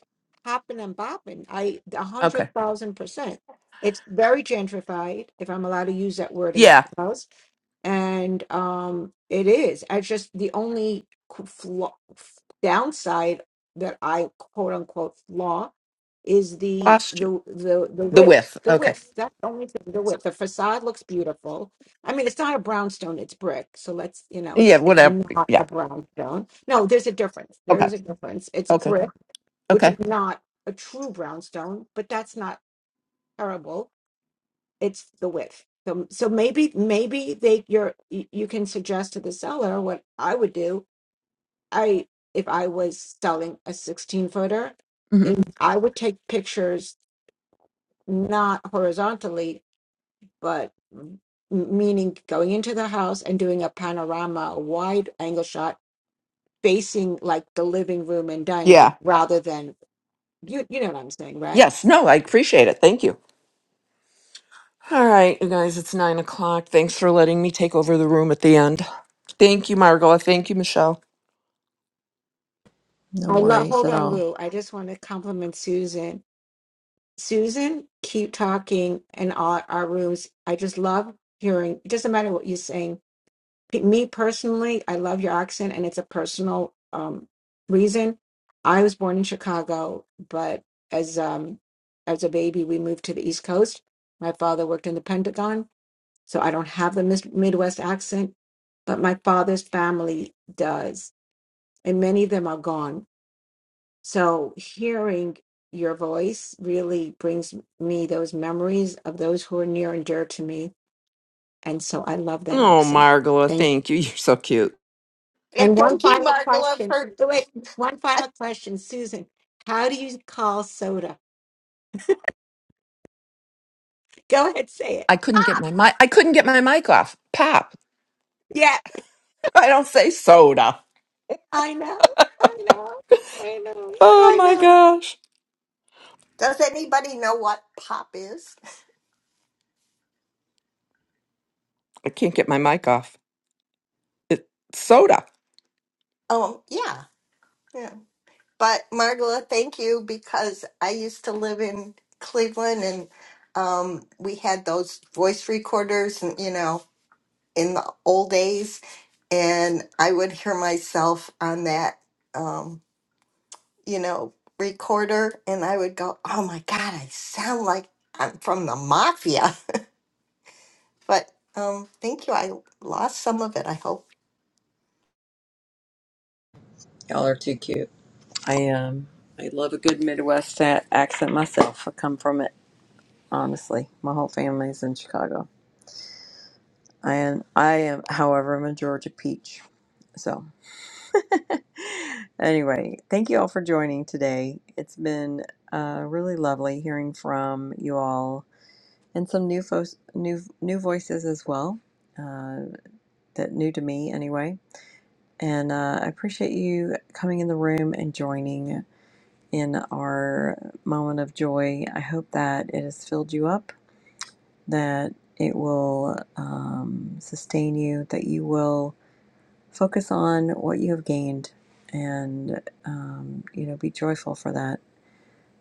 Speaker 4: hopping and bopping. I a hundred
Speaker 19: Okay,
Speaker 4: thousand percent. It's very gentrified, if I'm allowed to use that word in
Speaker 19: yeah,
Speaker 4: clubhouse. and um it is i just the only qu- flaw, f- downside that i quote unquote flaw is the
Speaker 19: lost you.
Speaker 4: the the the
Speaker 19: The
Speaker 4: width
Speaker 19: width.
Speaker 4: the
Speaker 19: Okay,
Speaker 4: width that's the only thing the width the facade looks beautiful i mean it's not a brownstone it's brick so let's you know it's
Speaker 19: yeah,
Speaker 4: it's
Speaker 19: whatever.
Speaker 4: not
Speaker 19: Yeah.
Speaker 4: a brownstone no there's a difference there
Speaker 19: Okay.
Speaker 4: is a difference it's
Speaker 19: Okay.
Speaker 4: brick which
Speaker 19: Okay.
Speaker 4: is not a true brownstone but that's not terrible it's the width. So, so maybe maybe they you're y- you can suggest to the seller what I would do. I if I was selling a 16 footer,
Speaker 19: hmm
Speaker 4: if I would take pictures not horizontally, but m- meaning going into the house and doing a panorama, a wide angle shot facing like the living room and dining room
Speaker 19: Yeah.
Speaker 4: rather than you you know what I'm saying, right?
Speaker 19: Yes. No, I appreciate it. Thank you. All right, you guys, it's nine o'clock. Thanks for letting me take over the room at the end. Thank you, Margola. Thank you, Michelle.
Speaker 1: No
Speaker 4: I love
Speaker 1: worries
Speaker 4: hold
Speaker 1: at
Speaker 4: on
Speaker 1: all.
Speaker 4: Lou. I just want to compliment Susan Susan, keep talking in all our rooms. I just love hearing. It doesn't matter what you're saying. P- Me personally, I love your accent, and it's a personal um, reason. I was born in Chicago, but as um, as a baby, we moved to the East Coast. My father worked in the Pentagon, so I don't have the mis- Midwest accent, but my father's family does, and many of them are gone so hearing your voice really brings me those memories of those who are near and dear to me. And so I love that
Speaker 19: Oh,
Speaker 4: accent.
Speaker 19: Margola,
Speaker 4: Thank
Speaker 19: thank you. *laughs* You're so cute.
Speaker 18: And
Speaker 4: And one
Speaker 18: thank you,
Speaker 4: final
Speaker 18: Margola,
Speaker 4: question.
Speaker 18: for
Speaker 4: oh, Wait,
Speaker 18: *laughs*
Speaker 4: one
Speaker 18: a
Speaker 4: final question, Susan. How do you call soda? Go ahead, say it.
Speaker 19: I couldn't get
Speaker 18: pop.
Speaker 19: my mic. I couldn't get my mic off. Pop.
Speaker 4: Yeah,
Speaker 19: I don't say soda.
Speaker 4: I know. I know. I know.
Speaker 19: Oh
Speaker 4: I
Speaker 19: my
Speaker 4: know.
Speaker 19: gosh.
Speaker 18: Does anybody know what pop is?
Speaker 19: I can't get my mic off. It's soda.
Speaker 18: Um, yeah. Yeah. But Margola, thank you because I used to live in Cleveland and um, we had those voice recorders, and you know, in the old days, and I would hear myself on that, um, you know, recorder, and I would go, "Oh my God, I sound like I'm from the mafia." *laughs* But um, thank you. I lost some of it. I hope.
Speaker 1: Y'all are too cute. I um I love a good Midwest a- accent myself. I come from it honestly. My whole family's in Chicago, and I am, however, I'm a Georgia peach. So. Anyway, thank you all for joining today. It's been uh, really lovely hearing from you all and some new fo- new new voices as well uh, that new to me anyway. And uh, I appreciate you coming in the room and joining in our moment of joy. I hope that it has filled you up, that it will um, sustain you, that you will focus on what you have gained, and um, you know be joyful for that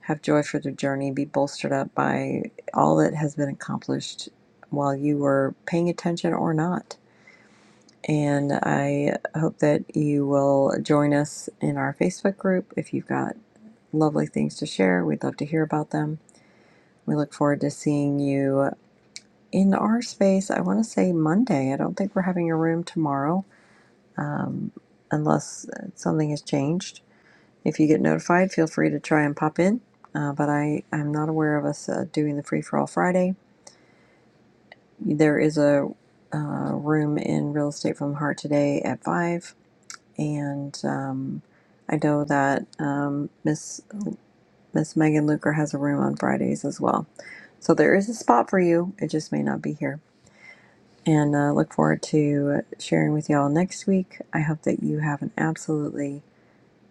Speaker 1: Have joy for the journey. Be bolstered up by all that has been accomplished while you were paying attention or not. And I hope that you will join us in our Facebook group. If you've got lovely things to share, we'd love to hear about them. We look forward to seeing you in our space. I want to say Monday. I don't think we're having a room tomorrow um, unless something has changed If you get notified, feel free to try and pop in. Uh, but I am not aware of us uh, doing the free for all Friday. There is a uh, room in Real Estate from the Heart today at five, and um, I know that um, Miss Miss Megan Luker has a room on Fridays as well. So there is a spot for you. It just may not be here. And uh, look forward to sharing with y'all next week. I hope that you have an absolutely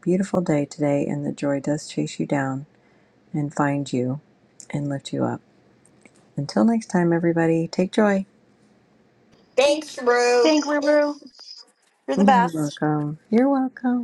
Speaker 1: beautiful day today, and the joy does chase you down and find you and lift you up. Until next time, everybody, take joy.
Speaker 18: Thanks, Rue.
Speaker 1: You're welcome. You're welcome.